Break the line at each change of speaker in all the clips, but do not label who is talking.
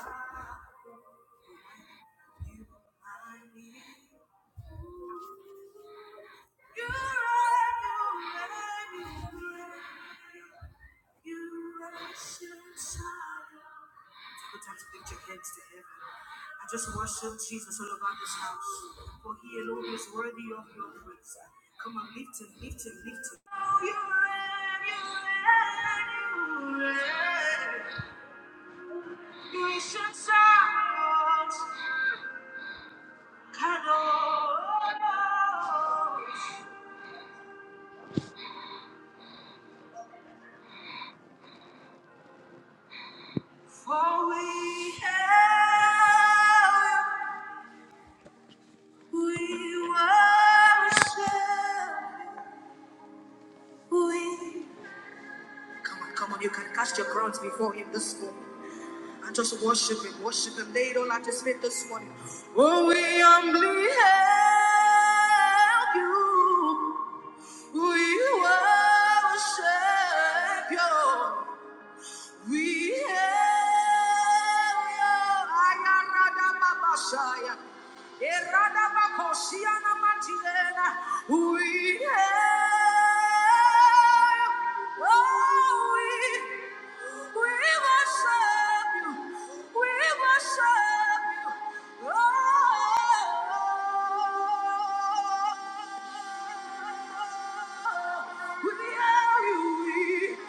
Take the time to lift your hands to heaven. I just worship Jesus all over this house, for He alone is worthy of your praise. Come on, lift Him, lift Him, lift Him. Oh, you reign, you reign, you reign. You ancient of For we have, we worship, we. Come on, come on, you can cast your crowns before Him this morning and just worship Him, worship Him. Lay it all at His feet this morning. Oh, we humbly have you, we worship you. We have you. Eradabakosiana matilena. We hail, oh we, we worship you, we worship you, oh. We hail you,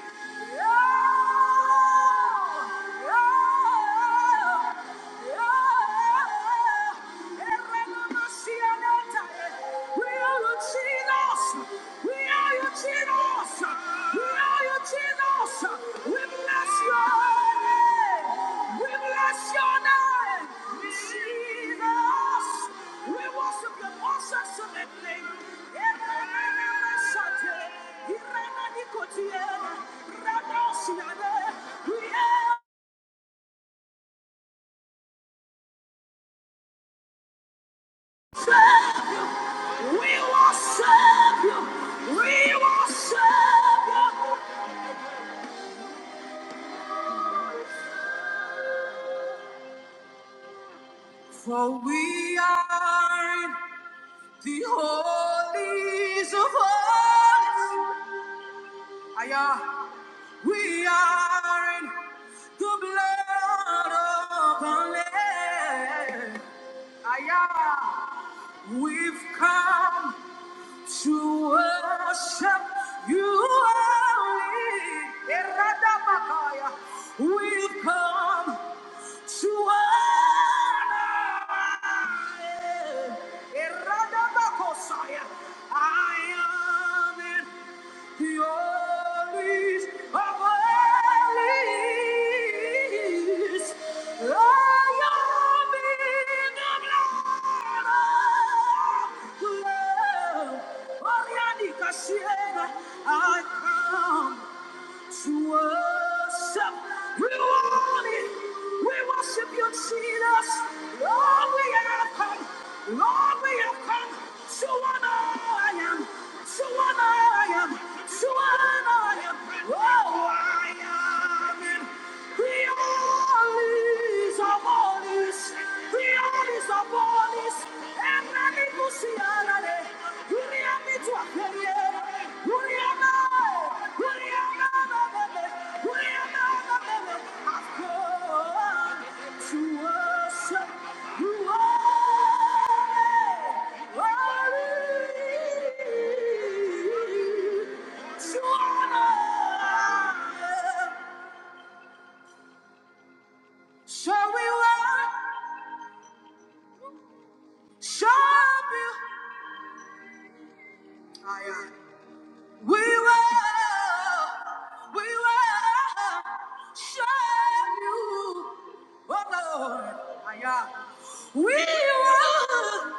we are your Jesus! We are your Jesus! We are your Jesus bless your name. We bless your name. Jesus. We worship your most excellent name. Erenenemesate, irenenikotiyene, radosiyane. We we worship you. We worship you. For we are in the holies of holies. Aya. We are in Your blood upon land. Aya. We've come to worship you only. Eradabakaya. We've come to honor. Eradabakosaya. I am it the valleys of valleys. I am in the blood of love. Oriani Kasiera, I come to worship. We want it. We worship you, Jesus. Lord, we have come. Lord, we have come to honor I am. To honor I am. To honor I am. Oh, I am. To honor. So we will show you. Aye, aye. We will, we will show you. Oh Lord, aye, aye. we will.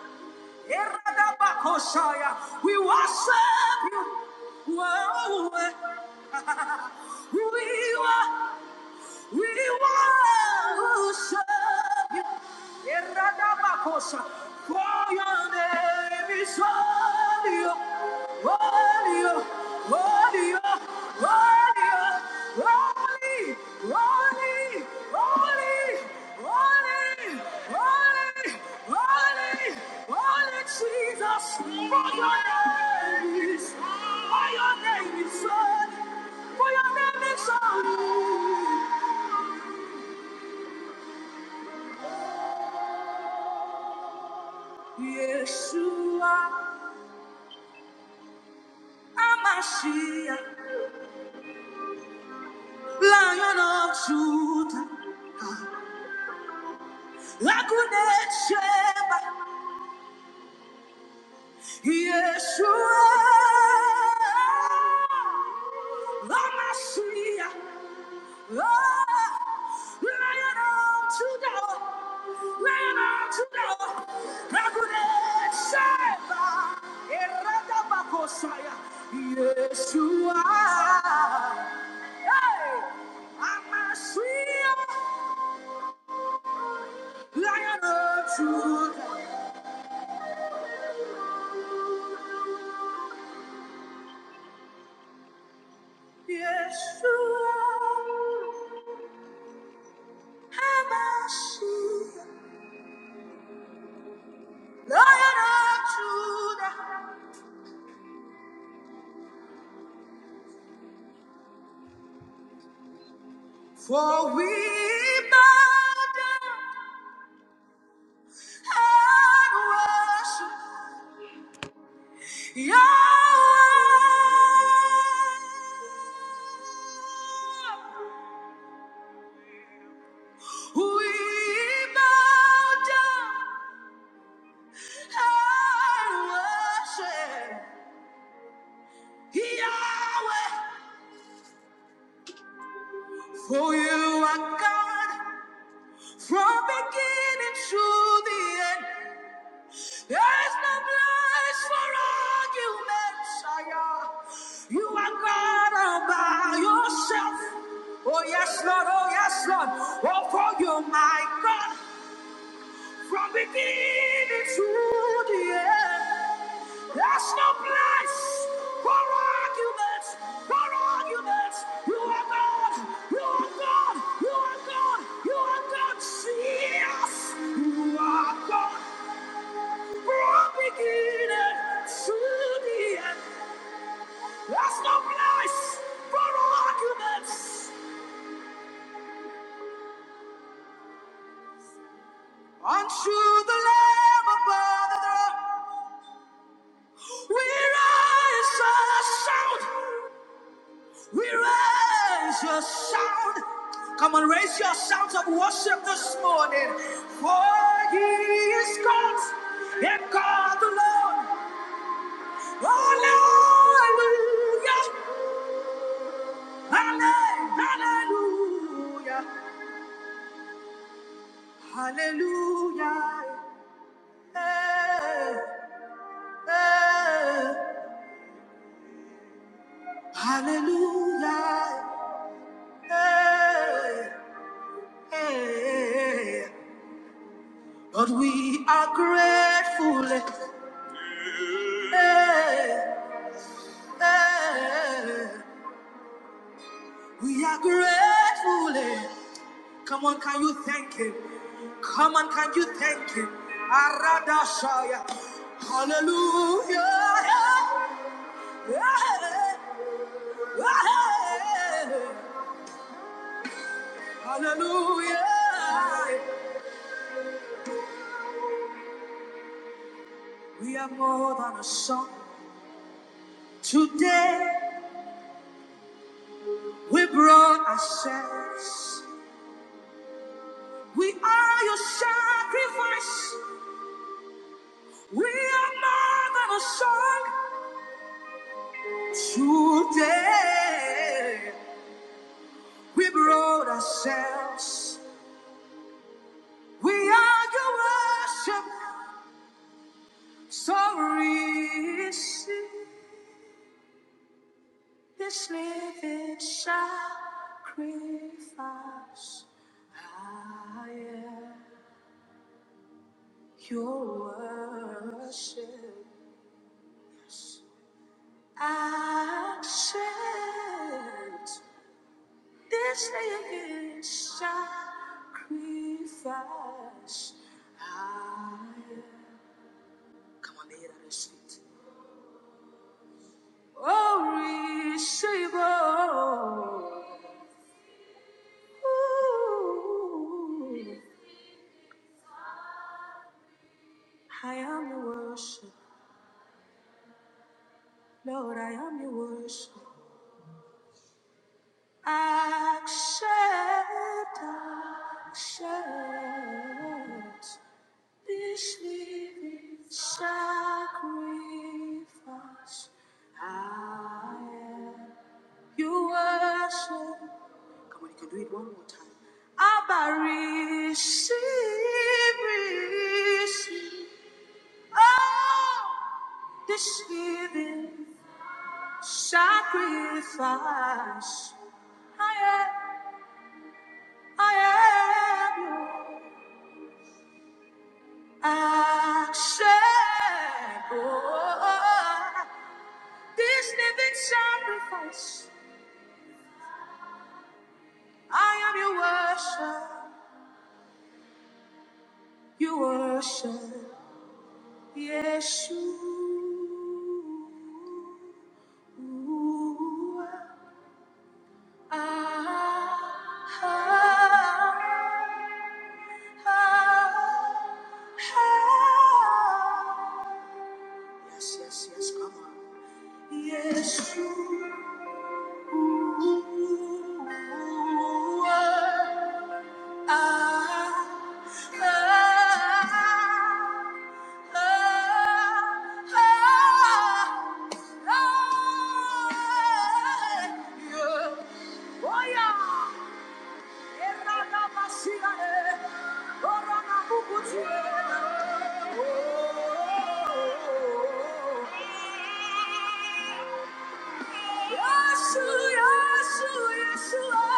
Eradabakosaya. We worship you. Whoa. We will. We worship you. Eradabakosha. For your name is holy, holy, holy, holy, holy, holy, holy, holy, holy, holy holy, Jesus. For your name is, for your name is holy, for your name is holy. Yeshua, Amashiach, Lion of Judah, Lagunet Sheba, Yeshua, Amashiach, oh, Lion of Judah, Yeshua. Hey! I'm a sweet lion of Judah. Yeshua, I'm a sweet lion of Judah. For we bow down and worship. Yahweh, we bow down and worship Yahweh, for you are God from beginning to the end. There's no place for arguments, Sire. You are God all by yourself. Oh, yes, Lord, oh, yes, Lord. Oh, for you, my God, from beginning to the end. There's no place for arguments, for arguments. You are God, you are God, you are God, you are God. See us, you are God. There's no place for arguments unto the Lamb above the throne. We raise a sound. We raise a sound. Come on, raise your sounds of worship this morning. For he is God, and God alone. Hallelujah. Hallelujah. Hallelujah. Eh, eh. Hallelujah. Eh, eh. Lord, we are grateful. Eh, eh. We are grateful. Come on, can you thank Him? Come on, can you thank Him? Aradashaya. Hallelujah. Eh, eh. Hallelujah. We are more than a song. Today we brought ourselves. We are your sacrifice. We are more than a song. Today we brought ourselves. We are your worship. So Sorry. This living sacrifice, I am your worship. I accept this living sacrifice. I am. Come on, lay it on your seat. Oh, receive, oh, ooh, I am the worship. Lord, I am your worship. Accept, accept this living sacrifice. I am your worship. Come on, you can do it one more time. Abba, receive, receive. Oh, this living sacrifice. I am. I am your acceptable. This living sacrifice. I am your worship. You worship. Yeshua. Ah, ah, ah. Yes, yes, yes, come on. Yes, Oh, Yeshua, Yeshua, Yeshua.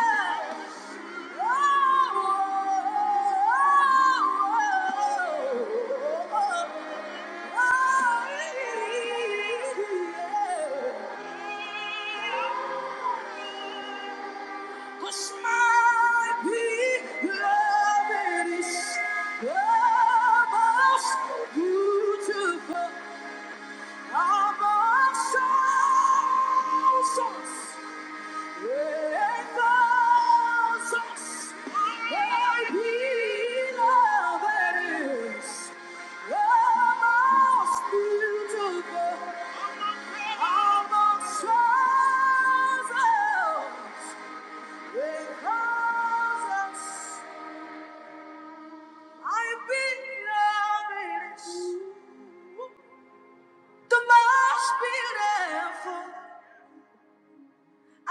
Oh, oh, oh, oh. Beautiful, I'm a soul source.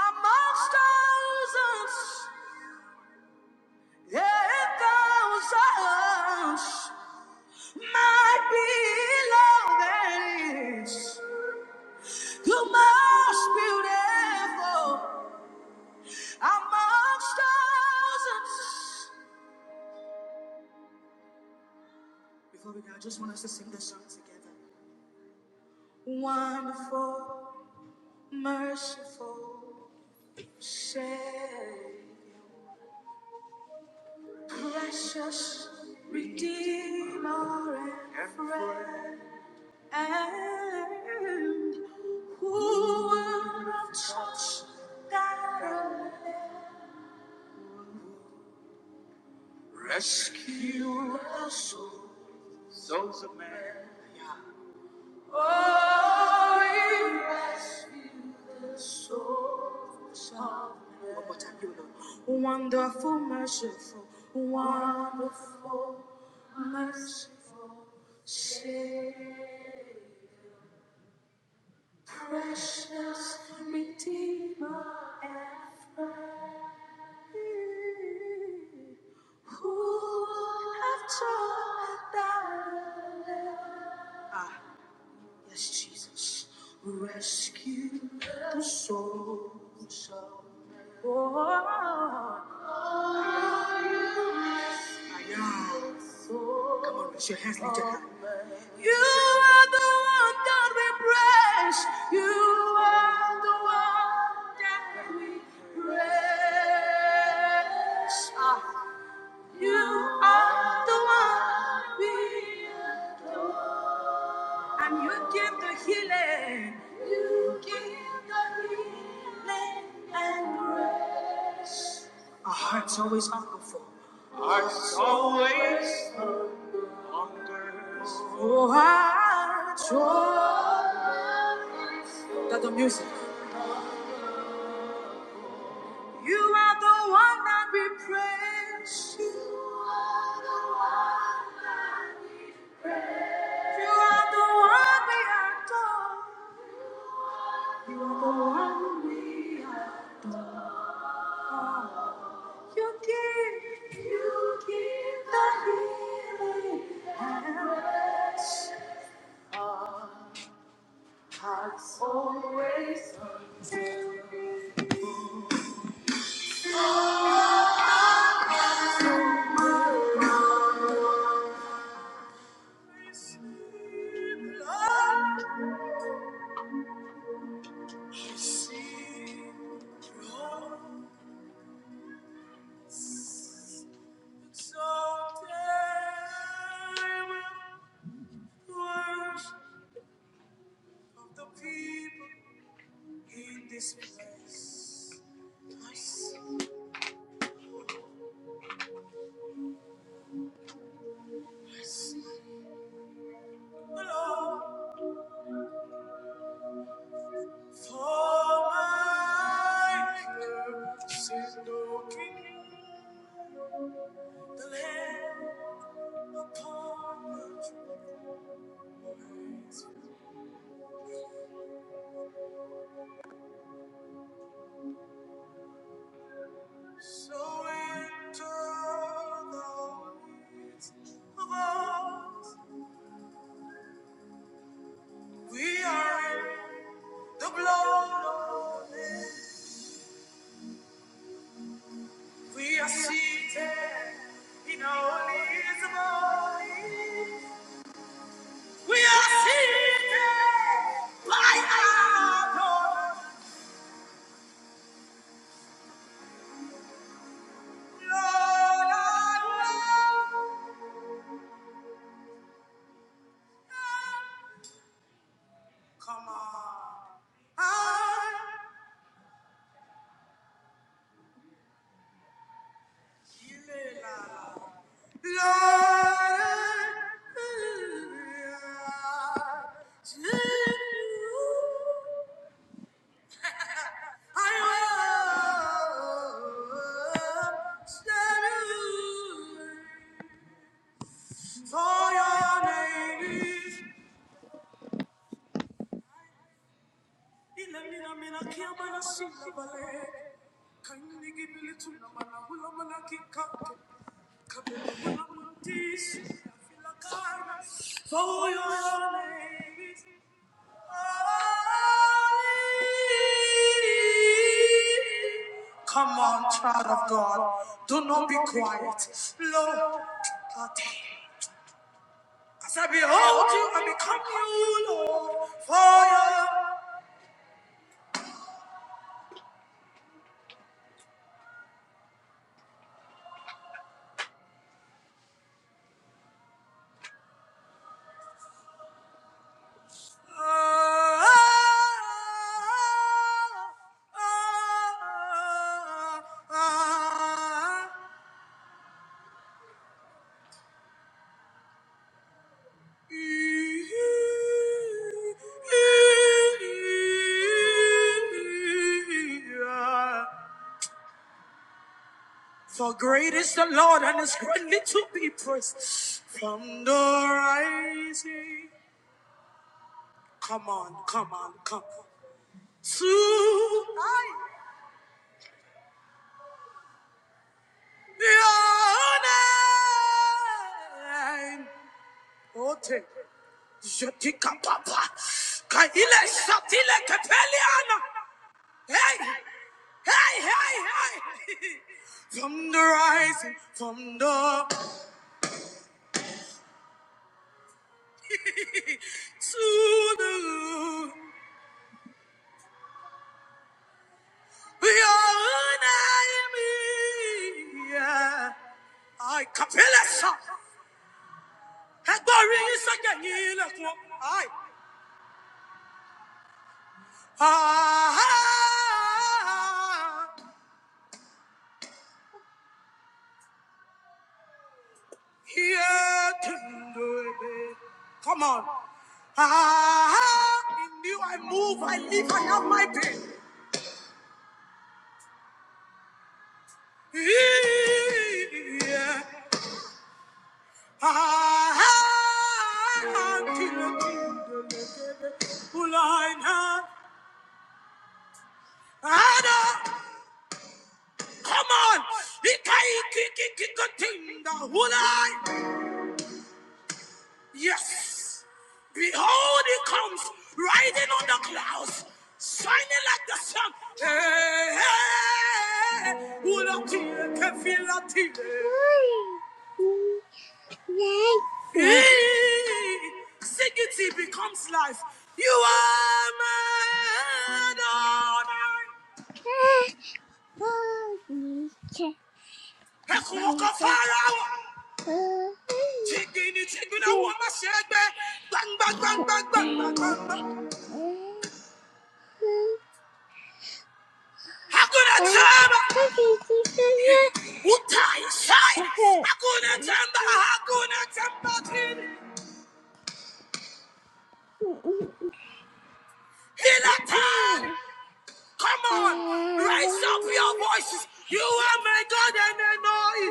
Amongst thousands, yeah, thousands. My beloved is the most beautiful amongst thousands. Before we go, I just want us to sing this song together. Wonderful, merciful, Savior, precious Redeemer and friend, and who would have touched that? Rescue our souls, souls of man, souls of man. Wonderful, merciful, wonderful, merciful Savior, precious Redeemer and friend, who have taught thy love. Yes, Jesus, rescue the souls of all. Come on, put your hands lifted high. You are the one that we praise. You are the one that we praise. Ah, you are the one we and you give the healing. You give the healing and grace. Our heart's always humble for. Always. Oh, our joy. That the music. You are the one that we praise. You are the one you are the one we adore. You are the one we adore. You give. You give the healing. And rest. Hearts always humble. Oh, In this place, I see, I see the Lord for my maker, since looking the land upon us. So enter the gates of us. We are in the blood of it. We are seated in holies of holies. We are seated by our God. Lord, our Lord. Come on. Kindly give me little number, hula manaki kake. For your name is holy. Come on, child of God. Do not be quiet. Lord, as I behold you, I become you, Lord, for your Ah, ah, ah, ah, For great is the Lord and is greatly to be praised from the rising. Come on, come on, come on. To the name. Ote, Jotika Papa. Kaile Satile Capeliana. Hey, hey, hey, hey. From the rising, from the to the loom, we are an enemy. Yeah. I capilla Hegbori isakenyi lefun. I ah here to do it. Come on. Ah, in you I move, I live, I have my being. Yeah. Come on! Yes! Behold, he comes riding on the clouds, shining like the sun. Hey, hey, hey. Ula tire, kefila tire. Hey, Singing becomes life. You are my daughter. Ẹ̀kúnwọ́kọ̀ fara wà. Chigini chigina wọ́n máa ṣe é gbé. Gbangba gbangba gbangba gbangba. Hakuna tamba. Utai shai. Hakuna tamba. Hakuna tamba tini. Bila Come on, raise up your voices. You are my God and I know it.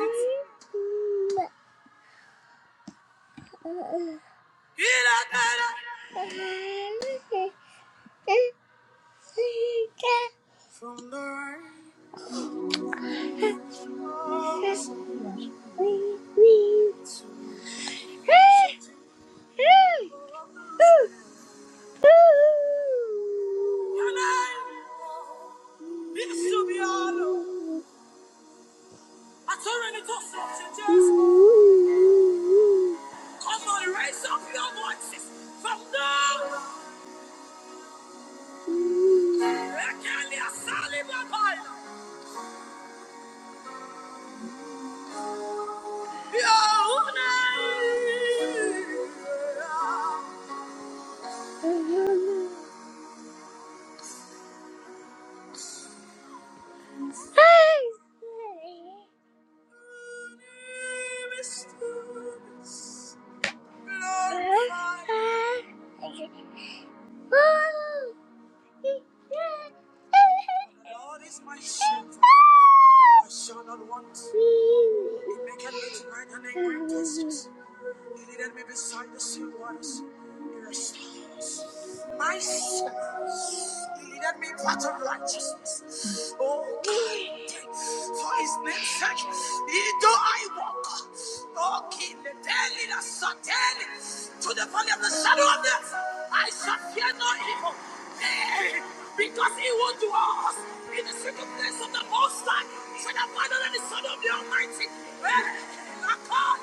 From the rise Your name is I'm going to raise up your voices from now. Ekelia Salibabaya. Nearest to us, glorify. The Lord is my shepherd. I shall not want. He maketh me to lie down in green places. Tirarme beside the sea waters. Your stars. My soul. Lead me in water of righteousness. Oh God. For his name's sake. Even though I walk. Oh King. The daily the satan. To the valley of the shadow of death. I shall fear no evil. Nay, Because he will do us in the secret place of the Most High. Shall abandon the Son of the Almighty. Hey,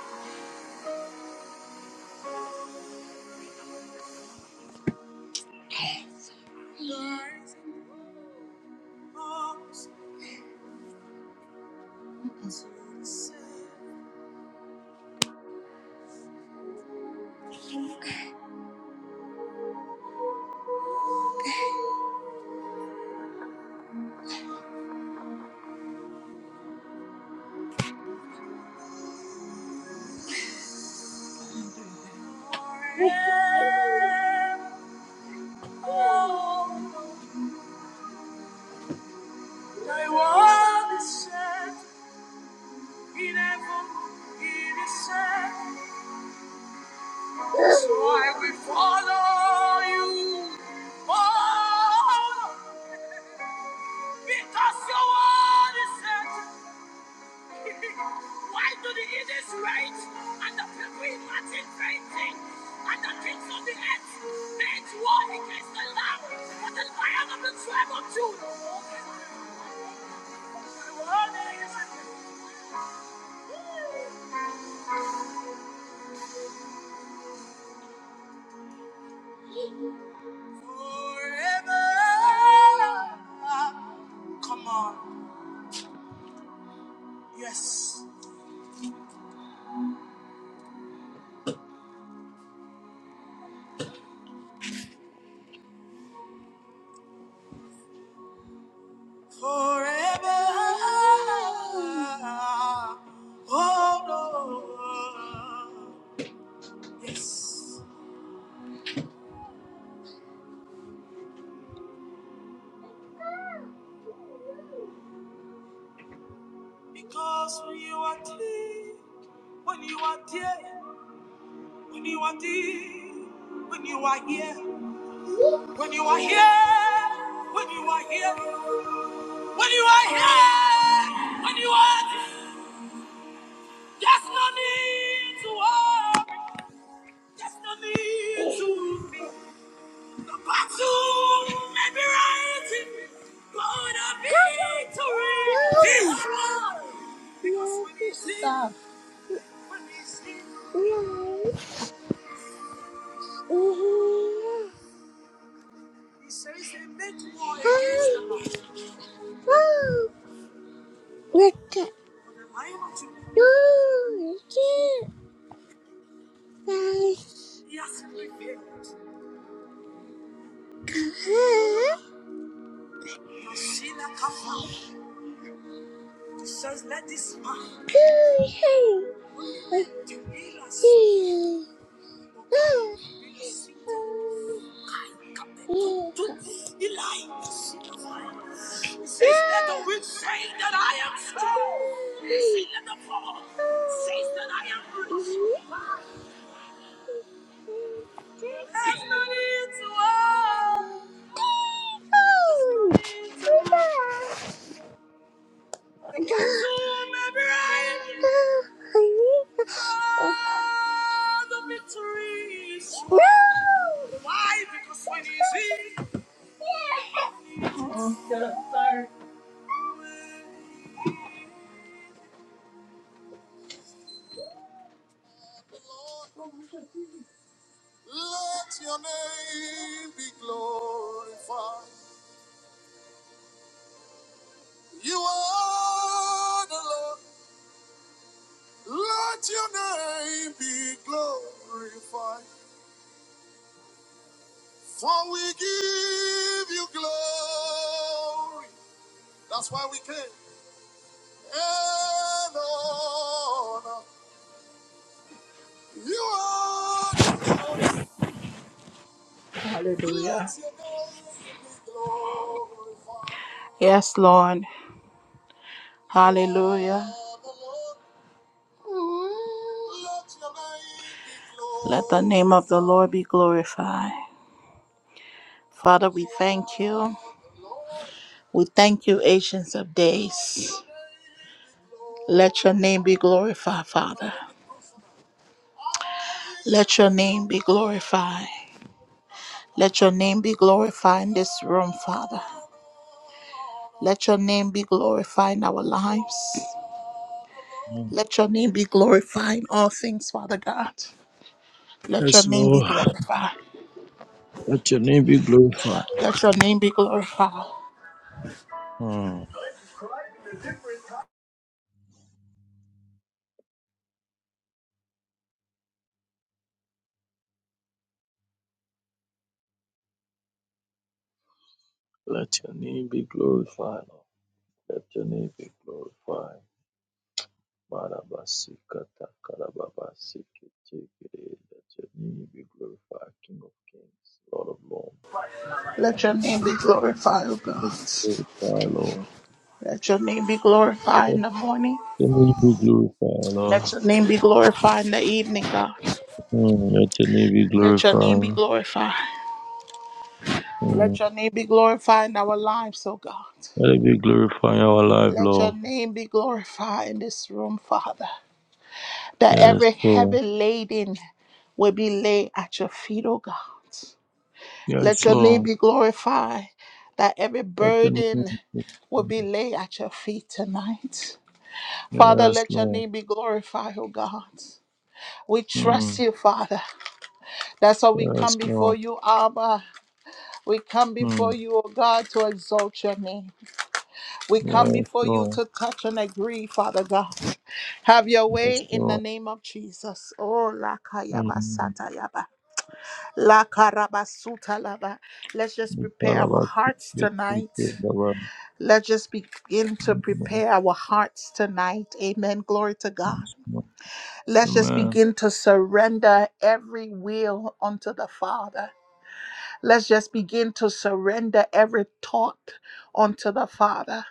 That's why we follow you. Oh, because your word is certain. Why do the elders rage and the people imagine great things? And the kings of the earth It's war against the Lamb, for the Lion of the tribe of Judah. Forever. Come on. Yes. Forever. Oh Lord. Yes. Because when you are here, when you are here, when you are here, when you are here. When you are here, when you are here, when you are here, when you are there's no need to worry, there's no need to be battle, maybe rising, gonna be victory. This one, because when he sings, when he sings, he says they make war against the Lord. Look at no, Yes, you can't. Guys. Huh? Good. Hey. I am Oh. Why? Because when he's in, oh, shut up, sorry. Let your name be glorified. You are the Lord. Let your name be glorified, for we give you glory. That's why we came. And honor. You are. Let your name be glorified. Yes, Lord. Hallelujah. Let your name be Let the name of the Lord be glorified. Father, we thank you. We thank you, Ancients of Days. Let your name be glorified, Father. Let your name be glorified. Let your name be glorified in this room, Father. Let your name be glorified in our lives.
Mm.
Let your name be glorified in all things, Father God. Let your
Yes,
name be
Lord.
glorified.
Let your name be glorified.
Let your name be glorified.
Mm. Let your name be glorified. Lord. Let your name be glorified. Marabasikata karababasikete. Let your name be glorified, King of Kings, Lord of Lords.
Let your name be glorified, O
Let
God.
your
Let your name be glorified in the morning.
name Be glorified, Lord.
Let your name be glorified in the evening, God.
Let your name be glorified, Lord. Mm. Let your name be
Let your name be
glorified.
glorified. Let
Mm.
your name be glorified in our lives, oh God.
Let it be glorified in our life,
Let your
Lord.
name be glorified in this room, Father. That
Yes,
every
Lord.
heavy laden will be laid at your feet, oh God. Let
Yes,
your name
Lord.
be glorified. That every
Let your name
burden
be glorified.
will be laid at your feet tonight. Father,
Yes,
let your
Lord.
name be glorified, oh God. We trust
Mm.
you, Father. That's why we come
Yes,
before
Lord.
you, Abba. We come before
Mm.
you, oh God, to exalt your name. We come
Yes,
before you
Lord.
to touch and agree, Father God. Have your way
Yes,
in the
Lord.
name of Jesus. Oh, lakayaba
Mm.
satayaba. Lakarabasuta laba. Let's just
We
prepare
call
our
about the
hearts
great people of
tonight.
the world.
Let's just begin to
Mm.
prepare our hearts tonight. Amen. Glory to God.
Yes, Lord.
Let's just
Amen.
begin to surrender every will unto the Father. Let's just begin to surrender every thought unto the Father.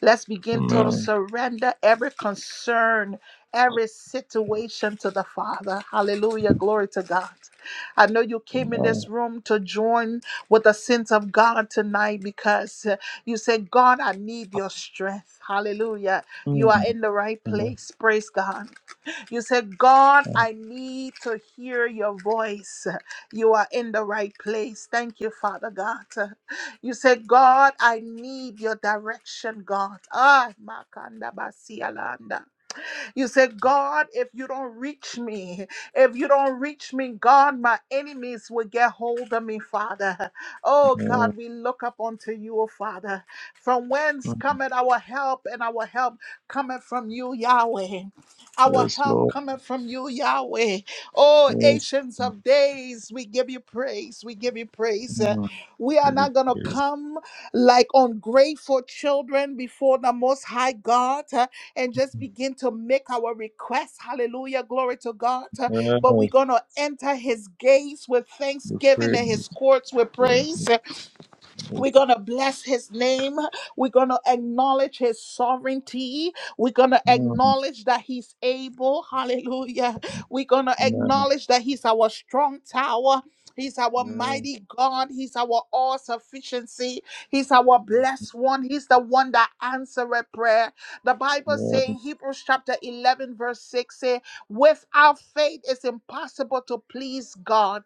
Let's begin to
Amen.
surrender every concern, every situation to the Father. Hallelujah. Glory to God. I know you came in this
Amen.
room to join with the sins of God tonight because uh, you said, God, I need your strength. Hallelujah. You are
Mm.
in the right
Amen.
place. Praise God. You said, God,
Amen.
I need to hear your voice. You are in the right place. Thank you, Father God. You said, God, I need your direction, God. Ah, Makanda Basialanda. You said, God, if you don't reach me, if you don't reach me, God, my enemies will get hold of me, Father. Oh, God, we look up unto you, oh, Father. From whence
Mm.
cometh our help, and our help cometh from you, Yahweh. Our
Yes,
help
Lord.
cometh from you, Yahweh. Oh,
Yes.
ancients of days, we give you praise. We give you
Mm.
praise. Uh,
We
We are
give
not
you
going to
praise.
come like ungrateful children before the Most High God and just begin to make our requests. Hallelujah. Glory to God. Uh, But we're
Yes.
going to enter his gates with
We
thanksgiving
praise.
and his courts with praise.
Yes.
We're
Yes.
going to bless his name. We're going to acknowledge his sovereignty. We're going to
Mm.
acknowledge that he's able. Hallelujah. We're going to
Amen.
acknowledge that he's our strong tower. He's our
Yes.
mighty God. He's our all sufficiency. He's our blessed one. He's the one that answered prayer. The Bible
Yes.
saying Hebrews chapter 11 verse 6 say, without faith it's impossible to please God.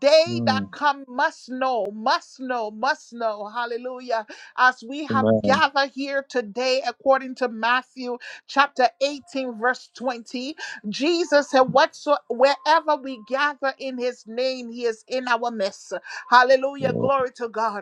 They that
Mm.
come must know, must know, must know. Hallelujah. As we have
Amen.
gathered here today, according to Matthew chapter 18, verse 20, Jesus said, Whatsoever wherever we gather in his name, he is in our midst. Hallelujah.
Yes.
Glory to God.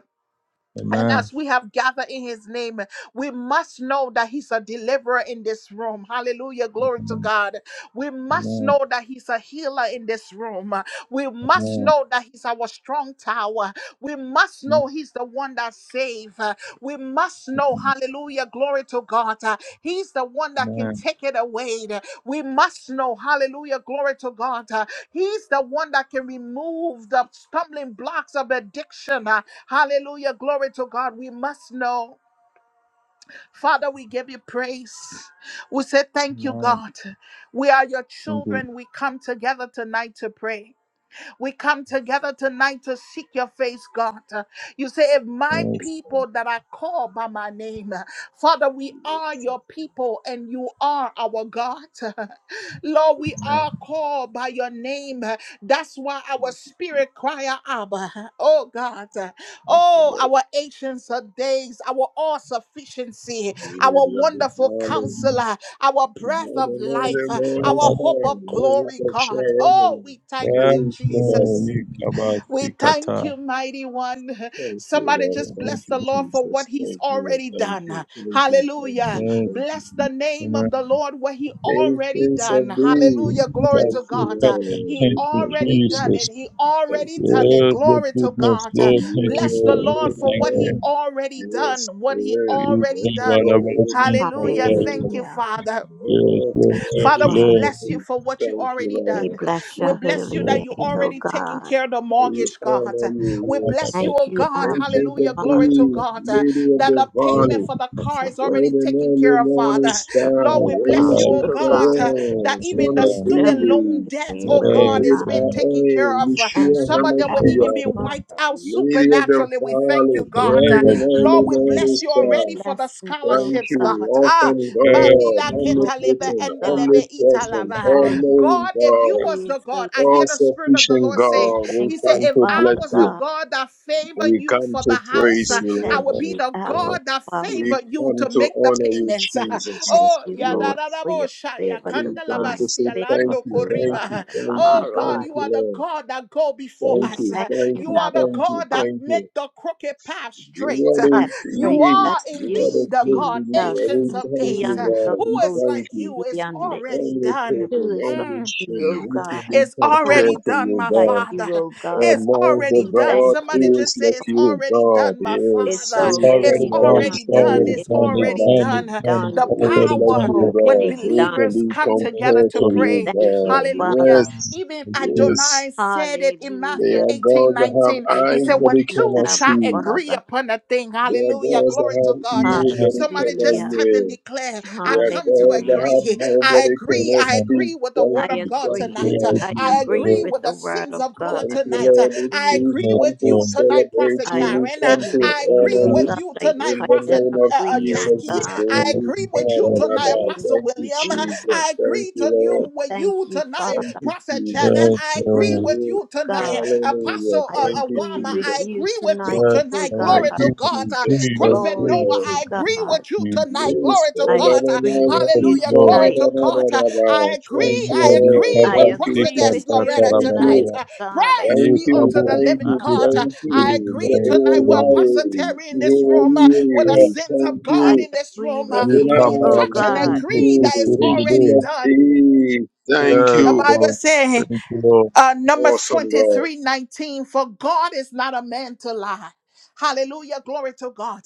And
Amen.
as we have gathered in his name, we must know that he's a deliverer in this room. Hallelujah. Glory to
Amen.
God. We must
Amen.
know that he's a healer in this room. We must
Amen.
know that he's our strong tower. We must
Amen.
know he's the one that saves. We must know, hallelujah. Glory to God. uh, He's the one that can
Amen.
take it away. We must know, hallelujah. Glory to God. uh, He's the one that can remove the stumbling blocks of addiction. Hallelujah. Glory to God. We must know. Father, we give you praise. We say, Thank you,
Amen.
God. We are your
Thank you,
children. We come together tonight to pray. We come together tonight to seek your face, God. You say, if my
Thank
Lord.
you,
Yes.
people
thank
that are called by my name, Father, we
you, Lord.
are
Thank
your people and you are our God. Lord, we
you, thank
Amen.
are called by your name. That's why our
you,
spirit cry out, Abba. Oh God.
thank you,
Oh,
Lord.
our ancients of days, our all sufficiency,
For The
our
worthy of the
wonderful
valley,
counselor our
the
breath
God
of
of all the
life, uh,
morning
our hope
star,
of
the worthy
glory,
of
God. Oh,
Sharon.
we thank
Thank
you,
you,
Yes,
Lord.
Lord.
Jesus.
Thank you,
We thank
Yikabashikata.
you, mighty one.
Thank you,
Somebody
Lord.
just
Thank
bless
Yes,
the
you,
Lord.
Lord for
Jesus.
what he's
Thank you,
already
thank
done.
you, thank you, thank
Hallelujah.
you,
Yes.
thank you.
Bless the name
Amen.
of the Lord, what he already
Patience of
done.
these.
Hallelujah. Glory
Thank
to
you,
God. Uh,
Yikabashikata.
Lord.
He
Thank you,
Patience of
already done
these.
it.
Jesus.
He
Thank
already
you,
done it.
Lord.
Yes, the
Glory to
goodness,
God. Uh,
Lord. Thank you
Bless
Yeah,
the
for
the
Lord
good
for
everything,
what he
I
Lord.
am.
already done.
Yes,
What he
yes.
You
already
When
thank
the
God
done.
Lord
about
is
speak
my
on
Hallelujah.
God.
soul.
Thank you,
Hallelujah.
Father.
Yes,
Oh,
Lord.
Thank you,
Thank
Every
Father, we
Father.
step
you,
bless you
we
for what you
thank you,
already
We
Lord
done.
bless
We
your
Jesus.
bless you
holy
that
Lord.
you
name, O
already taking
God.
care of the
We
mortgage, God.
honor
We
you, yes.
bless you,
Thank
oh
you,
God.
Abba,
Ancient
Hallelujah.
of
Glory
Father.
to
days,
God. uh,
Lady of
That
the
the
Yes.
Thank
payment
Valley,
for the
you
car
for
is
what
bright
already
and
taken
early
care of,
morning
Father.
you
star,
Lord, we
Lord, Father,
bless
are,
Rose
you,
I
of
oh
will
O
seek
God,
God.
your
uh,
face
that
Sharon,
over
We
the
even
Son
the
of
land.
bless your
student loan
David,
holy
debt,
name,
oh
O
the
God,
Yes,
great
is
God.
I
being
Lord.
taken care
am,
of. Uh,
Thank
Yeshua
Some
you,
of them will
Abba,
even
Yes,
HaMashiach,
be
Lord.
wiped
Father.
out
Lady of the
supernaturally. We
We
thank
Valley,
you,
In the
give
God.
name
bright
Uh,
you
and
of
glory.
Lord,
early
we
Jesus.
morning
bless
Yes,
you
We
already
star.
for
bless
the
you, O
Thank
scholarships,
God.
you,
God. Ah,
awesome
We give
God,
Mandila
you
Lord.
glory,
Ketalebe
O
omnipotent,
God.
Endelebe
We give you
omnipresent,
Italava.
honor,
Thank
all-knowing
God, if
God.
you
you,
was
praise,
the God,
O
I
God.
hear
All
the Spirit of the
sufficient
Lord
We
say,
God, we
thank
He said,
you,
come
if
to
Father
I
bless
was the
you.
God.
God that favored
We
you
come
for the
to
house,
praise
uh,
We
you,
I
Lord.
would
thank
Lord.
be
you,
the
Abba,
Lord.
God that
Father.
We
favored you
come
to
to
make the
honor you,
payments.
Thank
Jesus.
oh,
you,
yeah, da
Lord,
Yes.
da da
for
bo
your
sha, ya
favor,
We
kanda la
come
ba
divine
to
si,
say
favor,
thank
alando
you,
O
thank
God,
you,
koriba.
upon
thank you,
Oh
our
God,
thank
lives.
you
you,
are the
Lord.
God that go before
We
Thank
us.
you,
thank
thank
you,
You
you,
are
Abba
the
thank you,
God
Father.
that
thank
make
you.
the crooked path
You
straight.
are
Have
the
You
Great, thank
are
yes, you
you,
are the
indeed a
good
God,
Jesus.
you.
ancients
We
of
thank
days.
you, God.
Who
We
is
thank
like
you.
you is
Ikiandorobositiande.
already
Only people,
done.
Who is
Um.
only
like you,
sin,
O
who
God?
can be
It's
No
already
one
compared to
done,
you,
my
like
God?
you,
Father.
O God.
It's
Among the
already
We
done.
thank
God
Somebody
you.
who is
just say,
like
Abba.
It's
you,
already
God,
done, my
yes.
It's
Father.
It's
Who can
It's
already
already
done.
manage
done.
already
It's
from
done.
already
the
It's
It's
done. It's
already
Kandaba?
done.
already
It's
done.
done. It's
done.
The
Who is
already
It's
like
power
done.
you,
Lord.
when
God?
already
Who
done.
can
believers
be
come
Yes,
together
compared
to
to
Lord.
We
you,
pray.
thank you,
God?
Hallelujah.
Father.
Yes,
Even
Thank you.
yes.
Adonai said it in
They
Hallelujah.
Matthew
are
18
gods that
19.
have
We
He
eyes
said,
that
thank
When
they
you,
two
cannot
Abba
shall
see.
agree
Father.
upon a thing,
They are
hallelujah.
gods that
Glory to
have
God. Uh,
ears
Yes,
that they
Somebody
cannot
just
Hallelujah.
type and
hear.
declare, I
They are
come to
gods that
Hallelujah.
have
agree.
mouth that
I
they
agree.
cannot
I
Lord.
speak.
agree with the
Thank
I
word of
you,
God
thank
agree.
you,
tonight.
Thank
Lord
you,
I
I
Jesus.
agree
agree
Lord.
with
with
the
the
word
sins
of
of
God.
God
Thank you,
I
tonight. Uh,
Lord. We
I
agree.
agree
Yes,
come
with
Lord. Yes,
to
you
Lord.
tonight,
celebrate
Prophet
I
you. We
Karen. Uh,
come
agree
to
with
I
you,
agree
honor
oh
Yes,
you.
with
God.
you
I
tonight,
In
touch
the
and
Prophet
name of
uh, uh,
agree, O
Jesus,
Jackie.
this
God,
day
I
Lord.
we
agree with
call
in
you
on
the
tonight,
our
name
Apostle
of
Thank you,
William. Uh,
Jesus.
Jesus.
I
Thank
agree
you,
to
I
Lord.
you with
thank
you
you,
tonight,
Thank
Father.
you,
Prophet Janet.
I
Jesus.
I
Thank
agree
agree,
with
you.
O
you tonight,
God.
Hallelujah.
Apostle
I
uh,
Thank you,
agree
Awama.
with
I
Jesus.
you
agree with
tonight,
you
Yes,
O
tonight.
God.
Lord.
Glory
Thank
to
you,
Jesus,
God. Uh,
Jesus. Thank
Prophet
you,
Noah,
Glory
Jesus,
Lord.
to
I agree
God.
with you
Jesus.
tonight.
Yes,
Glory to
la,
I
God.
la,
agree
la,
with
Yes,
you
we
Hallelujah.
Lord.
Glory
tonight.
to
call
God.
on
Uh,
our
I
Thank
agree.
you,
I
Amadi
Lord.
agree
I
with
kaba
Thank you,
agree
sika
Prophetess
with
Jesus.
you
Loretta
takara
Thank you.
tonight,
tonight.
baraba.
Uh,
oh God. I,
Praise
Ye
Thank
be
you,
unto the
kabo
thank
living
you,
tike
God.
Father,
Uh,
tike
thank
de
I
de
you.
agree
Jehovah
tonight with Apostle
Yahweh,
Terry in this
Jehovah
room, uh, with the
Yahweh,
sins
thank
of God
I
you.
in this
agree
room.
with
Uh,
Ye
you,
We
oh
kamara
Adonai,
touch and
basike
God.
thank
agree
you.
that
tike
it's
de
Ancient
already
of
done.
Days, thank
Yes,
The
you.
Bible
Lord.
says.
Thank you, Lord.
Uh, Numbers
Awesome
twenty
God.
three 19. For God is not a man to lie. Hallelujah. Glory to God.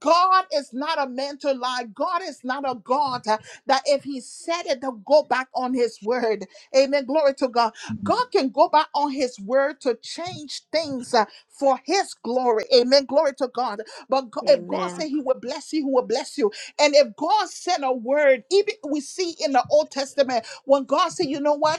God is not a man to lie. God is not a God uh, that if he said it, to go back on his word. Amen. Glory to God. God can go back on his word to change things uh, for his glory. Amen. Glory to God. But Go- if God
Amen.
said he would bless you, he will bless you. And if God sent a word, even we see in the Old Testament, when God said, you know what?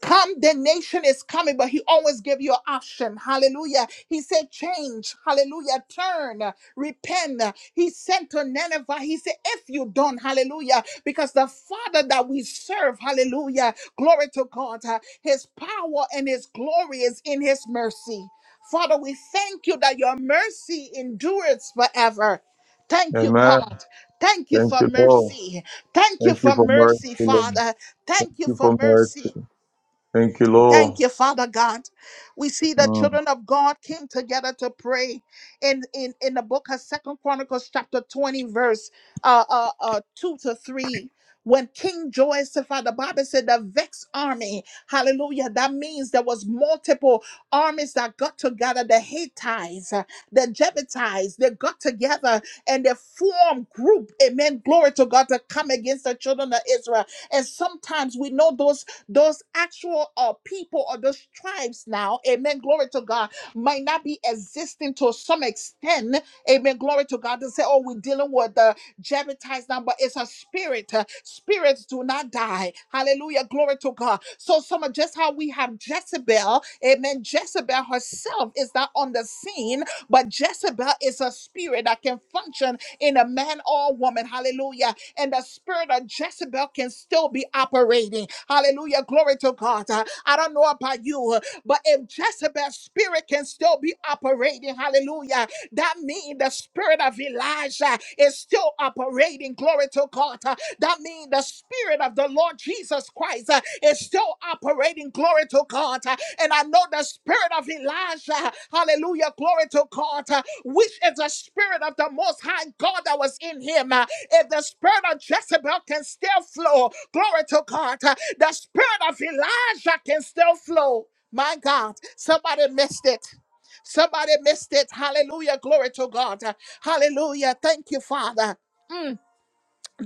Condemnation is coming, but he always give you an option. Hallelujah. He said, change. Hallelujah. Turn. Repent. He sent to Nineveh. He said, if you don't, hallelujah, because the Father that we serve, hallelujah, glory to God, uh, his power and his glory is in his mercy. Father, we thank you that your mercy endures forever. Thank you,
Amen.
God. Thank you
Thank
for
you, Lord.
mercy. Thank you
Thank you
for
for mercy,
mercy,
Lord.
Father.
Thank
Thank you
you
for
for
mercy.
mercy. Thank you,
Thank
Lord.
you, Father God. We see the
Mm.
children of God came together to pray in in, in the book of Second Chronicles, chapter 20, verse uh, uh, uh, 2 to 3. When King Jehoshaphat, the Bible said the vexed army, hallelujah, that means there was multiple armies that got together, the Hittites, uh, the Jebusites, they got together and they formed group, amen, glory to God, to come against the children of Israel. And sometimes we know those those actual uh, people or those tribes now, amen, glory to God, might not be existing to some extent, amen, glory to God. They say, oh, we're dealing with the Jebusites now, but it's a spirit. uh, Spirits do not die. Hallelujah, glory to God. So, some of just how we have Jezebel, amen, Jezebel herself is not on the scene but Jezebel is a spirit that can function in a man or woman. Hallelujah. And the spirit of Jezebel can still be operating. Hallelujah. Glory to God. Uh, I don't know about you, uh, but if Jezebel's spirit can still be operating, hallelujah, that means the spirit of Elijah is still operating. Glory to God. Uh, That means the spirit Spirit of the Lord Jesus Christ uh, is still operating. Glory to God. Uh, And I know the spirit of Elijah, hallelujah, glory to God, uh, which is the spirit of the Most High God that was in him. Uh, If the spirit of Jezebel can still flow, glory to God, uh, the spirit of Elijah can still flow. My God, somebody missed it. Somebody missed it. Hallelujah. Glory to God. Hallelujah. Thank you, Father.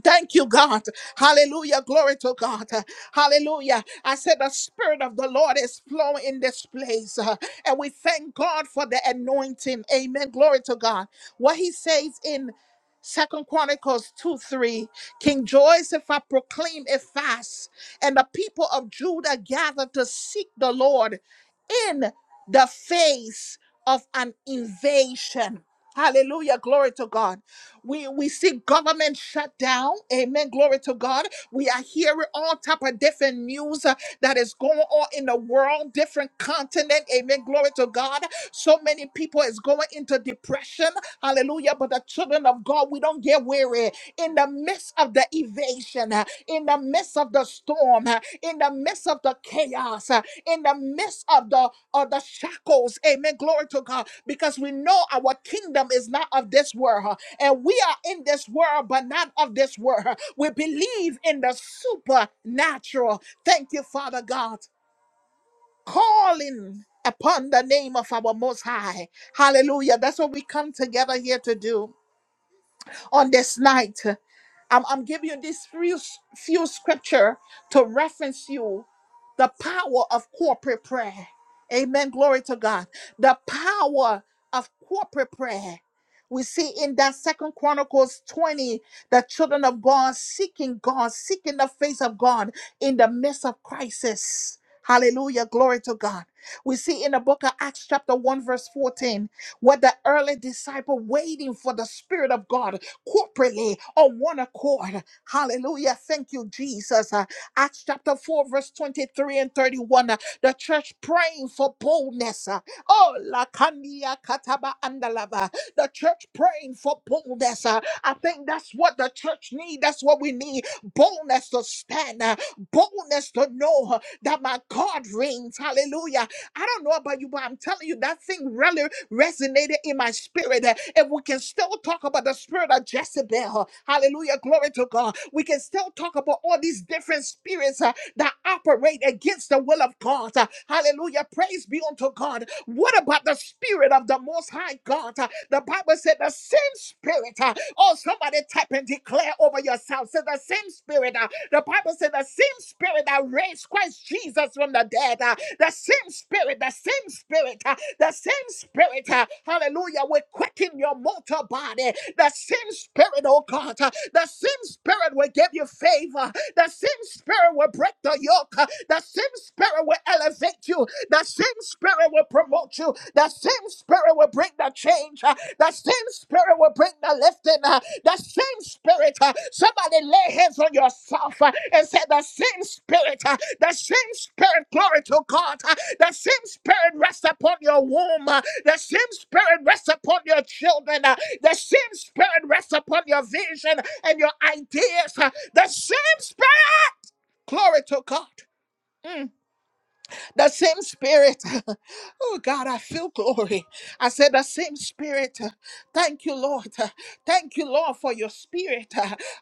Thank you, God. Hallelujah. Glory to God. Hallelujah. I said the Spirit of the Lord is flowing in this place. uh, And we thank God for the anointing. Amen. Glory to God. What he says in Second Chronicles 2 3 King Jehoshaphat proclaimed a fast, and the people of Judah gathered to seek the Lord in the face of an invasion. Hallelujah. Glory to God. We we see government shut down. Amen. Glory to God. We are hearing all type of different news uh, that is going on in the world, different continent. Amen. Glory to God. So many people is going into depression. Hallelujah. But the children of God, we don't get weary. In the midst of the evasion, uh, in the midst of the storm, uh, in the midst of the chaos. uh, in the midst of the of the shackles. Amen. Glory to God. Because we know our kingdom is not of this world. huh, And we are in this world, but not of this world. huh. We believe in the supernatural. Thank you, Father God. Calling upon the name of our most high. Hallelujah. That's what we come together here to do on this night. I'm, I'm giving you these few, few scripture to reference you the power of corporate prayer. Amen. Glory to God. The power of corporate prayer. We see in that second Chronicles 20, the children of God seeking God, seeking the face of God in the midst of crisis. Hallelujah. Glory to God. We see in the book of Acts, chapter 1, verse 14, where the early disciple waiting for the Spirit of God corporately on one accord. Hallelujah. Thank you, Jesus. Uh, Acts chapter 4, verse 23 and 31. uh, the church praying for boldness. uh, oh, la kandia kataba andalava. The church praying for boldness. uh, I think that's what the church need. That's what we need. Boldness to stand. uh, boldness to know uh, that my God reigns. Hallelujah I don't know about you, but I'm telling you, that thing really resonated in my spirit. Uh, If we can still talk about the spirit of Jezebel, hallelujah, glory to God, we can still talk about all these different spirits uh, that operate against the will of God. Uh, Hallelujah, praise be unto God. What about the spirit of the Most High God? Uh, The Bible said the same spirit. uh, Oh, somebody tap and declare over yourself house. It's the same spirit. uh, the Bible said the same spirit that raised Christ Jesus from the dead. uh, the same spirit, the same spirit, uh, the same spirit. uh, hallelujah. Will quicken your mortal body. The same spirit, oh God. uh, the same spirit will give you favor. The same spirit will break the yoke. uh, The same spirit will elevate you. The same spirit will promote you. The same spirit will bring the change. uh, That same spirit will bring the lifting. uh, That same spirit. uh, Somebody lay hands on yourself uh, and say, The same spirit. uh, The same spirit. Glory to God. uh, The same spirit rests upon your womb. uh, The same spirit rests upon your children. uh, The same spirit rests upon your vision and your ideas. uh, The same spirit. Glory to God. Mm. The same spirit. Oh God, I feel glory. I said, The same spirit. Thank you, Lord. Thank you, Lord, for your spirit.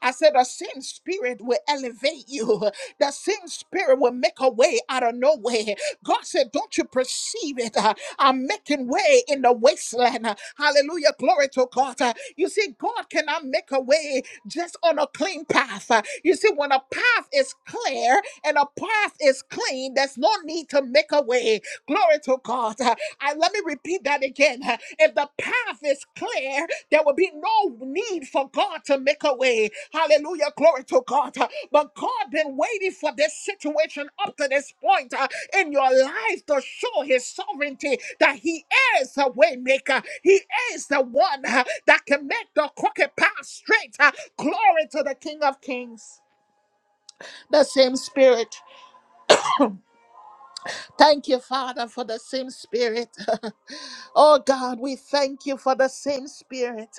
I said, The same spirit will elevate you. The same spirit will make a way out of no way. God God said, Don't you perceive it? Uh, I'm making way in the wasteland. Uh, Hallelujah. Glory to God. Uh, You see, God cannot make a way just on a clean path. Uh, You see, when a path is clear and a path is clean, there's no need to make a way. Glory to God. Uh, I, let me repeat that again. Uh, If the path is clear there will be no need for God to make a way. Hallelujah. Glory to God. But God been waiting for this situation up to this point uh, in your life to show his sovereignty that he is a way maker. He is the one uh, that can make the crooked path straight. Uh, Glory to the King of Kings. The same spirit. Thank you, Father, for the same spirit. oh God, we thank you for the same spirit.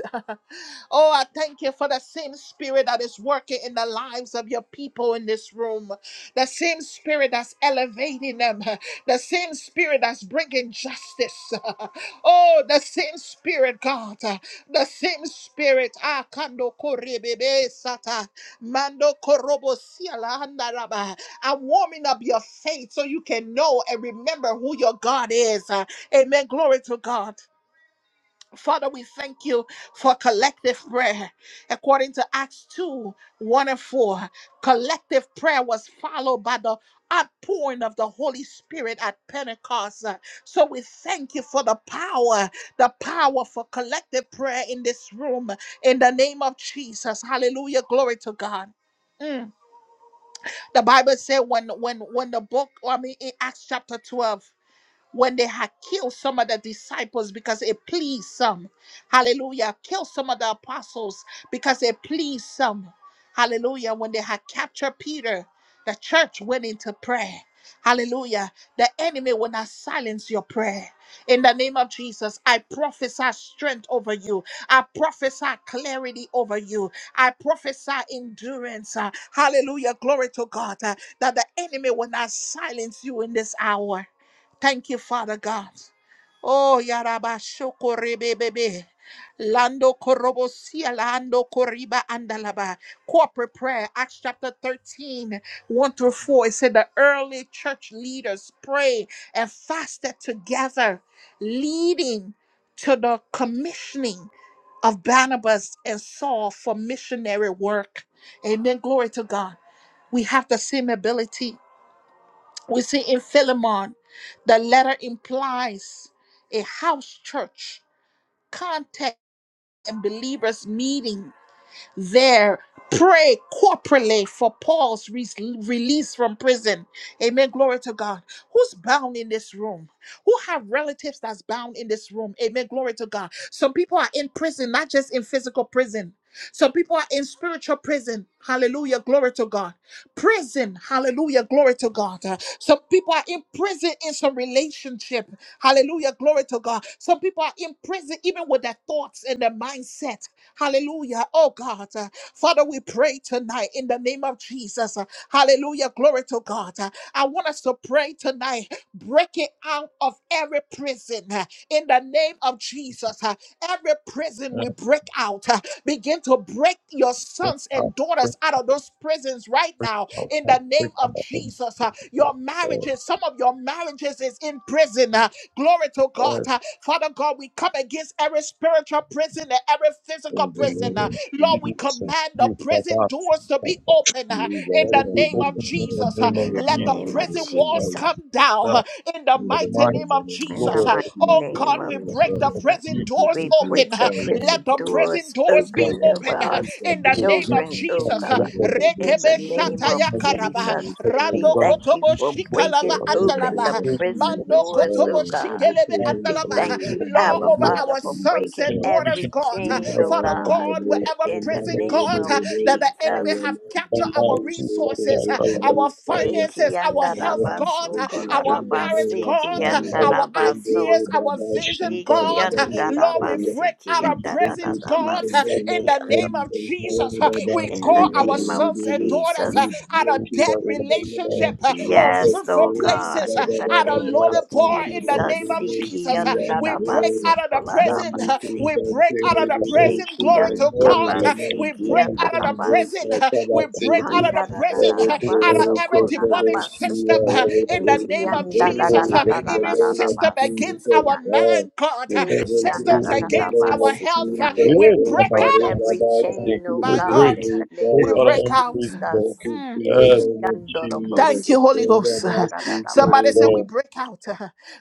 Oh, I thank you for the same spirit that is working in the lives of your people in this room. The same spirit that's elevating them. The same spirit that's bringing justice. Oh, the same spirit, God. The same spirit. Ah, kando korebebe sata. Mando korobo siala handaraba. I'm warming up your faith so you can know and remember who your God is. Amen. Glory to God. Father, we thank you for collective prayer. According to Acts 2 1 and 4, collective prayer was followed by the outpouring of the Holy Spirit at Pentecost. Uh, So we thank you for the power, the power for collective prayer in this room. In the name of Jesus. Hallelujah. Glory to God. Mm. The Bible said when when when the book, I mean in Acts chapter 12 when they had killed some of the disciples because it pleased some. Hallelujah. Killed some of the apostles because it pleased some. Hallelujah. When they had captured Peter, the church went into prayer. Hallelujah. The enemy will not silence your prayer. In the name of Jesus, I prophesy strength over you. I prophesy clarity over you. I prophesy endurance. Uh, Hallelujah. Glory to God. uh, That the enemy will not silence you in this hour. Thank you, Father God. Oh, yaraba, Yarabashoko Rebebebe. Lando Korobosia, Lando Koriba Andalaba. Corporate prayer, Acts chapter thirteen, one through 4. It said the early church leaders prayed and fasted together, leading to the commissioning of Barnabas and Saul for missionary work. Amen. Glory to God. We have the same ability. We see in Philemon, the letter implies a house church contact and believers meeting there pray corporately for Paul's re- release from prison. Amen. Glory to God. Who's bound in this room? Who have relatives that's bound in this room? Amen. Glory to God. Some people are in prison, not just in physical prison. Some people are in spiritual prison. Hallelujah. Glory to God. Prison. Hallelujah. Glory to God. Uh, some people are in prison in some relationship. Hallelujah. Glory to God. Some people are in prison even with their thoughts and their mindset. Hallelujah. Oh God. Uh, Father, we pray tonight in the name of Jesus. Uh, Hallelujah. Glory to God. Uh, I want us to pray tonight. Break it out of every prison uh, in the name of Jesus. Uh, Every prison we
Break
break out. uh, Begin to break your sons
out,
and
break,
daughters out of those prisons right
break
now in the
outside,
name
break
of
out.
Jesus. Uh, Your marriages, some of your marriages is in prison.
Break
uh, Glory to
out.
God. Uh, Father God, we come against every spiritual prison and every physical
In the
prison. uh,
name of
Lord, we
Jesus,
Jesus.
command the
you got
prison
us.
doors to be
Let
open uh,
You
in
guys
the
it be
can
name
do
of
open
that.
in the
Jesus. uh,
Thank
name
In
of
the
Let
you,
the
Lord,
name
Jesus.
of
Lord,
prison walls
But
Jesus.
Lord.
come down uh,
that
in the
In the
mighty
name
Almighty
of
name
the
of
In
Jesus.
the
Lord,
Lord
uh,
let it
mighty
Jesus.
Oh
be
name
God,
of
we
In
open
break
the
the
Jesus,
name
in
prison
you.
of
doors
we
the
open.
break the
uh,
Lord
Let
prison
the
Jesus.
prison
doors
But
doors be
that
open
Nylon
of
open uh,
our
is
you are
from
in
the
the
full of
name
river,
of
children,
goodness
to
oh
and
Jesus. Uh,
the
God.
remember the
river,
In
this
the
rekebe
I am
name of
due
shataya
to
command that
the
karabaha
Jesus,
river's
you have
we
rando
fire.
done.
thank you
kotobo
You
for
can book
We go
shikalava
breaking
of
in
the
the
open the
name
andalava
of
great
prison
mando
Jesus,
doors, oh
kotobo
God. I
God.
Thank
shikelebe
Almighty
We
andalava
thank
you.
you,
Lord, our
law
Abba
over
dear
Father,
our
for
sons
breaking
and daughters
every
generation,
God
chain,
now
oh
got
pick
Father
a
up
God.
the
God
mother,
Lord.
wherever
In
In
the
the name
somebody
of
prison
with
name
the
God
Jesus,
of
river,
that the enemy
I
Jesus.
am
have
I
captured
due
our
ask you, but
to
resources
that
the
God, I ask
our
river's
you, but
fire.
Eki
finances our
yanda da
health
Lord, we
God
baso,
take it
kola
our
da
in the
marriage
name
basi,
of
God
that God,
Jesus,
our
from the
ideas
river,
our vision
In
Shita,
God
the
Baba,
I ask
this
Lord
you.
we
fire.
break out
We
of
Thank
presence
you in
God
the
Yes,
name
in
of
the name of
Jesus.
Jesus Jesus,
Lord,
uh,
I
we
ask
call
you to
our
name of
do
sons and
this.
daughters
Jesus.
uh,
We
out of dead
worship in the name
relationship,
of
uh, on
Jesus.
Yes,
fruitful
Lord
Lord,
God,
I
places, uh,
in the
out of
name of
lonely,
ask you
bar
to
in the
Jesus.
name
do
of
this.
Jesus.
See
uh, We
and
break
do.
out of the prison.
Mandi
uh,
to
Sikiyandarabasukularabasi.
We break
Sante
out of the
Redo,
prison.
she
Glory to
and
God.
do.
uh,
Ikiyandarabasi,
We break
Mandi
out
from
of the
the
prison.
kiyandarabasi.
uh, We break
Katabasiku.
out of the prison.
Ever
uh, Out of
do,
every
from
demonic
the
Handarararabasukularabasi.
Shia,
system uh,
ever
in the
praise
name
in
of Jesus. uh,
the
Even
name of
system against our
Ikiyandarararararabasi,
Jesus.
mind, God.
We
uh,
Eki
break it
yanda
Systems
da da
in the
da
against
ba
name
our
of
si ki
health. uh,
Jesus.
yande.
We
Om
break
about
Break
Hare
that.
every
Baba
chain, O
Sikiri
We
my God,
break,
God, in the name
break
we
Vivaya.
of
our
break
own
out.
trees,
We
Lord.
break
Jesus.
it
Mm.
in the
Yes,
Eki
name of
yanda da bo
Jesus.
Thank
si
you, Holy
ki
Om
Ghost.
Baba
da da da da
thank
ba
you,
Sikiri
Somebody
si.
said, We
Lord.
In
break out.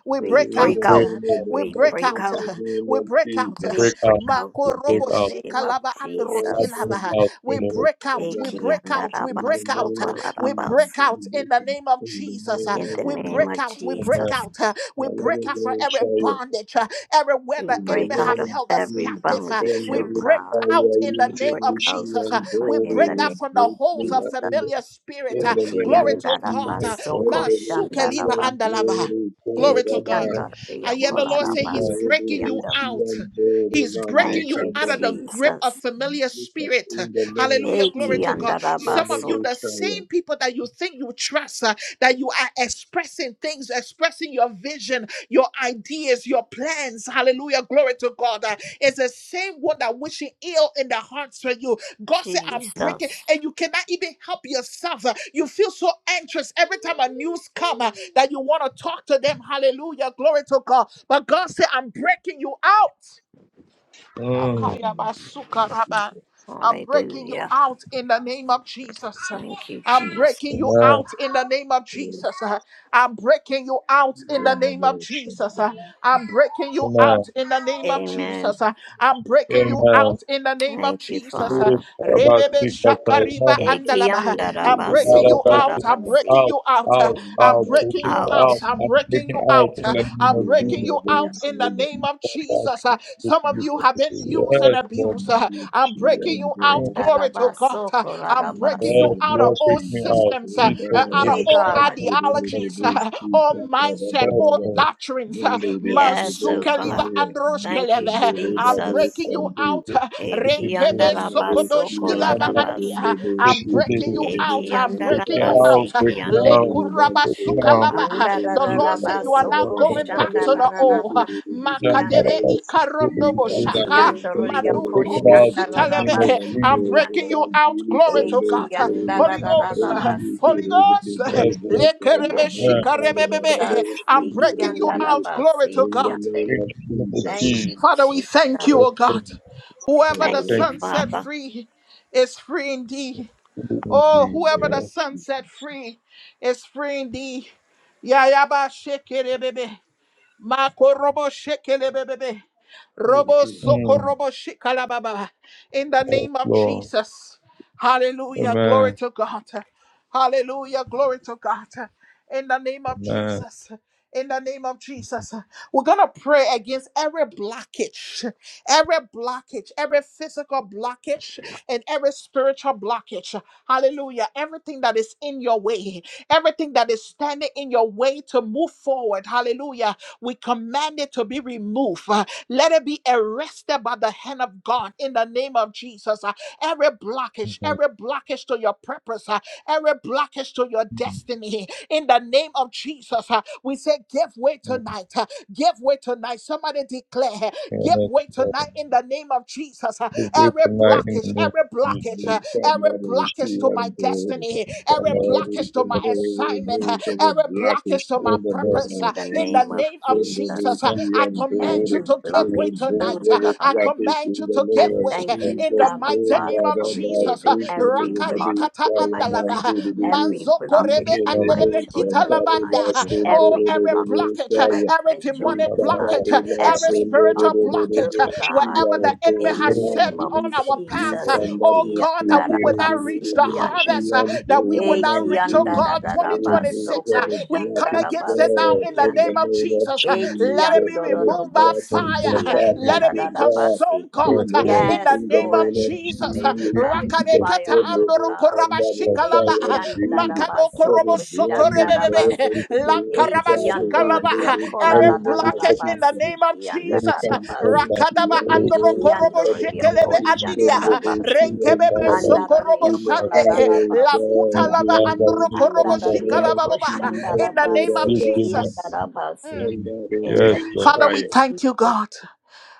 We
We
break
in
We
break
the
out.
out,
break
name of
out,
the
We
we
Christ,
break
break
in
out.
out,
the name
We
of
break out.
we
break
Jesus.
out,
break out
we break
in
Makorobo
the
out.
name of
shikalaba
Baba
I
Jesus.
break
Shandu
androskilaba.
out,
We
Shandu
Lord.
break out.
Shandu.
We
Eki
break
yanda
out.
da
We
In
ba
the
break
so
out.
name
ko
of
la da
We
ba
break
Jesus.
si.
We
out in
break
the
it.
name of
In the
Jesus.
In
name of
the
We
Jesus.
name
break
of
out. We
Amen.
break
Jesus,
out. We break out from
Hallelujah.
every
Shaya.
bondage everywhere
we
the
In the
enemy
break out
have
of
name
held us
every
of Jesus,
captive. uh,
stand
bondage,
We
O
with the
break
God.
out
fire,
in the
We
name
break
of
out,
intimidation,
Jesus. uh,
and
Father,
We
in
glory
break
the name
out
with
from
of
the holes
greatly
of
Jesus.
happening.
familiar spirit.
In
uh,
the in the
Eki
name
Glory
of
to
andaraba
God.
Amen.
Jesus,
uh,
stand
soko
the
Masukeliva
fire,
shandaraba.
and
andalava.
glory,
Glory to
Eki
God.
Kurama.
andaria
I hear
We
the Lord
say,
say
kolaraba
He's
Amen.
Kurama,
siki
breaking you
andar.
out.
and glory,
He's
Nandi
breaking
Thank
you
you,
out
Kanda.
of the grip of
Jesus.
familiar spirit. uh,
In the name of
Hallelujah. Glory
Eki
to
Jesus,
God.
andaraba
stand
Some of
with
so
you,
the
the
fire.
same people that you think you trust, uh, that you are expressing things, expressing your vision, your ideas, your plans. Hallelujah. Glory to God. Uh, it's the same one that wishing ill in the hearts for you. God said, I'm breaking,
Jesus.
and you cannot even help yourself. Uh, You feel so anxious every time a news come uh, that you want to talk to them. Hallelujah. Glory to God. But God said, I'm breaking you out.
Mm.
Akayabasukaraba. I'm breaking you
Hallelujah.
out in the name of Jesus.
Thank you,
I'm
Jesus.
breaking you out
Amen.
in the name of
In
Jesus. I'm breaking you out
the
in the
name of
name of
Jesus, stand with
Jesus.
the fire.
I'm breaking you
Amen.
out in the name of
Amen.
Jesus. I'm breaking you
Amen.
out in the name of
Thank you,
Jesus.
Father.
Ooh, all about
Rebebe
speak that
shakariba
Amen.
Eki
andalaba. I'm
andaraba
breaking
soko
All
you
about
out.
laraba
I'm
speak
si.
breaking
out,
you out.
the
out,
I'm
name
out,
of
breaking
breaking
you
Jesus.
out.
out.
Out.
I'm
I'm
breaking
breaking
you
out
out.
Breaking
in the name
I'm
out.
of
breaking
Jesus.
you
Breaking
out
out
in the
Thank
name of
All about
Jesus. Uh,
speak
Some of
with
now.
you have been
you.
used and
Yes, Lord.
abused. Uh, I'm breaking you out.
Mm.
Glory to
Andaraba
God. Uh,
soko
I'm
laraba
breaking you
si.
Yes,
out of
Lord,
all
break me out.
systems, uh, uh,
Jesus,
out
break
of
Yea,
me
all
out
God.
in the name of
ideologies,
Jesus.
uh, all mindset,
Yes,
all
Lord.
doctrines. uh,
Yes, oh
Masukaliva
God. Thank you,
androshkeleve. I'm
Jesus.
breaking you
you.
out. uh,
In the
Renkebe
Ekiandarabasoko
sokodoshkilava
larabasi.
andia. I'm
Mm.
breaking you out. I'm
Freaking
breaking you
out,
Ekiandarabasi
out.
freaking
kiande.
out, freaking out.
Sukalaba. The Lord said,
Jesus.
You are not
Andarararabasoko
going back to the old.
shandarararabasi
Don't matter
kiande.
Makadebe
about to
ikarondo
do this.
boshaka.
I'm
Ekiandoriako
freaking
Mandukurubu
out in the name of
sutalebe.
shandararabasi
I'm
Jesus.
breaking
kiande.
you out. Glory to God. Holy Ghost.
Ekiandarararabasi.
Holy Ghost.
Jesus.
Lekerebe
Thank
Yeah,
you,
shikarebebebe.
Jesus.
I'm breaking you out. Glory
Ekiandarabasi
to God.
name
kiande.
in
of
the name of
Thank
Jesus.
Jesus.
you,
Father, we
Jesus.
thank you,
Yes,
O God.
Lord.
Whoever the
Thank you,
Thank
Amen.
Son set
Father.
free is free indeed.
you, Lord, in
Oh,
In the
Jesus.
whoever
name
the
of
Yes.
sun set
Jesus.
free is free indeed. Yayaba shekele bebe. Makorobo shekele bebe.
We
Robo soko
Mm.
robo shikalababa. In the
Yes,
name of
Lord.
Jesus. Hallelujah. Glory
Amen.
to God. Hallelujah. Glory to God. In the name of
Amen.
Jesus. In the name of Jesus, we're going to pray against every blockage, every blockage, every physical blockage, and every spiritual blockage. Hallelujah. Everything that is in your way, everything that is standing in your way to move forward. Hallelujah. We command it to be removed. Let it be arrested by the hand of God in the name of Jesus. Uh, Every
Amen.
blockage,
Amen.
every blockage to your purpose, uh, every blockage to your
Mm.
destiny in the name of Jesus. uh, We say, give way tonight. uh, Give way tonight. Somebody declare, give
Yes,
way
Lord.
tonight in the name of Jesus. uh,
We will
Every
tonight in the
blockage,
name of
every blockage. uh,
Jesus.
come
every
out of the
blockage
street
to my
and go,
destiny,
Don't
every
matter
Lord, we
blockage to my
can
about
go
that.
assignment, uh,
remove every
every
blockage
blockage to my
Yes,
in the
Lord.
name
purpose.
of
uh,
in the
In the
name
Jesus.
of
name of
In the name of
Jesus,
Jesus.
uh,
Thank
Jesus,
I
and go,
command you
Every
we
to give
you,
way
blockage,
remove
oh
tonight. uh,
every
I
God,
blockage
command
in
you
the
to give
I
name of
way
thank
uh,
Lord.
you,
in
Jesus.
the
Abba
In the
mighty
Father,
name of
for
name of
Jesus. uh,
removing
Jesus, we
every
will
Rakadi
be
blockage
kata
in my
shalom
life,
and
andalava, uh,
divinity.
every
manzo
We
korebe
blockage
can
in my
Newfoundland
andeleve
live from
kita
children's life,
lavanda. uh,
Paradise
would
in
Oh,
every
the
every
name
blockage
of
blockage,
in
uh,
my
Jesus.
every
We
demonic
have
grandchildren's
come
had a
life,
back
blockage, uh,
with us
platform
every
every
in
spiritual
blockage,
the
blockage,
oh
uh,
God,
wherever the
platform
enemy
in the
has
name
carried
of
set
name
with
of
the
on
Jesus.
class
our
You
path.
Jesus.
to
can
Oh
double take
God,
it,
that we will
do,
when
do,
not
do,
reach
do,
the
do. she
Ikiyandarabasikiande.
harvest, uh,
loves to
that we will not
remind
Eki
reach,
in
oh
the
anda
you.
da
God,
da da
name
baso so
Remove
2026. uh,
every
we come
da
blockage
against it
basi. si
now
God
in the
in the
name of
name of
Jesus. uh,
Eki
let it
Jesus.
be
ando do
Every
do
removed by
bo
fire.
of the
si
blockage to
national
let
problems
da
it be
da
in
da ba
God.
si.
consumed, God, uh,
Remove
law
in
it
the
Yes,
in the
name of
Lord,
name
and the
of
Jesus. uh,
move it
Jesus.
by
name of
Jesus,
Rakadekata
fire,
God,
O
little
God.
time that is
andorokorabashikala
Eki
lava
and
anda da
greed.
baso
makado
so
Every
soto
blockage
da basi.
God,
rebebebe
that
si.
is the
the
lankaraba
Eki
Father,
suka
ando ria
remove it
kola
in
every
Every
da
the
da
name
da
of
da
blockage
physical
ba
in the
Jesus.
si
name of
da
Jesus
da ba si.
Intangadoshi
rakadaba
anto
andoro korobo
Ikiandoria
shekelebe
intangadoshi
andidia
angadoshi
koshandarabasi,
anto
renkebebe sokorobo
andaria
in the
shande
arrow
kolarabasi
lakuta
God we
lava
kiande,
andoro
move it in
korobo
the name
andaria
of
shikalaba baba
Jesus
in the
for
name of
koshandarabasi
our
Jesus
kiandarabasi.
Mm.
and the
In
Yes.
the
baby
sir.
name
Father,
of
we
in
thank you,
Jesus,
God.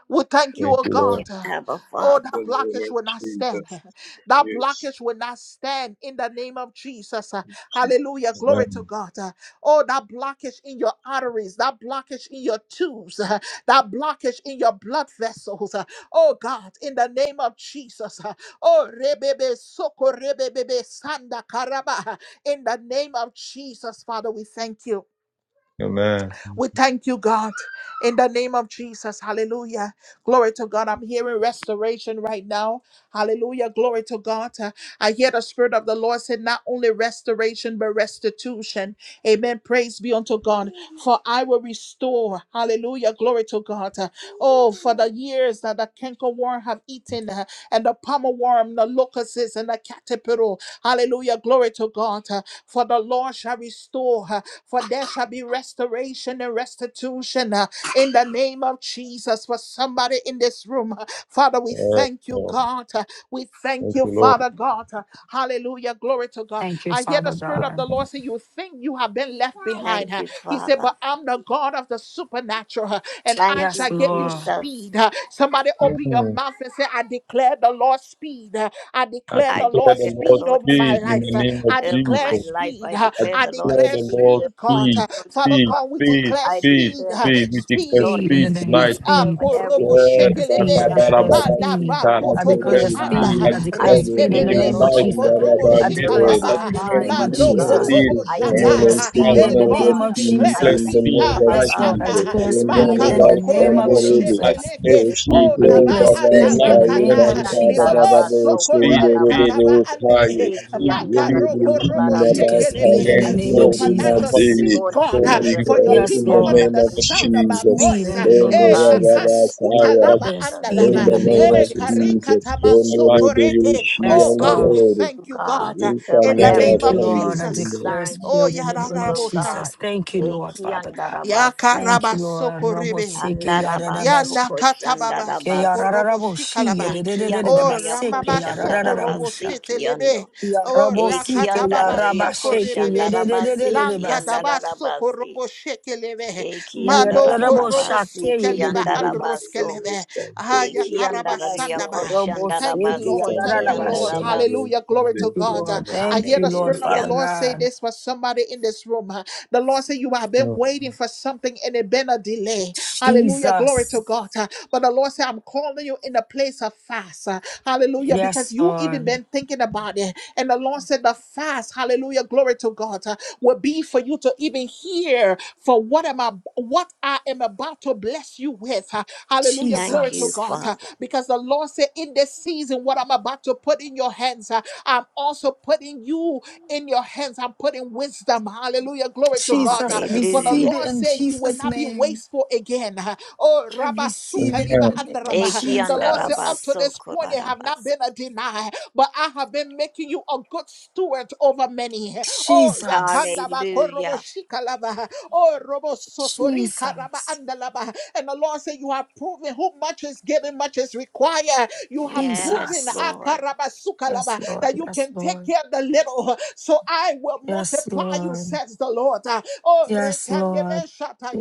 We thank
we
you,
Thank
oh
you,
thank
God.
you,
Lord.
uh,
Abba
Oh,
the
that
Father.
name
blockage
of
will not stand.
Jesus
That
yes
blockage will not stand in the name of Jesus. uh, Hallelujah. Glory to
Amen.
God. uh, Oh, that blockage in your arteries, that blockage in your tubes, uh, that blockage in your blood vessels. uh, Oh, God, in the name of Jesus. uh, Oh, rebebe soko rebebebe sanda karaba. uh, In the name of Jesus, Father, we thank you.
Amen.
We thank you, God, in the name of Jesus. Hallelujah. Glory to God. I'm hearing restoration right now. Hallelujah. Glory to God. Uh, I hear the Spirit of the Lord said, not only restoration, but restitution. Amen. Praise be unto God. For I will restore. Hallelujah. Glory to God. Uh, Oh, for the years that the cankerworm have eaten, uh, and the pommel worm, the locusts, and the caterpillar. Hallelujah. Glory to God. Uh, For the Lord shall restore. uh, For there shall be restoration restoration and restitution uh, in the name of Jesus for somebody in this room. Uh, Father, we
Yes,
thank you,
Lord.
God. Uh, We thank
Thank
you,
you, Lord.
Father God. Uh, Hallelujah. Glory to God.
Thank you,
I hear the
Father
Spirit of the
God.
Lord say, You think you have been left behind.
Thank
huh?
you,
He said,
Father.
But I'm the God of the supernatural, huh, and
Thank
I
Yes,
shall
you,
give you
Lord.
Jesus.
speed. huh." Somebody open your
Mm.
mouth and say, I declare the Lord's speed. huh. I
I
declare
I
the
declare
Lord's
declare
the
the
speed
Lord's
Lord
over my
speed
speed
in
life.
the
huh.
name of
I
over
declare
my
Jesus.
life.
speed.
I
Uh,
I
declare
I
the Lord
declare
declare
the
speed over
Lord's
speed,
my
God.
speed,
Uh, Father
children's
speed,
God, we
lives.
speed,
declare
I
speed,
speed,
declare
uh,
the
speed. We declare
speed,
Lord
Speed in
speed
the
speed,
name of
tonight
speed
speed. Ah,
speed.
over
korobo
everything.
Let the
Yes,
speed. I
shekelebe,
sign
declare
of
manda
speed.
Atabarababasika,
ba
sign
I
I
to
kotobo
Declare
declare
you,
declare
shanda,
God.
speed,
speed.
I
I
I
declare
declare
reke
speed in
speed
declare
the
in
the
my
bebe
name of
Lord's
life,
Jesus.
in
speed
sokorobo
my
I declare
over
business, I
our
shikalaba.
speed in the
declare
name
lives,
of
O
speed,
Mando
God.
Jesus.
kotobo
speed,
I
I
speed in
thank
Divine
declare
my
and
you,
shata.
child,
speed
Abba
in
Hey
the
Lord.
God,
supernatural
name
we
of
Father.
I
speed
declare
I
declare
in
Jesus.
the
thank
speed.
speed
you,
name
Ah,
in
Lord
of
my,
Yes,
God,
Lord.
in
I
my
for
in
Jesus.
lekana.
my
declare
In
moving
the
by
speed
spiritual
your
in
Makado
the
river
life,
name
spirit,
of
korobo
Lord.
O
Sanderibi,
I
God,
Jesus.
declare
sheteleke.
in the
speed,
Boshi
Oh,
name
I
taba
Lord, in
declare
my
Kiribaba
prayer
speed in
life,
of
the
Sai
Jesus.
Lord.
name
in
of
atamakana.
my
Bantaba
Ikianda
speed,
da
Libobo
Jesus.
Baba
baso
sokore
speed,
kola da
speed, in
kataba
basi.
my
Sunderibu Kai,
andele.
finances, speed,
Ikianda da
speed,
ria
Makaroko
speed,
kola
robo
da
I
Yendibishina
speed,
declare
in
bosi.
my
speed
shekelebe.
in
plan,
the
I
Bakayam
name of
Lord,
declare
in
Supernatural
my
Jesus.
Kirimadini.
speed,
Lord
business,
God,
Lord.
We
ah,
I
Stephen,
for
but
your
each
declare
declare
Yes,
and
in
people
the
every
speed,
Lord.
under
name
the
of
one in
I
this
sound
declare
of my
speed,
Speed
Jesus.
voice.
in
ah.
room,
the
oh
In
name
the
of
Eh,
God, in the
river
lakandu
Jesus.
name
yes,
of
kuta
Saya.
lava
Declare
Jesus.
speed
In
in
andalava.
I
the
the name
name
of
Father.
Eh,
of
pray,
Jesus.
Jesus,
karikatama
I
Kondo
got
Rebe
sotoreke.
Lord
Rishi
but
Oh
Yes,
God,
whatever.
Lord.
we
Stephen,
Antoro,
oh
thank you,
God,
God
Rita
over
in
We
the
Thank
Nara
you,
name
thank you,
Lord.
everything
of
that
Sande,
Lord. I
Jesus.
Linda
declare
concerns
Oh,
your
speed in the
people,
name of
oh
Yadarabosha.
God.
Jesus. Thank you, Lord,
Eki
Father God.
andarabasi,
Thank you, Lord.
Yakarabasokorebe.
Roboseke
andarabaso
yararabashi.
Yanakatababa
Ke
koshandarabasi,
yarararaboshi
sokoroboshikalaba.
eki
Oh,
andoria
yedededededebaseke
Ramama
koshandarabasi
yarararabosha.
kiando,
sokoroboshetelebe. Oh,
Yarabosi
eki
ke
Rakatababa
andararia
yarabashe ke
sokorebebe.
koshandarabasi
yedededededebase.
Lankataba
kiandarabasi.
sokoroboshekelebe. Mando korobo
Yededededebosha ke
Ekiandarararabasi,
sukeliba
kiandarabaso.
yededededebase.
androskelebe.
Santo,
Yes, Lord.
Ayakarabasandaba. Thank you,
Roboseke
Lord.
Ekiandarariakoshandarabasi,
Rita
Thank
Nara
you,
Nara
Lord.
yarararabashe.
Hallelujah.
kiandarabasi.
Glory
Sande,
Thank
to
you,
God. Uh,
Lord.
Nara
I
Thank
hear
you,
Sande,
the
Lord,
Spirit of the
Hallelujah.
Father
Lord say
God.
this for somebody in this room. Uh, The Lord said, You have been
Mm.
waiting for something and it been a delay. Hallelujah. Glory
Jesus.
to God. Uh, But the Lord said, I'm calling you in a place of fast. Uh, Hallelujah. Because
Yes,
you even
Lord.
been thinking about it. And the Lord said, The fast, hallelujah. Glory to God. uh, will be for you to even hear for what am I what I am about to bless you with. Uh, Hallelujah.
Thank
Glory to
you,
God.
Jesus.
Uh,
Father.
Because the Lord said, in this season, what I'm about to put in your hands, uh, I'm also putting you in your hands. I'm putting wisdom. Hallelujah. Glory to God. Uh,
Jesus. I
For the
receive
Hallelujah.
it
Lord
in
said, you will
Jesus'
not be
name.
wasteful again. Uh, Oh,
I
Rabba
And
receive it
Sukaliba
in
yeah,
the
and
name of
Rabba. The Lord said, up
Jesus.
to
Ekiandarabaso,
this point, it have not
kolarabasi.
been a deny but but I have been making you a good steward over many. Oh,
Jesus.
yakanda ba yakandaba
Hallelujah.
shikalaba. Oh, robo robosotorikaraba
Jesus.
andalaba. And the Lord said, You have proven who much is given, much is required. You have
Yes,
proven
Jesus.
Lord.
akaraba
Yes,
sukalaba
Lord.
that you
Yes,
can take
Lord.
care of the little. So I will
Yes,
multiply you,
Lord.
says the Lord. Oh,
Yes, Lord.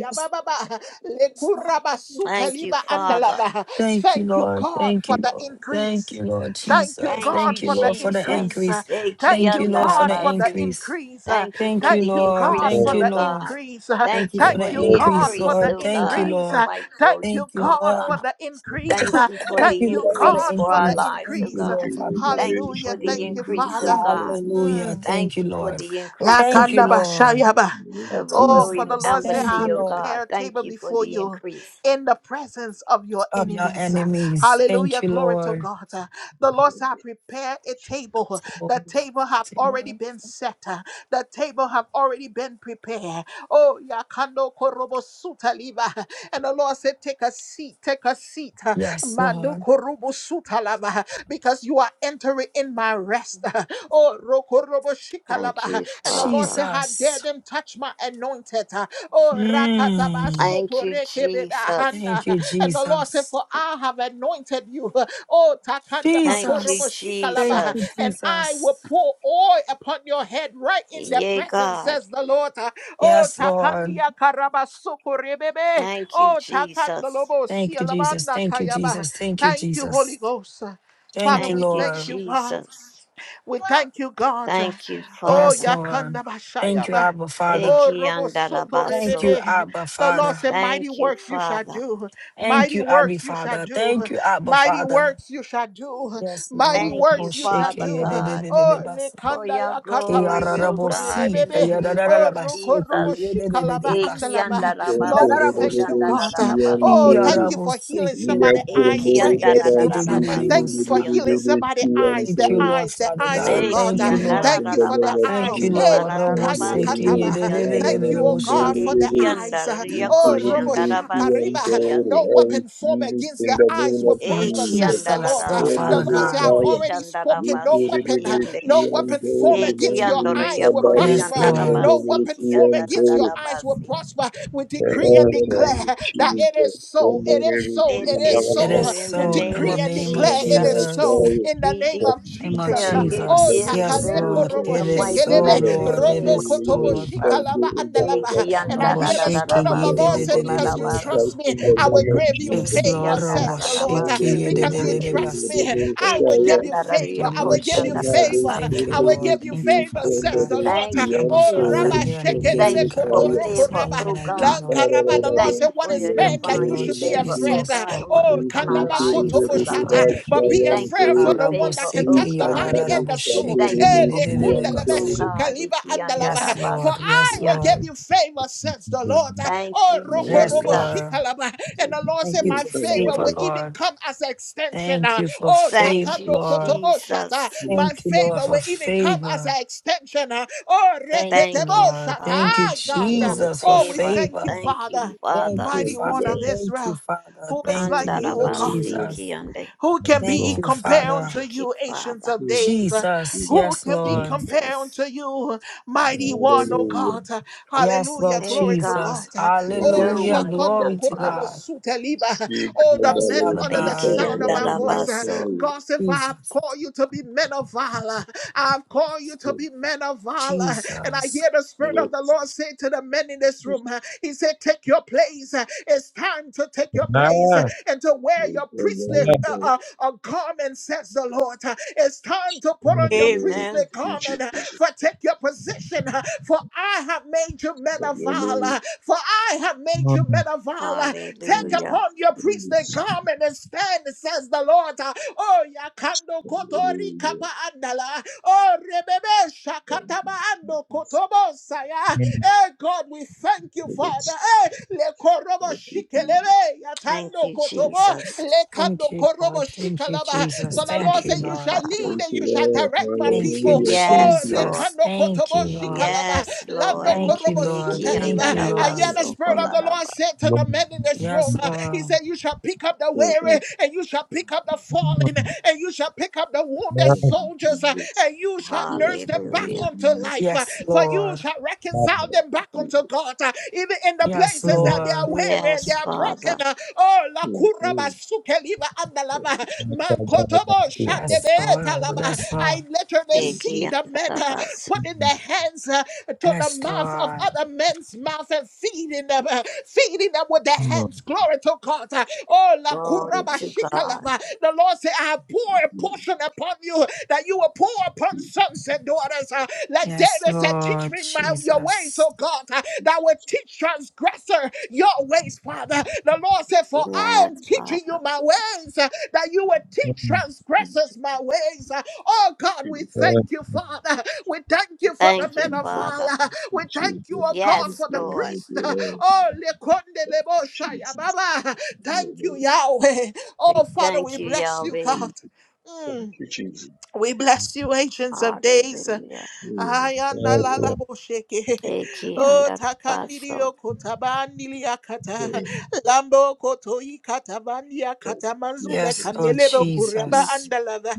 Yes, Lord. Yes, Lord. Yes,
Thank you,
Lekurabasuteliba
Lord.
Father.
andalaba.
Thank you,
Thank you,
Lord.
God,
Thank
for
you,
the
Lord. Thank
increase.
you, Lord
Thank you,
Jesus.
Thank
God,
you,
Thank you,
for the
Lord, for the
increase. Uh,
increase.
Jesus.
Thank
Thank
you,
you, Lord, for
God,
the
for the
Ekiandarabasi.
increase.
increase. Uh,
Thank you
Thank
for
you,
Thank
the
you,
Lord.
God,
increase,
Thank
for
Lord,
oh
you,
the
Lord.
God.
increase. Uh,
Thank
Thank
you
you
for
thank
Thank
for
the
you,
you,
the
Lord. for
increase,
God, for
increase,
the
the
Lord.
oh
Thank
people.
you,
God,
increase.
for
Lord.
Uh,
my
Thank
children,
Thank
you,
oh
you,
God, for
Lord.
God.
the increase.
Thank
Uh,
you for
Thank
the
you,
Thank you,
Lord, for
Sande,
the
increase
God,
for
for
our
the
increase.
lives, oh
Thank you,
increase. Uh,
God.
Rita
Lord, Father God.
Nara
Thank you for
Hallelujah.
the
Thank you,
increase, oh
Rishi
Father.
God.
Hallelujah.
Mm.
Thank
Thank
you,
you for
Lord.
the increase,
Thank
oh
you,
Yakanda
God,
Lord.
bashayaba.
of a
Antoro,
Oh, for the
royal
Jesus.
Lord said,
Thank
I
embassy,
you,
have
oh
Lord.
God.
prepared a
Thank
table
you for
before
the
you
increase.
in the presence of your
Of your
enemies.
enemies.
Hallelujah.
Thank you,
Glory to
Lord.
God. The Lord said, I prepare a table. The
Table.
table have already
Table.
been set. The table have already been prepared. Oh, Yakando Korobo Suta Liva. And the Lord said, Take a seat, take a seat.
Yes,
Mando
Lord.
Korobo Suta Lava. Because you are entering in my rest. Oh, rokorobo
Thank
shikalaba.
you,
And the Lord
Father.
said, How dare
Jesus.
them touch my anointed? uh, Oh, rakataba
Mm.
Thank you, Jesus.
Thank you,
And the Lord said,
Jesus.
For I have anointed you. uh, Oh, takandaba
Thank you,
korobo
Jesus. Thank
shikalaba.
you,
Jesus.
And I will
Jesus.
pour oil upon your head right in their
Yea,
presence,
God.
says the Lord. uh, Oh,
Yes, Lord.
takandia karaba sokorebebe.
Thank you,
Oh,
Jesus.
takandalobo
Thank you, Jesus.
sialabanda
Thank you,
kayaba.
Jesus. Thank you,
Thank you, Holy
Jesus.
Ghost. uh, Father,
Thank you,
we
Thank you,
thank
Lord.
you, God.
Jesus.
We thank you, God.
Thank you,
Oh,
Yes,
Father.
Lord.
Yakanda
Thank you,
Bashayaba.
Abba Father.
Oh,
Eki
Robo Soto
Thank you,
andarabaso.
Rebebe.
Abba
The Lord
Father.
said, Mighty
Thank you,
works you shall
Father.
do.
Thank
Mighty
you, Abba
works you shall
Father. Thank
do.
you, Abba
Mighty
Father.
works you shall do.
Yes, Lord.
Mighty
Thank you,
works you shall
Father
do.
God,
Oh,
for
Lekanda
your
Yakata
glory, O
Basoto
God,
Keyararabosi,
in the
Rebebe.
name of
Oh,
keyarararabashe,
Roko Robo
Jesus.
Shikalaba
Eki
keyerererererabasi,
Andalaba. Lord, we
andarabaso
Santo
thank
keyarararabosha,
you, God.
Rishi
koshandarabasi.
Oh, thank
Antoro,
you for
keyarabose,
healing
Nia
somebody's eyes
Eki
Kondo
right
keyararabashe,
in
Reba
this room.
Batsi,
Thank
andarabasi
you
yedererererebosa.
for healing
kiondo.
Rishi
somebody's eyes,
Thank
their
you,
Antoro,
Lord,
eyes, their
Father
I
eyes, oh
God.
God.
Eki
Thank
Uh,
you,
receive it
Lord.
Thank
in
you
the
for their
name of
andarabaso
Thank you,
eyes. Eh,
Jesus.
Lord.
la
Thank you,
kaya
Robose,
Holy
kolarabasi
Ghost.
kataba.
kionde.
Thank you, oh
keyerererererabosha.
God, for their
Eki
Yananamandorerere.
eyes. Uh,
andaria
Yes,
Oh,
Lord.
Robo
koshandarabasi
Shakariba,
Ikiriririsiyandore.
kionde.
no
I
weapon formed
receive it
against
in
the
the
eyes
name
Yes,
will
of
Lord
prosper,
Eki
Jesus.
says the
Jesus,
Lord. Uh,
Lord,
Holy
The
Father
Lord
andarabaso
Ghost,
said, I've
God.
I am.
already spoken. No
koshandarabasi
weapon, uh,
kiande.
no weapon formed
Ikiriririsiyandore.
Eki
against your eyes
andoroya
will
Yes,
prosper.
Lord.
No
koshandarabasi
weapon formed against your
Mandikabarokanororisiyandore.
eyes will
kiandarabasi.
prosper. We
They
In
decree and
are
the
here.
declare
name of
that it
Jesus.
is so,
Um,
it is
Kondorerisi
so,
It
it
In
I I
is
the
is
want
It
name
to
so
thank
is
of
so.
in the
We
so
name
in the
Jesus.
decree
of
and
name of
declare it is
Jesus.
so
you
Jesus.
Yananamashaya
in the
We
name
for
of
Name
you,
of
the
Jesus.
declare
name.
Lord,
it
in
Oh,
the
Jesus.
is
name of
Yes,
Takale
so
Lord.
Jesus.
in
robo
the
It is
Thank
mighty
you,
so,
shekelebe,
Lord.
matchless
Lord.
Thank
It
name
rondo
you,
of
is so,
kotobo
Lord.
Lord,
Jesus.
Father
Thank
God.
you
shikalaba
in the
I-
name of
andalaba.
Eki
Yeah,
And I
Robo
hear
Jesus.
the
shake
Spirit of
ye
the
de
Thank
Lord
andarabaso
de
you,
say,
de
the
de
name
de
Because you
of
bosa.
kolarabasi.
trust
Christ,
me,
in
I-
the
I
I
will
name of
hope
give
you
you
Yes,
Jesus.
Eki
favor,
Lord.
hope
Robo
says the Lord.
shake
Monday,
andarabasi
ye de
Because
de
you
de
Tuesday,
de
kiande.
Thursday,
trust
basa.
me,
Friday,
I will
Eki
give
Shia,
you
Thank
favor.
andararia
you,
I will
Lord
give you
Bukana,
Jesus.
Sunday,
favor.
Thank you,
I
koshandarabasi.
Sunday,
will
Lord.
we
give you
can
Thank you,
do
favor,
Father
says
God.
the
Sunday,
Lord.
Thank you,
Abba
Shian,
Oh,
Jesus.
Father,
Rabba
Tori,
you're an
We
Shekedebe
amazing
thank
Sunday,
you
God,
for
Lord.
Kaya,
Kotoroko
There's
favor,
no
Rabba.
one
oh
like you,
God.
Lord.
Bukara,
Lankaraba,
We
the Lord
thank
Sunday,
said,
you
What
she
for
is
your
and
man
Thank you,
that
divine
you
Lord
Tori,
should be
favor,
Monday,
oh
afraid?
Jesus.
God,
Oh,
on,
Oh,
Father
Thank
God,
on
Kandaba
our
you,
Lord
lives, oh
Jesus.
Lord.
God.
Oh,
Kotoboshata, But
We
be
Hallelujah.
thank you
afraid for
for
Hallelujah.
the
Harabo
one
favor,
that can
oh
touch
Seki,
the
God.
body and
Yararabo
the
We
soul.
Sheki,
thank you
Eh,
for favor,
lekundelebe
oh
Yedididibase.
God.
sukeliba andalaba.
Yes,
For
Lord. Yes,
I will give
Ikiandarabasikiande.
Lord.
you favor, says
you
the
do
Lord.
Thank
Oh,
you,
Yes,
rokorobo
Jesus.
Lord.
shikalaba. And the Lord
Thank
said,
you
My
for
favor
favor,
will even
Lord.
come as an extension.
Thank
uh,
you for
Oh,
Thank
favor,
you,
takando
Lord.
kotobo shata.
Jesus.
My
Thank you, Lord,
favor
for
will even come as
favor.
an extension. uh, Oh,
Thank you,
Thank you,
reketebo
Lord.
shata.
Father,
Thank you,
Ah, God. uh,
for
Jesus, for
Oh, we
favor.
thank
favor.
you,
Thank you,
Father,
Thank
Father.
you,
mighty one
Father.
of
Thank you,
Israel,
Father.
who is
Thank
like
you,
you, O
Lord
God.
Jesus.
Andarabasikiande.
Who can
this,
be
Thank
Lord.
you,
compared
Father.
unto
Thank you,
you, ancients
Father.
of days?
Jesus.
Who
Yes,
can be
Mm.
Lord.
compared
Jesus.
unto you, mighty one, O God?
Yes,
Hallelujah.
Lord
Thank
Glory to
God.
God.
Jesus.
Thank you,
Oh,
Jesus.
No
Hallelujah.
one
Shakando
Glory
can,
to
Korobo
Father.
God.
Suteliba.
Big hallelujah. Yes,
Oh,
yes.
the
Yes,
men
Father
under the
God.
sound of my voice. uh,
Ikiandarabaso.
God said, For I have
Jesus.
called you to be men of valor. I have called you to be men of valor. And I
Jesus.
hear the Spirit of the Lord say to the men in this room, uh, He said, Take your place. Uh, It's time to take your place uh,
Nah,
and to wear your
nah,
priestly
mm,
uh, uh, a garment, says the Lord. It's time to put on
mm,
your priestly
Amen.
garment, for take your position, for I have made you men
Big hallelujah.
of
Hallelujah.
valor, for I have made you men of valor. Take
Hallelujah.
upon your priestly
Hallelujah.
garment and stand, says the Lord. Oh, yakando kotori
Hallelujah.
kapa andala. Oh, rebebe shakataba ando kotobo saya.
mm,
Eh, God, we thank Thank you,
Thank you,
Father.
Jesus.
Eh, Le korobo
Thank you, Jesus.
shikelele
Thank
yatando
you,
kotobo
Jesus.
le
Thank
kando
you, Lord.
korobo
Thank you,
shikalaba.
We
Jesus.
For the Lord
Thank
Thank
you,
said,
you,
"You
Lord.
shall
Father.
lead
Thank
and
you,
you shall
Lord.
direct my
Thank you,
people."
Hallelujah. Thank
Oh,
Yes,
le
you.
Lord.
Jesus.
kando
Thank
kotobo
you, Lord.
shikalaba
Yes,
lando
Lord.
Yes.
Thank you,
korobo
Lord. Thank
sutaliva.
you,
Hallelujah.
I hear
Lord.
Thank
the
Ikiandarabaso
you,
spirit of
Jesus.
the Lord
kolaraba.
said to
Lord,
the men in this room.
Yes,
mm,
uh, He said,
Lord.
"You shall pick up the
Thank
weary
you,
and you shall pick up the fallen
mm,
and you shall pick up the wounded
nah,
as
thank you,
soldiers, uh,
Jesus.
and you shall
Yes.
nurse them back
Hallelujah.
unto
Hallelujah.
life, uh,
Yes,
for you
Lord.
shall
nah,
reconcile
Thank
them back
you,
unto
Jesus.
God, uh, even in the
Yes,
places
mm.
that they are
Lord.
weary and they
Yes,
are
Father.
broken. uh, Oh, la
Mm,
kuraba
mm.
sukeliva
Thank
andalava,
you,
And it's all
Jesus.
about my
mankotobo
sister.
Yes,
shandebe
Lord. Yes, Lord.
I literally
Mm,
see
mm,
the men uh,
Ikiandarabaso.
putting
Mm,
their hands uh, to the
Yes,
mouth of
Lord.
other men's mouth and feeding them, uh, feeding them with with their
mm,
hands. Glory to God. Oh, la
Glory to God.
kurabashikalava. The Lord said, I have poured a portion upon you that you will pour upon sons and daughters. Uh, Like
Yes,
David said, teach
Lord
me my, your ways,
Jesus.
oh God, uh, that
Jesus.
will teach transgressor your ways, Father. The Lord said, for I
Yes,
am
Father.
teaching you my ways, uh, that you will teach
mm.
Thank
transgressors my ways. Uh, Oh God,
you,
we
Jesus.
Yes,
thank you, Father. We thank you for the
Thank
men
you,
Thank you,
of
Jesus.
Father.
valor. We thank you, oh God,
Thank
Yes,
for the
you,
Lord.
thank
priest.
you, Lord.
Oh, Lekonde Lebo Shaya,
Jesus.
Baba. Thank you,
Hallelujah.
Yahweh. Oh,
We
Father,
thank
we
you,
bless you,
Yahweh.
God.
Thank
Mm.
you, Jesus.
We bless you, agents of days.
Hallelujah.
Mm, Thank
Ayana
yes,
la
you,
la
Lord.
bosheke.
Eki
Oh,
under the bustle.
takanirio kotabandili
Lord.
akata. Lambo koto ikatabandi
Thank
akata
you,
manzule
Yes,
Jesus.
Lord
kanelebo
Thank you,
kuraba
Jesus.
Jesus.
andalava.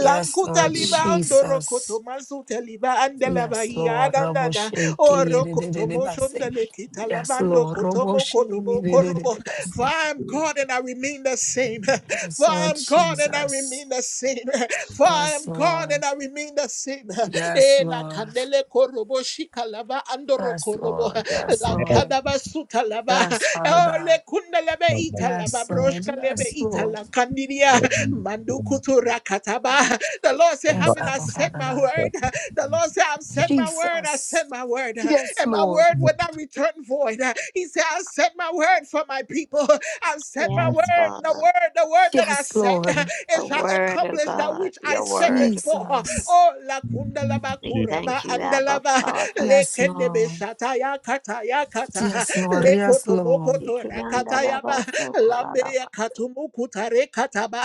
Yes, Lord
liba
Thank
andoro
Jesus.
koto mazute liba andalava
Yes, Lord. Robo
iyadanana.
shake
Oro koto
it.
moshondale kita
Yes,
lavando
Lord.
koto
Robo
mo
shake
koto bo korobo. For
it.
I am God and I remain the same. For
Yes,
I
Lord
am God and I
Jesus.
remain the same. For I
Yes,
am God
Lord.
and I remain the same.
Yes,
E la
Lord.
candele korobo shikalava andoro
Yes,
korobo.
Lord. Yes,
Yes,
Lord.
Lankadaba sutalava.
Yes, Father
Oh, le
God.
kundalebe
my
italava
Yes, Lord.
broshka lebe
Yes, Lord.
itala kandiria. Mandukutu rakataba. The Lord said,
Yes,
having I
Abba,
said
Father
my
God.
word,
God.
the Lord said, I've said my word, I
Jesus.
said my word,
Yes,
and my
Lord.
word will not return void. He said, I said my word for my people. I've sent my
Mm,
word.
Yes,
The
Father.
word, the word that I
Yes,
sent,
Lord.
it
The
shall
word of
accomplish that
God,
which I
your
sent it
word of
for.
God.
Jesus.
Oh, la kunda la ba
We
Jesus.
kuraba
thank you, Abba
andalava
Father.
le
Yes,
kende be
Lord.
shata ya kata ya kata
Yes, Lord.
le
Yes,
koto
Lord.
Eki under
rakata
the
yaba,
bustle,
ba
kola
lambe
da ba-
ya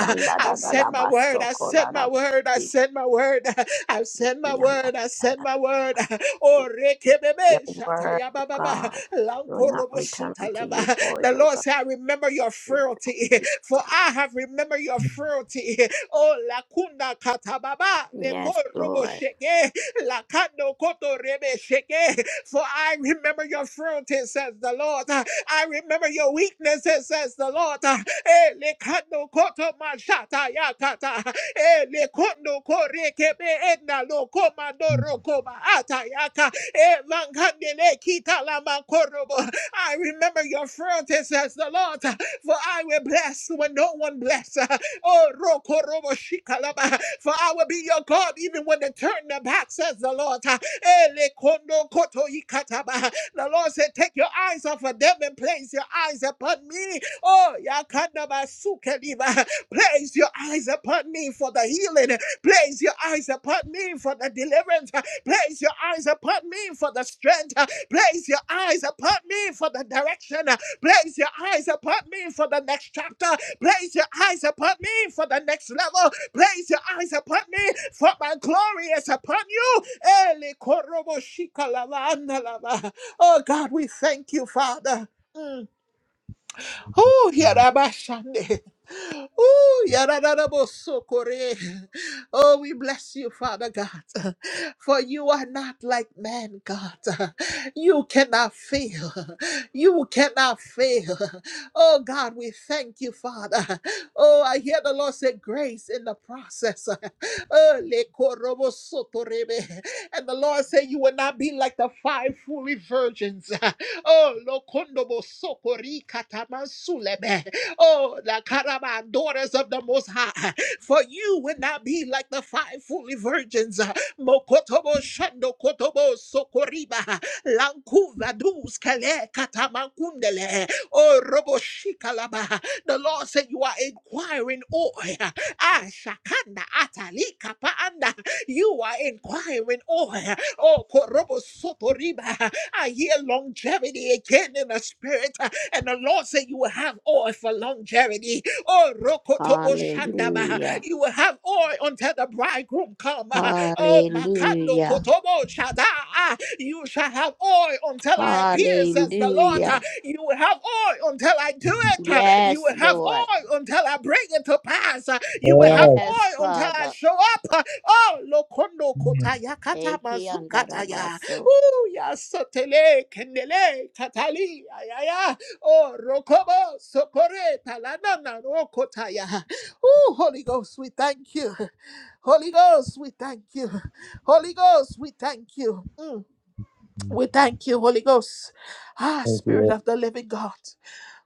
sanda da
I've
da
said
da
my word.
bustle,
I
kola
said
da
my word.
ba-
I said my word. I've said my
Eki under da
word. I
da
said
da.
my word. Oh,
Your
rekebebe
word
shataya
of
baba ba. ba.
God will not
Lankorobo
return unto you
sutalaba. The
void of
Lord
God.
said, I remember your
Thank
frailty,
you.
for I have remembered your frailty. Oh, lakunda katababa
Yes,
lekorobo
Lord.
sheke. Lakando koto rebe sheke. For I remember your frailty, says the Lord. I remember your weaknesses, says the Lord. Eh, lekando koto mashata yakata. Eh, lekondo kore kebe edna lo komando atayaka. Eh, langandele kita lama korobo. I remember your frailty, says the the Lord, for I will bless when no one bless. Oh, roko robo shikalaba, for I will be your God even when they turn their back, says the Lord. Ele kondo koto ikataba. The Lord said, Take your eyes off of them and place your eyes upon me. Oh, yakandaba sukeliba. Place your eyes upon me for the healing. Place your eyes upon upon me for the deliverance. Place your eyes upon me for the strength. Place your eyes upon me for the direction. Place your eyes upon me for the next chapter. Place your eyes upon me for the next level. Place your eyes upon me for my glory is upon you. Eli korobo shika lava Oh God, we thank you, Father. Mm. Oh, here I am, Shande. Ooh, yadadadabosokore. Oh, we bless you, Father God, for you are not like man, God. You cannot fail. You cannot fail. Oh, God, we thank you, Father. Oh, I hear the Lord say grace in the process. Oh, lekorobosotorebe. And the Lord said, You will not be like the five foolish virgins. Oh, lokondobo sokori lokondobosokorikatamansulebe. Oh, the Karaba, daughters of the Most High, for you will not be like the five fully virgins. Mokotobo Shando Kotobo Sokoriba, Lankuva Dus Kale Katamakundele, Oh, Robo Shikalaba. The Lord said, You are inquiring. Oh, Ashakanda Atalika Paanda. You are inquiring, oh, eh, oh, Korobo Sotoriba. I hear longevity again in the spirit. eh, And the Lord said, You will have oil for longevity. Oh, Rokotobo Shandaba.
Hallelujah.
You will have oil until the bridegroom come. eh. Oh, Makando
Hallelujah.
Ah, You shall have oil until I appear, says the Lord. Ah,
Hallelujah.
You will have oil until I do it. Ah, You
Yes,
will have
Lord.
oil until I bring it to pass. Ah,
Mm, Thank you.
You will have
Lord.
Yes,
oil until I
Father.
show up. Ah, Oh, lokondo
Mm,
kotaya kata
Eki
mazukataya.
andarabaso.
Oh, ya sotele kendele katali. Ayaya. Oh, rokobo sokore talanana rokotaya. Oh, Holy Ghost, we thank you. Holy Ghost, we thank you. Holy Ghost, we thank you. Mm. We thank you, Holy Ghost. Ah, Spirit of the living God.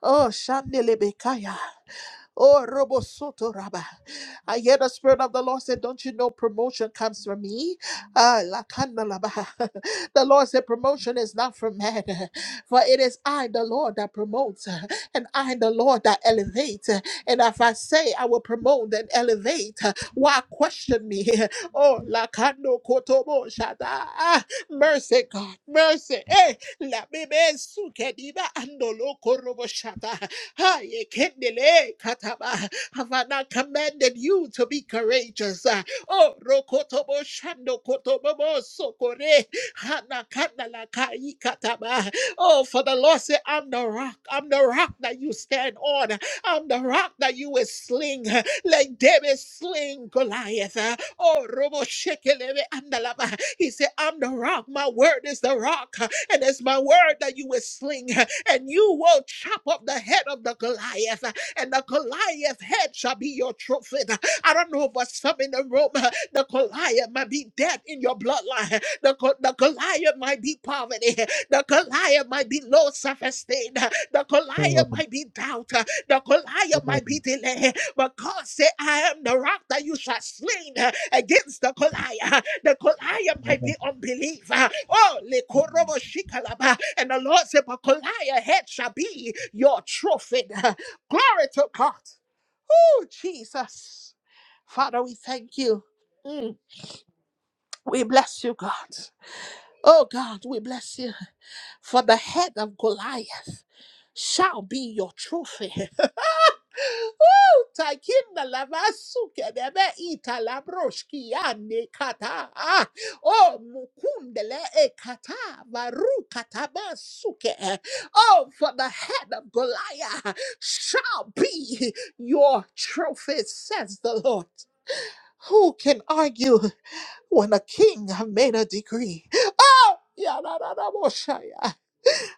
Oh, Shandelebekaya. Oh, Robo Soto Rabba. I hear the Spirit of the Lord say, Don't you know promotion comes from me? Ah, Lakanda Laba. The Lord said, Promotion is not from man, for it is I, the Lord, that promotes, and I, the Lord, that elevates. And if I say I will promote and elevate, why question me? Oh, Lakando Kotobo Shada. Mercy, God. Mercy. Eh, la bebe suke diba andolo korobo shata. Hi, kendele kataba. Have I not commanded you to be courageous? Ah, Oh, rokotobo shando kotobobo sokore. Hana kanda la kai kataba. Oh, for the Lord said, I'm the rock. I'm the rock that you stand on. I'm the rock that you will sling. Like David sling Goliath. Oh, robo shekelebe andalaba. He said, I'm the rock. My word is the rock. huh? And it's my word that you will sling. huh? And you will chop up the head of the Goliath. huh? And the Goliath head shall be your trophy. huh? I don't know for some in the room, huh? the Goliath might be death in your bloodline. huh? The, the Goliath might be poverty. huh? The Goliath might be low self esteem. The Goliath might be doubt. huh? The Goliath might
mm,
be delay. huh? But God said, I am the rock that you shall slain against the Goliath. huh? because Goliath might be
Thank
unbeliever. Oh, lekorobo shikalaba. and the Lord said, But Goliath head shall be your trophy. Glory to God. Oh, Jesus. Father, we thank you. Mm, We bless you, God. Oh, God, we bless you. For the head of Goliath shall be your trophy. Woo! Takinda lavasuke debe ita labroshki ane kata. Ah, Oh, mukundele e kata varu kata basuke. Oh, for the head of Goliath shall be your trophy, says the Lord. Who can argue when a king have made a decree? Oh, Yadadadaboshaya.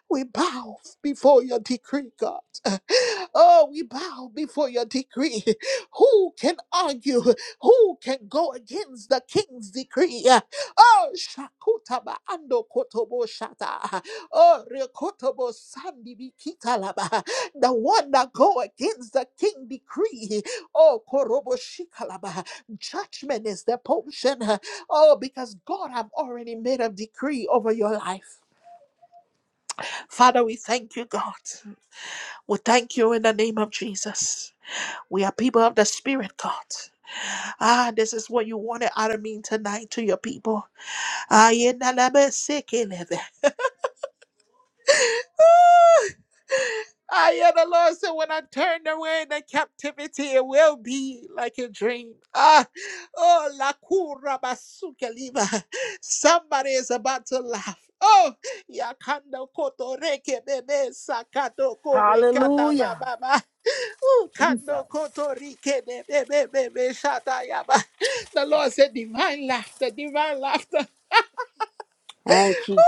we bow before your decree, God. Oh, we bow before your decree. Who can argue? Who can go against the king's decree? Oh, shakuta ba ando kotobo shata. Oh, rekotobo sandi bikita laba. The one that go against the king decree. Oh, korobo shikalaba. Judgment is the potion. Oh, because God have already made a decree over your life. Father, we thank you, God. We thank you in the name of Jesus. We are people of the Spirit, God. Ah, this is what you wanted out of me tonight to your people. Ah, yeah, na- na- be- sick in it. I hear the Lord said, when I turn away the captivity, it will be like a dream. Ah, oh, la cura basuke lima. Somebody is about to laugh. Oh, yakando kotoreke bebe sakato kore kata
Hallelujah.
baba. ba. Ooh, kando
Jesus.
kotorike de bebe bebe shata yaba. The Lord said, divine laughter, divine laughter.
Thank you,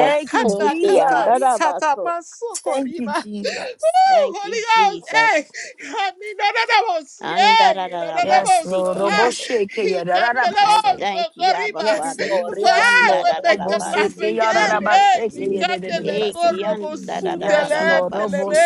Yeah,
you,
kanda
Eki
katari
Jesus.
kata
andarabaso.
masoko
Thank
Ooh,
you, Jesus.
Thank you,
Holy Ghost, eh,
Jesus.
kami na na na mos, yeah, na na na
Yes,
mos, oh,
Lord.
Andarararabasiki
ah,
ande.
he kanda na
I
mos,
Roboshekeyararabase.
thank you, Abba
Yes,
Father.
Lord.
For
Eki
Yes,
I
Lord.
will make them laugh
andarararabasiki
again,
Hallelujah.
ande.
Eh,
Lord,
likande le
Lord,
Roboshekeyararabasekeyedededebase.
thank
Eki
koro
you, thank
mosu
you, thank
Yes, Lord.
telendele me.
andarararabasi.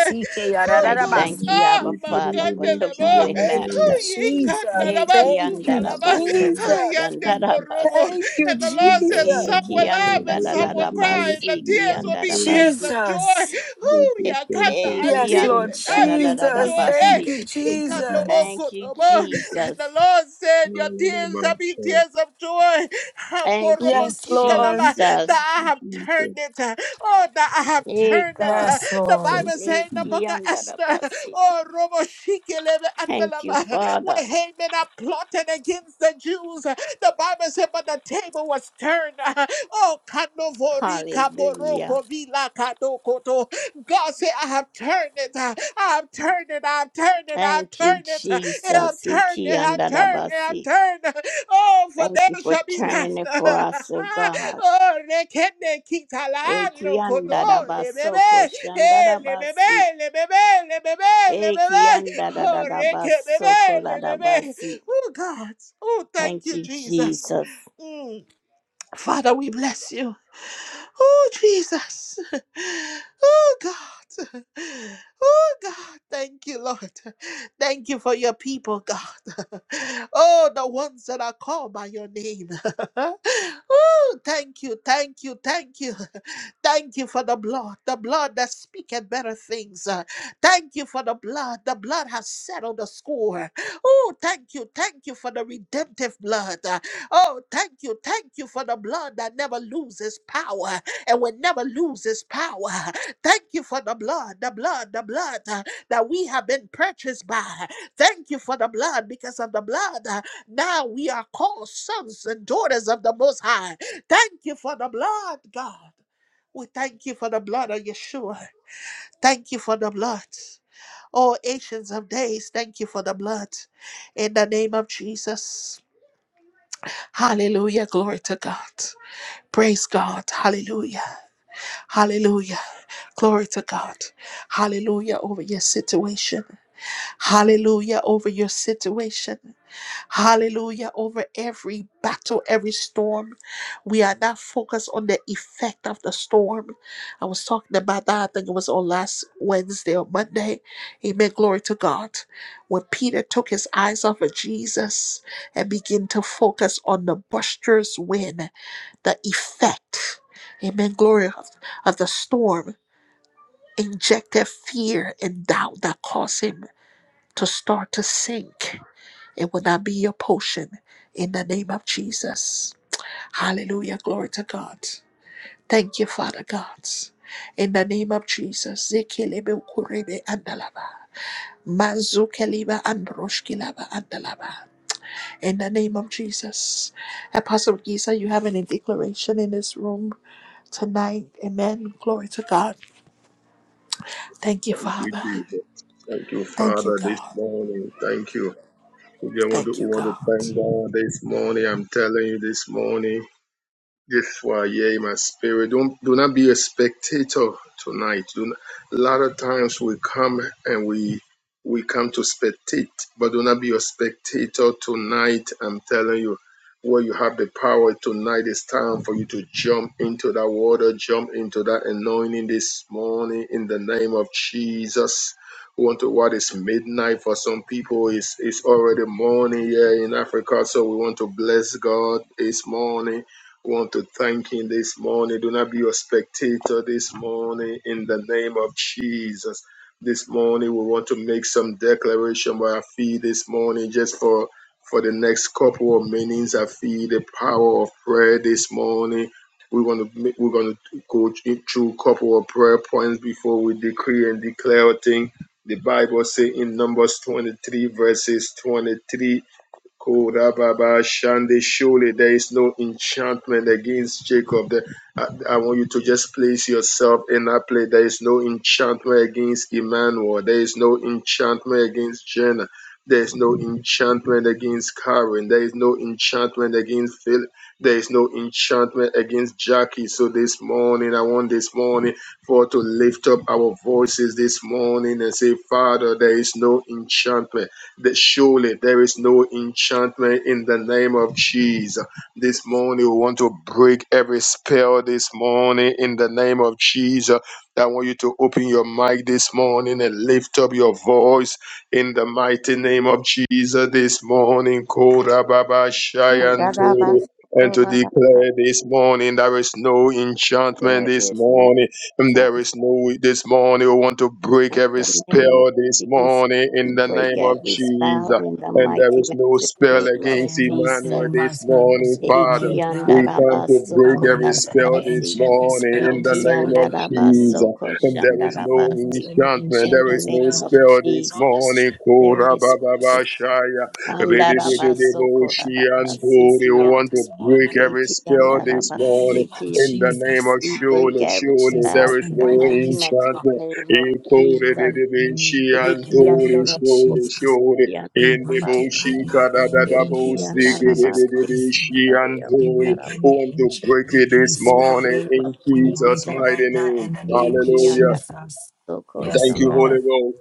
Oh
I
Lord,
God,
thank you,
Lord,
ah,
Abba
thank you, Lord,
Father, for
makande
Lord,
le
she
mo,
divine
ran
Thank you,
down.
laughter.
oh, ye
Lord,
Jesus.
kanda
thank
na
you,
Eki
masu
Lord,
Thank you,
Lord,
andara
talaba,
Lord,
baso
Lord, Lord.
Jesus.
ayande
thank
koshandara
you.
korobo.
basi.
Thank you,
And the Lord
Please come
says,
by
Jesus.
Some
Eki
will
this
laugh
time,
and
Lord,
some
Lord, Lord,
will
andara
the
cry,
Lord,
and the
basi
she
ki
tears
can
will
andara
be
hold
tears of joy.
Jesus.
Lord,
Oh,
E-
yeah,
thank you,
I
Lord,
Eki
Yes,
Lord,
feel
Lord,
Lord.
it. I feel the
andara
Thank
Jesus.
joy.
you,
Eh,
Thank you,
Jesus.
he
Thank you,
got no more
Jesus.
Jesus.
good
Thank
Thank
you,
no
you,
more.
Jesus.
And the
Jesus.
Lord said, Your
Lord, Lord, Lord,
tears shall be
Lord,
tears of joy. Ha,
Thank you,
Yes, Lord.
korobosikalaba, That
Jesus.
I
Thank
have
you,
turned
Jesus.
it. uh, Oh, that I have
Hey
turned it.
God.
uh,
Yes,
The
Lord.
Thank
Bible
you,
says in
Jesus.
the
Eki
book of
andara
Esther, Oh, Robo Shikelebe
Thank you,
Andalaba,
Father.
where Haman had plotting against the Jews. The Bible said, but the table was turned. Oh, kanovorika
Hallelujah.
poroko vila God said, I have turned it. I have turned it. I have turned it. I have
Thank you,
turned it. I have
Jesus.
turned
Eki
it. I have
andara
turned it. I have turned it. Oh, for
Thank
there
you for
shall be
turning it for
laughter.
us, oh God.
Oh, rekene kitalano koto
Ekiandarabasoko
lebebe. Hey, lebebe,
shandarabasi.
lebebe, lebebe, lebebe. Oh,
Ekiandarabasoko
rekebebe, lebebe.
ladabasi.
Oh, God. Oh, thank
Thank
you,
you,
Jesus.
Jesus.
Mm. Father, we bless you. Oh, Jesus. Oh, God. Oh, God. Thank you, Lord. Thank you for your people, God. Oh, the ones that are called by your name. Thank you, thank you, thank you. Thank you for the blood, the blood that speaketh better things. Uh, Thank you for the blood. The blood has settled the score. Oh, thank you, thank you for the redemptive blood. Uh, Oh, thank you, thank you for the blood that never loses power and will never lose its power. Thank you for the blood, the blood, the blood uh, that we have been purchased by. Thank you for the blood because of the blood. Now we are called sons and daughters of the Most High. Thank you for the blood, God. We thank you for the blood of Yeshua. Thank you for the blood. Oh, Ancients of Days, thank you for the blood. In the name of Jesus. Hallelujah. Glory to God. Praise God. Hallelujah. Hallelujah. Glory to God. Hallelujah over your situation. Hallelujah over your situation. Hallelujah. Over every battle, every storm. We are not focused on the effect of the storm. I was talking about that. I think it was on last Wednesday or Monday. Amen. Glory to God. When Peter took his eyes off of Jesus and began to focus on the boisterous wind the effect, amen, glory of, of the storm injected fear and doubt that caused him to start to sink. It will not be your potion in the name of Jesus. Hallelujah. Glory to God. Thank you, Father God. In the name of Jesus. Zekelebe ukurebe andalaba. Mazukeliba androshkilaba andalaba. In the name of Jesus. Apostle Giza, you have any declaration in this room? tonight. Amen. Glory to God. Thank you,
Thank you,
Father.
Jesus. Thank you,
Thank you,
Father, this
God.
morning. Thank you. We just want to,
Thank
we
you,
want to
God.
thank God this morning. I'm telling you this morning. This why, yeah, my spirit. Don't do not be a spectator tonight. Do not, a lot of times we come and we we come to spectate, but do not be a spectator tonight. I'm telling you, where you have the power tonight, it's time for you to jump into that water, jump into that anointing this morning in the name of Jesus. We want to what is midnight for some people is it's already morning here in Africa, so we want to bless God this morning want to thank him this morning. Do not be a spectator this morning in the name of Jesus. This morning we want to make some declaration by our feet this morning just for for the next couple of minutes. I feel the power of prayer this morning. We're gonna ma- we're gonna go through a couple of prayer points before we decree and declare a thing. The Bible say in Numbers 23 verses 23 Korababa Shande, surely there is no enchantment against Jacob. The- I, I want you to just place yourself in that place. There is no enchantment against Emmanuel. There is no enchantment against Jenna. There is no enchantment against Karen. There is no enchantment against Philip. There is no enchantment against Jackie. So this morning, I want this morning for to lift up our voices this morning and say, Father, there is no enchantment that surely there is no enchantment in the name of Jesus. This morning, we want to break every spell this morning in the name of Jesus. I want you to open your mic this morning and lift up your voice in the mighty name of Jesus this morning. Kora Baba Shayantori.
Andarabasoko
And to declare
ladabasi.
this morning there is no enchantment
There
this
is no
morning and There
chance
is no way this morning. We want to break
in
every
the name of
spell this
Jesus.
morning
We
in the
break
name of
every spout
Jesus.
in the
And there
mighty
is no
matchless
spell
name of
against
Saying no
Emmanuel
sin
Jesus.
this
must not
morning,
this
Father.
morning,
We
Clara.
come to break
Come
Ekiandarabasoko
every
against
spell
every
this
ladabasi.
enchantment
morning
spell
in the
this
name
morning.
of Jesus.
Ekiandarabasoko
And there
Jesus, I
is
come
no
against
shandarabasi.
every
enchantment.
In
There
the
enchantment
is no
name
spell.
of
spell this
Jesus.
Lord,
morning.
strip
There
Kora
is
this morning.
Baba Bashaya.
In the name of Jesus,
Rededededebo
there's no
Shianto.
enchantment
We
Andarabasokolatabasikia,
spell
want to
this
break
morning.
every
Eki
spell
In the
this morning
name of
Andarabasikia.
in the name
Jesus,
of
We
Lord.
break
surely,
every
surely
spell
there
Jesus, we
is
in the
no
break
mighty
every
matchless
spell.
enchantment.
name of
In
Any
Kore de
hand
Jesus.
of
de
the enemy,
Vinci and
not
Eki
in the
Tori,
name of
surely,
Jesus.
surely.
Andarabasikia,
We
In the
break it
Boshi
Andarabasi,
right now in the
Kadadabo
Eki
name of
Siki de
Jesus
de de
Andarabasikia,
Christ.
Vinci and
We
Tori.
break
Andarabasi.
any
Want to break
enchantment,
it
any
this
In the
spell.
morning
name of
in
We
Jesus'
break it
Jesus,
mighty
right now
name.
in the name of
Eki
Hallelujah.
Jesus. Yes,
Thank you,
Lord.
Holy
Andarabasokoshandarabasi.
Ghost.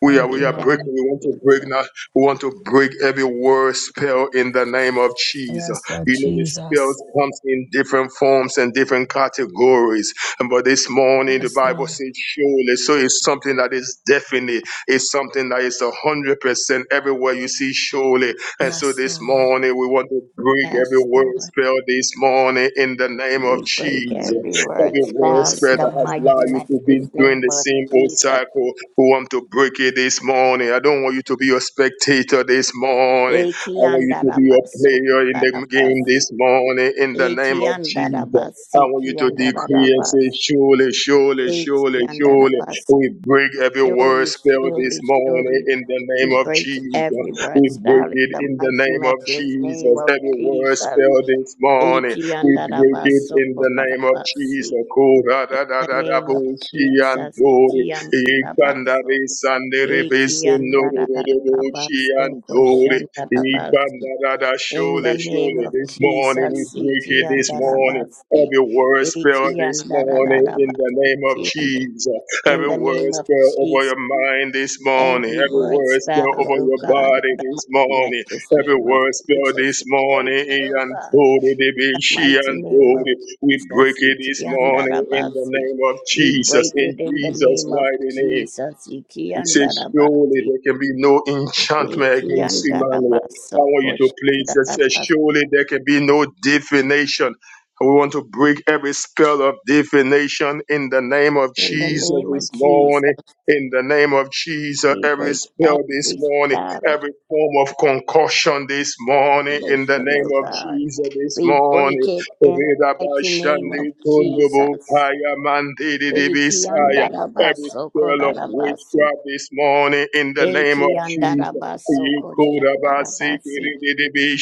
We are
Thank
we
you,
are
Thank
breaking.
Lord.
We want
you,
to break
Jesus.
now. We want to break every word spell in the name of Jesus.
Yes, Lord
You know the
Jesus.
spells comes in different forms and different categories. And But this morning the
Yes,
Bible
Lord.
says surely. So it's something that is definite. It's something that is a hundred percent everywhere you see surely. And so
Yes,
this
Lord.
morning we want to break every
Yes,
word
Lord.
spell this morning in the name of
We break
Jesus.
every word
Every word
spelled
Yes,
spell
in
that
the
has
Lord.
mighty
allowed you to be
matchless
doing
name
the
of
same old
Jesus.
cycle want to break it this morning. I don't want you to be a spectator this morning. I want you to be a
Ekiandarabasi,
player in the game
darabasi.
this morning in the name of Jesus. I
Ekiandarabasi,
want you to decree and say,
kiandarabasi.
surely, surely, surely, surely,
Ekiandarabasi.
we break every word
Surely,
spell this
surely,
morning
surely,
in the name
we
of
break
Jesus.
every
We
word
break
spelled in
it
the
in the
mighty
name of
matchless name
Jesus.
of
Every word
Jesus.
spell this morning, we break it
Ekiandarabaso,
in the name of
darabasi.
Jesus. Kora
In
da da
the
da da
name of
bo shi an
Jesus,
do.
Ekiandarabaso.
Ikandare sandere
Eki yanda
besundoro
da da da da ba
rodobochi
so ko
andore.
shanda da ba si.
Ikandarada
In the
shole
name
shole.
of
This morning we
Jesus,
break
Eki
it this
yanda da ba
morning.
si.
Every word spell
Eki
this
yanda da da
morning
da
in
ba
the
si.
name of
Eki yande.
Jesus.
in
Every
the
word
name of
spell over
Jesus,
your mind this morning.
every
Every
word
word
spell,
spell over
oh
your
God,
body
in the
this
mighty,
morning.
matchless
Every
name of
word spell
Jesus,
this
we break
morning.
it, oh
and
God,
Tori, the
the
Andore
mighty
and
name
beshi
of
we break
Jesus,
it
Eki
this
yanda da
morning in
ba
the
si.
name of
we
Jesus,
break
in
it in the
Jesus'
name of
mighty name.
Jesus, Eki
He
yanda
says,
da ba
Surely
si.
there can be no enchantment
Iti
against Emmanuel.
andarabaso
I want you to please just say,
koshandarabasi.
Surely there can be no divination. We want to break every spell of divination in the name of
In the
Jesus
name of
this morning.
Jesus,
In the name of Jesus,
we
every
break
spell this
every
morning,
style of
every form of concussion this morning, in the
religion, oh
name of
God.
Jesus this
We break
morning.
it in the
Reda ba
mighty name of
shande kundubu
Jesus.
kaya mandidi di
Iti
bisaya. Every
andarabaso
spell of
kolarabasi.
witchcraft this morning in the name of
Iti
Jesus.
andarabaso koshandarabasi.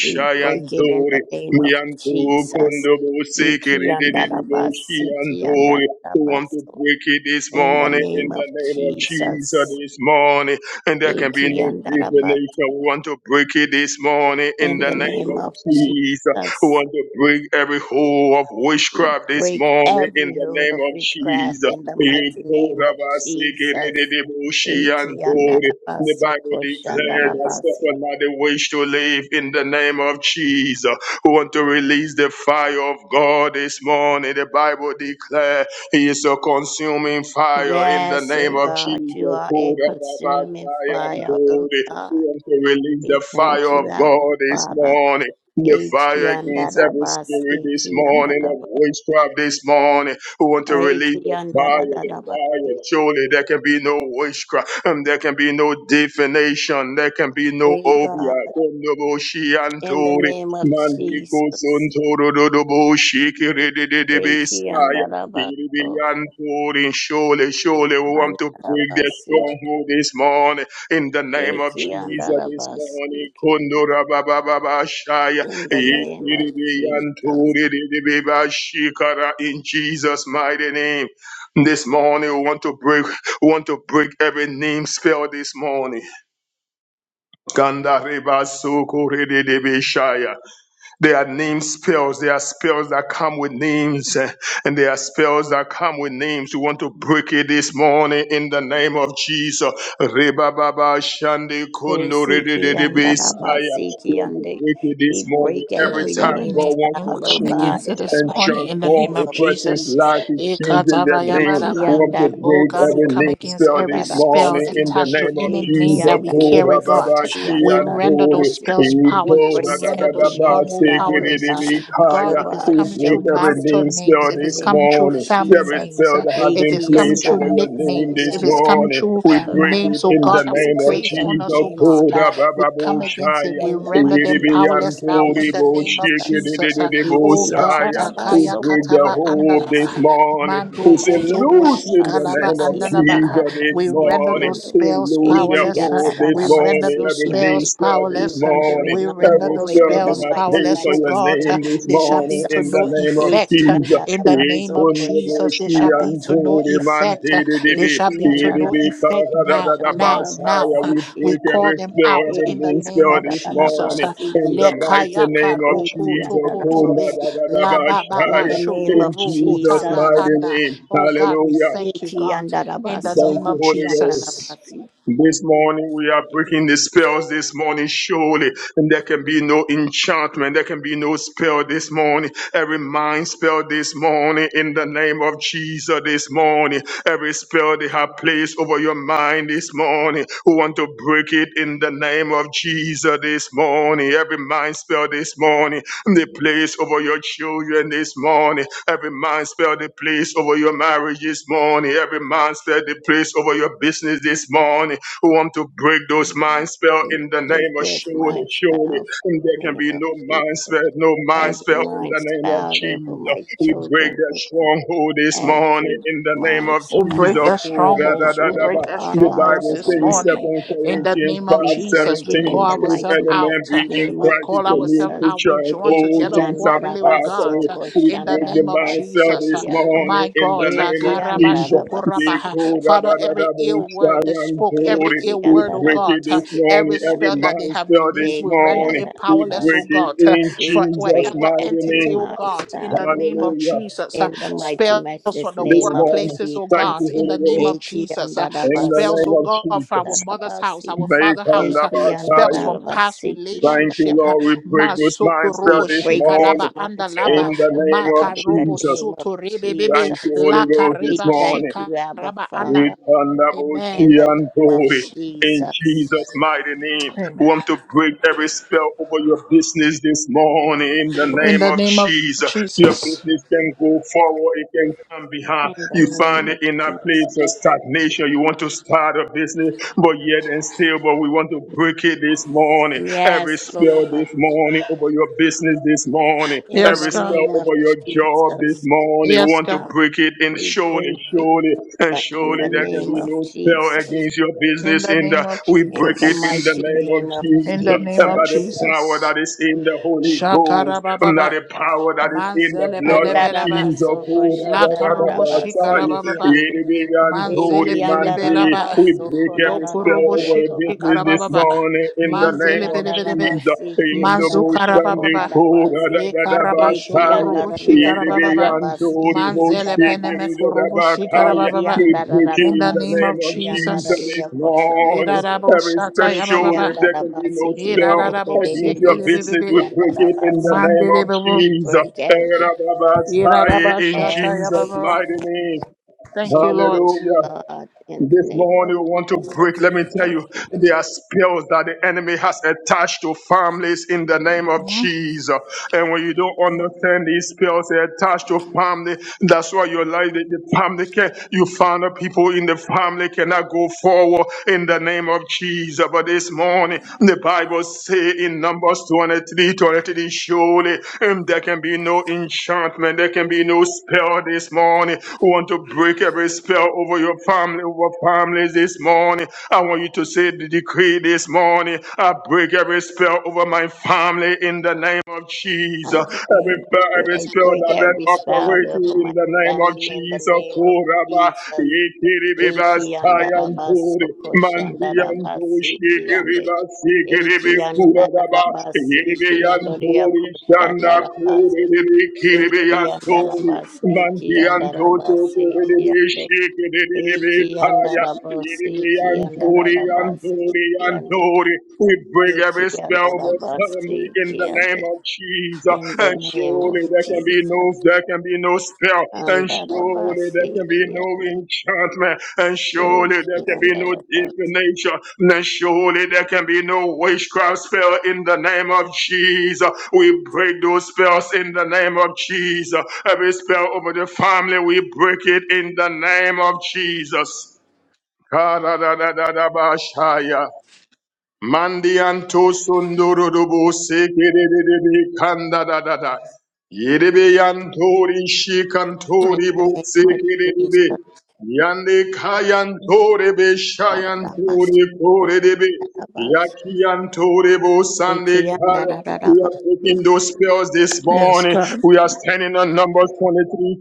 We break it in the name of Jesus. Iki andarabasi, iki
miyantukundubusikirididibushiyantori. We want to
andarabaso.
break it this
in the
morning
name
in the
of
name of Jesus
Jesus.
this morning, and there can be no
Ikiandarabas.
divination. We want to break it this morning in
In
the
the
name
name
of
of
Jesus. We
Jesus.
want to break every hold of witchcraft this
Break
morning in
every
the
hold of
name of
witchcraft
Jesus.
in the
You
mighty
go,
name of
Rabbi, seek it,
Jesus.
it, it, it, oh, she and God. The Bible declares that
Ikiandarabasokoshandarabasi.
suffer not the wish to live in the name of Jesus. We want to release the fire of God this morning. The Bible declares. He is a consuming fire in the
Yes, O
name of
God,
Jesus.
you are a consuming fire, O
Kurababasayandori. We
God.
want to release
We
the fire
thank
of
you, Abba
God this
Father.
morning. The fire against every spirit
Ikiandarabasi,
this morning of witchcraft this morning. We want to release the fire, the fire.
Ikiandarabasi,
Surely there can be no witchcraft, and there can be no defamation, there can be no
God.
obia.
In the
Kondoboshiantori.
name of
Mandiko
Jesus.
Sontoro Dodobo
Eki
Shikiri Kiri
andarabaso,
birian turin. Surely, surely we want to break the
andarabasi,
stronghold this morning. In the name of
eki
Jesus this
andarabasi,
morning.
ki-
Kundura baba baba shaya.
In the name
Ikiri
of
birian
Jesus.
turi diri biba shikara. In Jesus' mighty name. This morning we want to break, we want to break every name spell this morning. Gandareba sokore de debeshaya. They are name spells. They are spells that come with names, eh, and they are spells that come with names. We want to break it this morning in the name of Jesus. Rebababa shande kondo
Esiki
redededebe saya.
andarabasi,
We
ki
want to
ande-
break it this
We
morning.
break
Every
every
Yes, every
time
name
God
name
wants
will
to
style, oh
come
change
God,
against it
in the
this
and
morning
mighty
in the
name
transform
name
a
of
of
person's
Jesus.
life.
Jesus.
It changes their name.
Eki
We
Ikatabayabaraba.
want to
Oh
break
God, we
andarabaso,
every
come
name
against
spell
every
this
spell
morning
andarabasi,
in
Shaking
the
you,
attached
did
to
name
it,
of
any
it,
eki
was
name
Jesus.
that we
shaking. you Did it,
Kora
carry,
did
andarabasi,
it,
baba
God.
was
ki
shaking.
shi
We
and
render
kore.
those
andarabasi.
spells
Ee
We
powerless. We
kora
break
da
render
Seeking,
da da
those
every
ba
name
did it,
stronghold
se
spell
it,
oh
powerless.
was
Uh,
God,
shaking.
God,
kaya.
over
if it's
our
We
you Did it,
coming
it,
break
through
children,
was
every
oh
seeking.
marital
name
God, in
Did
names,
spell
it,
if it's
the
this
it,
coming
name of
through
was
morning.
family
Every
shaking.
Jesus.
names,
spell
uh,
that has
if
been
it's
Eki
Yes,
coming
placed
anda
through
over
da
your name
nicknames,
basiki
Lord.
this
if
anda,
it's
Jesus.
coming
morning,
morning,
through
we
Over
Lord,
our
break
Father,
lives,
it
names,
oh
oh
in the
God,
God,
that
we
were
name
Jesus,
of
break
placed on
every
us,
Jesus.
oh
name
God.
Kora
spell,
We
baba
oh
bo
come
God,
against it.
shaya.
We
in the
Ee
render
de
mighty
them
and
matchless
powerless now
name
in
kore
of
the
bo
name
shi
of
Jesus.
Jesus. Uh, Oh
Eki anda
God,
Messiah,
da
who
Jesus.
Takaya
basoko
bring the
Kataba
hope
Yes,
this
Andalaba,
God, Father
morning,
God.
who
Mando
say,
Eti
Kotobo
yandara
loose in
Oh,
the
Shikalaba
name
basiki
of
Jesus. Oh,
yandara
Andalaba.
Jesus
Father
this
We
God.
basiki
render
morning,
those
yando.
we
spells
lose the
Eti
powerless. uh,
hope
Yes,
this
yandara
We render
morning,
basiki
those
Jesus.
every
yande.
name
spells
stir
We
this
powerless. uh,
render
morning,
it
We
null and
render
every
those
void
stir
in the
that
spells
have
mighty
placed
powerless,
on
oh
your
matchless
God.
name
name
uh,
of
this
They shall
morning,
be
Yes, oh,
to
in
Jesus.
the
no
Father
name of
God.
effect.
Eti
uh,
Jesus,
yandara
In the
we
name of
put
basoko
the
Jesus, they
Moshi
shall
shandara
be
and
to no
Holy
basiki yande.
Man,
effect. uh, They
Eti
shall be to
yandara
no effect
basoko
now,
shandara
now, now. uh,
we
basiki
We
break
yande.
call
every
them
spell,
out
every
in the
name
Eti
name
spell
of
this
yandara
Jesus.
morning,
uh,
in
basiki
the
yande.
mighty
Lekayaka
name of
Eti
roko
Jesus,
toko
yandara
tove,
bosi.
la ba ba ba
In the name
shoko
of
in
roko
Jesus'
Jesus.
tava
mighty
anda.
name.
Oh God, we
Hallelujah.
thank you,
Iti
God in the name
Thank
yandarabasoko
you,
of
Holy Ghost.
Jesus.
shandarabasi.
This morning we are breaking the spells this morning, surely. And there can be no enchantment. There can be no spell this morning. Every mind spell this morning in the name of Jesus this morning. Every spell they have placed over your mind this morning. Who want to break it in the name of Jesus this morning? Every mind spell this morning the place over your children this morning. Every man spell the place over your marriage this morning. Every man spell the place over your business this morning. We want to break those mind spell
We
in the name
break
of
this
surely,
mind
surely.
spouse
And
in
there
the
can
name
be
of
no mind
Jesus.
spell, no mind
Every
spell in
mind
the name of
spell over
Jesus.
my
We break
children,
that
oh God.
stronghold this morning
every
in the name
mind
of
We break
Jesus.
spell,
that
Oh, da,
oh
da,
God,
strongholds.
da,
We
da,
over
da.
break that
our
The
lives,
strongholds
Bible
over
this
says in
my
morning.
life,
2
oh
In the
God.
Corinthians
name of
We
five
Jesus,
break
we
it
seventeen,
in
call
the
if
ourselves
mighty,
any
out.
man be
matchless
Uh,
in
name
We
of
Christ, he's
call
a new
ourselves
Jesus.
out. We
creature.
join
All
Eki
together
things have
corporately, oh
passed
God.
andarabaso
away.
uh,
We we
In the
break the
name of
master
koshandarabasi
Jesus. Uh,
this
kiande.
morning
My
in the
God. uh,
name
Eki
of Jesus. We
andarabaso
Karabashukurabaha.
go da da
Father,
da da
every
bo
ill
shai
koshandarabasi.
word they
and
spoke, every
glory.
Eki
ill
We
word, oh
break it
God, uh,
this
andarabasi
morning,
every
every
spell
kiande.
that they have
master this
released,
Eki
we render
morning.
it
We
powerless, oh
andarabasi.
break it
God. uh,
in
We
For
Jesus'
break
whatever
mighty
every
entity,
name.
oh
mind
God, in
spell,
the
oh
name
God
of
Hallelujah.
Jesus. uh,
in the mighty
Spell spells from
matchless
the
This
name of
morning,
workplaces, oh
thank you,
God,
Jesus.
in the
Holy
name
Ghost,
of
Eki
Jesus. Uh,
in the
spells,
andarabaso
name
oh
of
God, from
Jesus.
our mother's house,
andarabasi.
our
Make
father's
and
house. Uh,
Eki
abide
spells
high.
from past
andarabasi ki
Thank you,
relationship.
andarabasi.
Uh,
Lord. We break this
Masoko
We
mindset
robo
this
break
morning.
this
shikaraba
mind
andalaba.
In
spell,
the
oh
name of
God,
Maka
in the
robo
Jesus,
name of
soto rebebebe.
Thank you,
Jesus.
Holy
Laka
Ghost,
We
this
reba
thank
morning.
you, Abba
shikaraba anda.
We
Father, in
Amen.
thunderboshi
the
and
name of
glory. In
Jesus.
Jesus' mighty name, we
Amen.
want to break every spell over your business this morning in the
In
name
the
of
name of
Jesus. Your
Jesus.
business can go forward, it can come behind.
In the
You find
name
it
of
in a
Jesus.
place of stagnation. You want to start a business but yet and still, but we want to break it this morning. Every
Yes,
spell
Lord,
this morning over your business this morning,
in
Yes,
the
every
God.
spell
name of
over your job this
Jesus.
morning, we
Yes,
want to
God.
break it and
We
surely,
break it
surely, and
uh, in
surely
the
there can
name
be
of
no spell
Jesus.
against your
In
business
the
in the
name of
we
in
break
the
it in the
Jesus.
mighty
name of
name of
In the
Jesus
name
and
of
by the
Jesus.
power
Jesus.
that is in the Holy Ghost and by
Shakarababa.
the power that is in the
Manzele
blood of
pelebele ba
Jesus.
Andarabasoko
Oh, da,
la
da, da, da,
karubo
ba, sa,
shikara
yeah.
shandarabase
ba ba ba.
kiande.
Manzele
Yedidigantori
Eki
manti.
pelebele ba
We
andarabaso
break
lo
every spell
kurubo
kolarararia
over your business
shikara ba
this
ba ba.
kolarabasi.
morning in the
Eki
name
Manzele
of
pelebele be
Jesus.
andarabasi ki
In the
manzukara
andararia
ba
motion,
ba
the
ba.
Kura
kolarabasi.
da
Le
da da
karaba
Eki
Basai.
shukurubo
andararia
shikara ba ba ba.
kolarabasi
Yedidigantori
ki
Manzele peneme
Boshikiri da
andarabaso.
da
kurubo shikara
Bakai.
ba
Eki
ba
We
ba.
break it
In
in
the
the
name
andararabasi
of
name of
ki
Jesus
Jesus.
andararia
this morning.
kolarabosi.
Irarabo
Every
shataya ba
special,
Eki
ba ba.
if there can be no
andarabasi ki
spell
Irarabo
against your
sikiri be
andebedebesi
be
business,
be.
ki
we break it in the
andarabaso.
name of
Mandere
We
Jesus.
break
Eh,
every
da da Basai, In Jesus'
every
Yidadabashatayababa.
mighty name.
Thank you,
chain
Lord.
of
Hallelujah.
God in the
This
name of
morning we want to break.
Jesus.
Let
We
me tell
Thank
you,
you.
there are spells that the enemy has attached to families in the name of
Mhm.
Jesus. And when you don't understand these spells, they're attached to family. That's why your life, the the family can, you found out people in the family cannot go forward in the name of Jesus. But this morning, the Bible say in Numbers 23, 23, surely um, there can be no enchantment enchantment. There can be no spell this morning. We want to break every spell over your family, over families this morning. I want you to say the decree this morning. I break every spell over my family in the name of Jesus.
I decree
Every,
and declare
every
I
spell
break
that been
every spell
operating
over my
in the name of
family in the
Jesus.
name of
Kuraba,
Jesus.
Yikiribiba,
Eki andarabasi
Sayanturi, Mandianto,
koshandarabasi ki ande.
Shikiriba,
Eki
be kuraba,
andarabasi
yerebe
ki andoria
yantori, shanda
koshandarabasi.
kure debe kirebe
Eki andarabasi ki andarabasi ki ande. Eki
kaya,
andara basi,
yerebe
ki
yantori,
andara basi,
yantori,
ki ande,
We break
eki
every spell
andara
of
basi,
family in
ki
the
ande.
name of Jesus,
In the
and
name of
surely there can be no,
Jesus,
there can be no spell, and
andara
surely
basi,
there can be
ki
no
ande,
enchantment and surely
eki
there can be no
andara basi.
divination, and surely there can be no witchcraft spell in the name of Jesus. We break those spells in the name of Jesus. Every spell over the family, we break it in the name of Jesus. Mandianto sundurubu sekerebe kanda da da da. Yerebe yantori
In
shikantori
the
bu
name of
sekerebe.
Jesus,
Yande kayantore be
andara basi,
shayantore kore debe.
andara basi,
Yakiyantore bu
eki
sande kara.
andara
We are
basi.
breaking those spells this
Yes,
morning.
God.
We are standing on Numbers 23:20,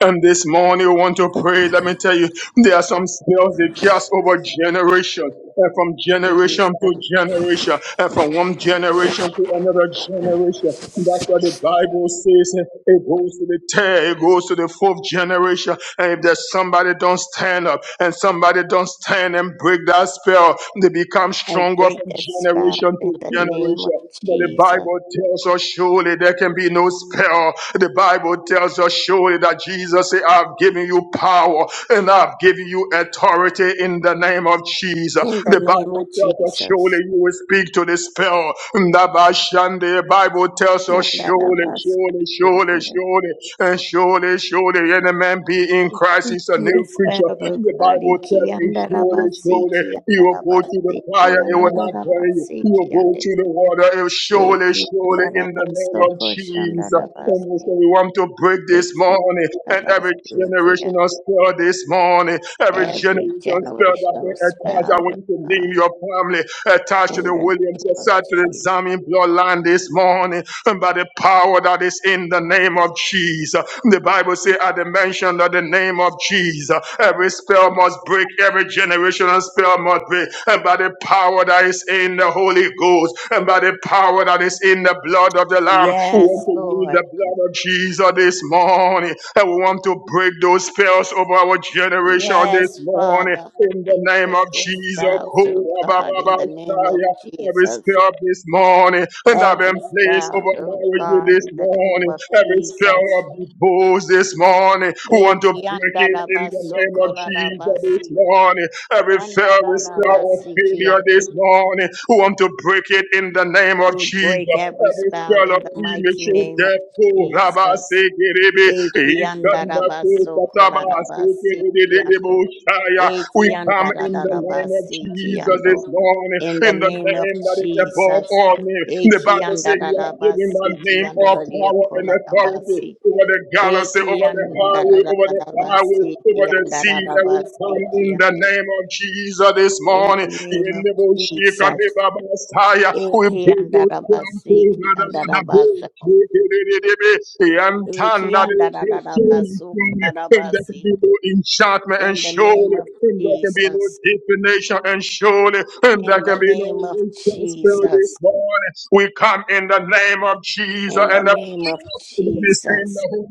And this morning, we want to pray. Let me tell you, there are some spells they cast over generations and from generation to
Jesus,
generation, and from one generation to another generation. That's what the Bible says. eh, It goes to the third, it goes to the fourth generation. And if there's somebody don't stand up, and somebody don't stand and break that spell, they become
I
stronger
break
from
that spell
generation to
in the name of
generation. But the
Jesus.
Bible tells us surely there can be no spell. The Bible tells us surely that Jesus said, I've given you power power, and I've given you authority in the name of Jesus.
In the
The
name
Bible
of
tells us
Jesus.
surely you will speak to the spell. Ndabashande. The Bible tells us surely,
Andarabas.
surely, surely,
Kiander.
surely, and surely, surely, any man be in Christ is a new
Yes,
creature.
Father
The
God,
Bible
Iki
tells you surely,
Andarabasi,
surely,
Ki
you will go to the
Andarabasi, Ki
fire, it will not burn you. You
Andarabasi,
will
Ki
go
Ande,
to the water, it will surely,
Eki
surely, in the name
Andarabaso,
of Jesus. And we
Koshandarabasi,
say we want to break this
Eki
morning and every
Andarabasi, Ki An-
generational spell this morning, every
Every
generation spell that
generational
been attached. I
spell
want you to
God,
name your family attached to
in
the
the
Williams,
name of
attached to the
Jesus.
Zami bloodline this morning, and by the power that is in the name of Jesus. The Bible says, at the mention of the name of Jesus, every spell must break, every generational spell must break, and by the power that is in the Holy Ghost. Ghost and by the power that is in the blood of the Lamb. We want
Yes,
to use
Lord.
the blood of Jesus this morning and we want to break those spells over our generation this
Yes,
morning
Father.
in the
We
name
break
of
the
Jesus.
spells of God in the name of
Every
Jesus.
spell this morning and I've been
every
placed
spell,
over
oh
marriage
God,
this
in the name
morning.
of
Every spell
Jesus.
of divorce this morning. We want to
Eki
break it in the name of
andarabasoko
Jesus this
larabasi,
morning. Every fear, every spirit of
andarabasi
failure
kiande.
this morning, we want to break it in the name of
We
Jesus.
break every
Every
spell
spell
in
of
the mighty
premature
name of
death, oh, Rabba,
Jesus.
Sekiribi,
Eki
Ikanda,
andarabasoko
Kotataba,
larabasi kiando.
Sekiribi, Shaya. We
Eki
come in the name of
andarabasi
Jesus this
kiando.
morning,
In the
in the
name of
name that is above
Jesus.
all name. The
Eki
Bible says you are giving the
andarabasi
name
kiando
all power
radioko
and
larabasi.
authority over the galaxy,
Eki
over the
and da da
highway,
da
over
da
the
da ba
highway,
si
over
ki
the
and da
sea.
da da
And we
ba
come
si
in
ki
the
and de.
name of Jesus this
In the
morning.
name
In
of
the bush, you
Jesus.
We
Eki
pray
and da
those
da ba si
temple,
ki and
rather
da
than
da
the
ba so.
bush. We did it, The
Eki
antanda,
and da da da da ba so ko
from
da da
And
ba
there can
si.
be no enchantment,
In
and
the name
surely.
of
And there can be no
Jesus.
divination, and surely. And there
In the
can be no
name of
witchcraft spell
Jesus.
this morning. We come in the name of Jesus
In the
and
name of
Understand
Jesus.
the Holy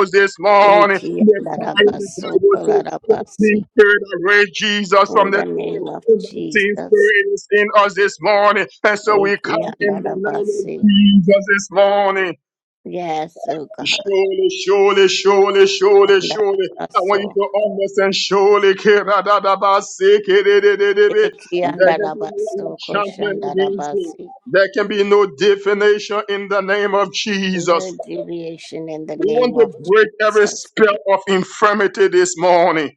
Ghost this morning.
Eki
The
and da
fire
da
of
ba
the
so
Bible
ko da
says
da ba
the
si.
same spirit that raised Jesus from
In
the
the name
dead.
of
And that same
Jesus.
spirit is in us this morning. And so we come
Eki and da
in the
da ba
name of
si.
Jesus this morning.
Yes, oh God.
Surely, surely, surely, surely, surely. I want you
Yandarabaso.
to understand. Surely, Kiradadabasi, kididididi. there can be no
Ekiyandarabaso,
enchantment against you.
koshandarabasi.
There can be no definition in the name of
No
Jesus.
deviation in the
We want
name
to
of
break every
Jesus.
spell of infirmity this morning.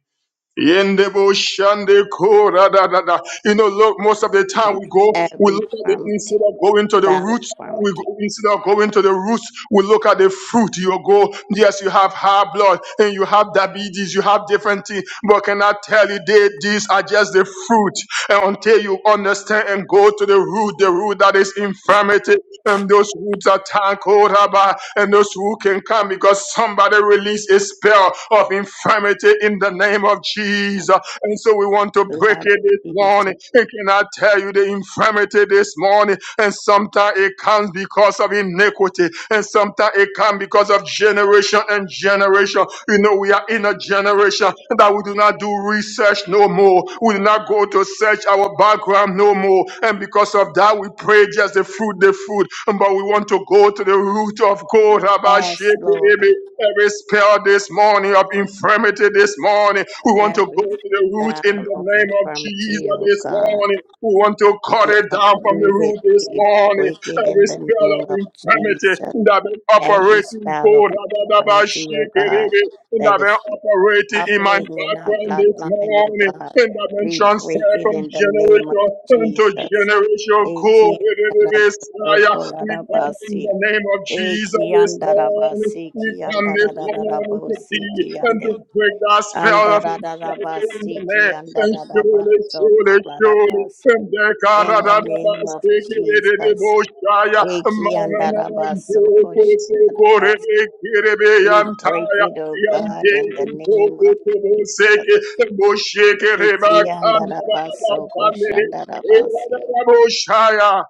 Yendebo shande ko ra da da da. You know, look, most of the time
Break
we go, we
every
look at the
infirmity,
instead of going to the
battle
roots, we
infirmity.
go instead of going to the roots, we look at the fruit. You go, yes, you have high blood and you have diabetes, you have different things, but can I tell you that these are just the fruit? And until you understand and go to the root, the root that is infirmity, and those who are tangled about, and those who can come because somebody release a spell of infirmity in the name of
The
Jesus. And so we want to break
blood
it this
of Jesus.
morning. And can I tell you the infirmity this morning? And sometimes it comes because of iniquity, and sometimes it comes because of generation and generation. You know, we are in a generation that we do not do research no more. We do not go to search our background no more. And because of that, we pray just the fruit, the fruit. But we want to go to the root of God. Rabbi
Yes, Lord.
Shekere. Every spell this morning of infirmity this morning, we want to go
Every
to the root in
battle
the
of
name of Jesus
infirmity, oh
this
God.
morning. We want to cut
We
it down from the
uproot it.
root this
We
morning.
break it
Every
in the
spell of
name of
infirmity
Jesus.
that been
Every
operating
spell of
God, that been
infirmity, oh God.
shaking
that
that been
is.
operating in my
operating in our
background this
bloodline, oh
morning,
God.
and that been
We break
transferred
it
from
in the name of
generation into
Jesus.
generation.
Eki andarabasi, eki
Go, we come in
andarabasi,
the name of Jesus this morning.
Ekiandarabasokoladarabasi. Ekiandarabasi,
We come this morning to
kiandarararabosi,
thee and to
kiande-
break that spell of infirmity in
andarararabasi,
the name. And surely, surely, surely,
kiandarararabasokoladarabasi.
and the
In the name
Karadabas
of
take it in the
Jesus.
Boshaya, Mananan, Toko, Soko,
Ekiandarabasokoshandarabasi.
Rebeki,
We break
Rebeyantaya,
it, oh God,
Yante,
in the name
Toko,
of
Toko,
Jesus.
Seke, Bosheke, Rebak,
Ikiandarabaso
Anababab, Anabab,
koshandarabasi.
Anabab, Boshaya.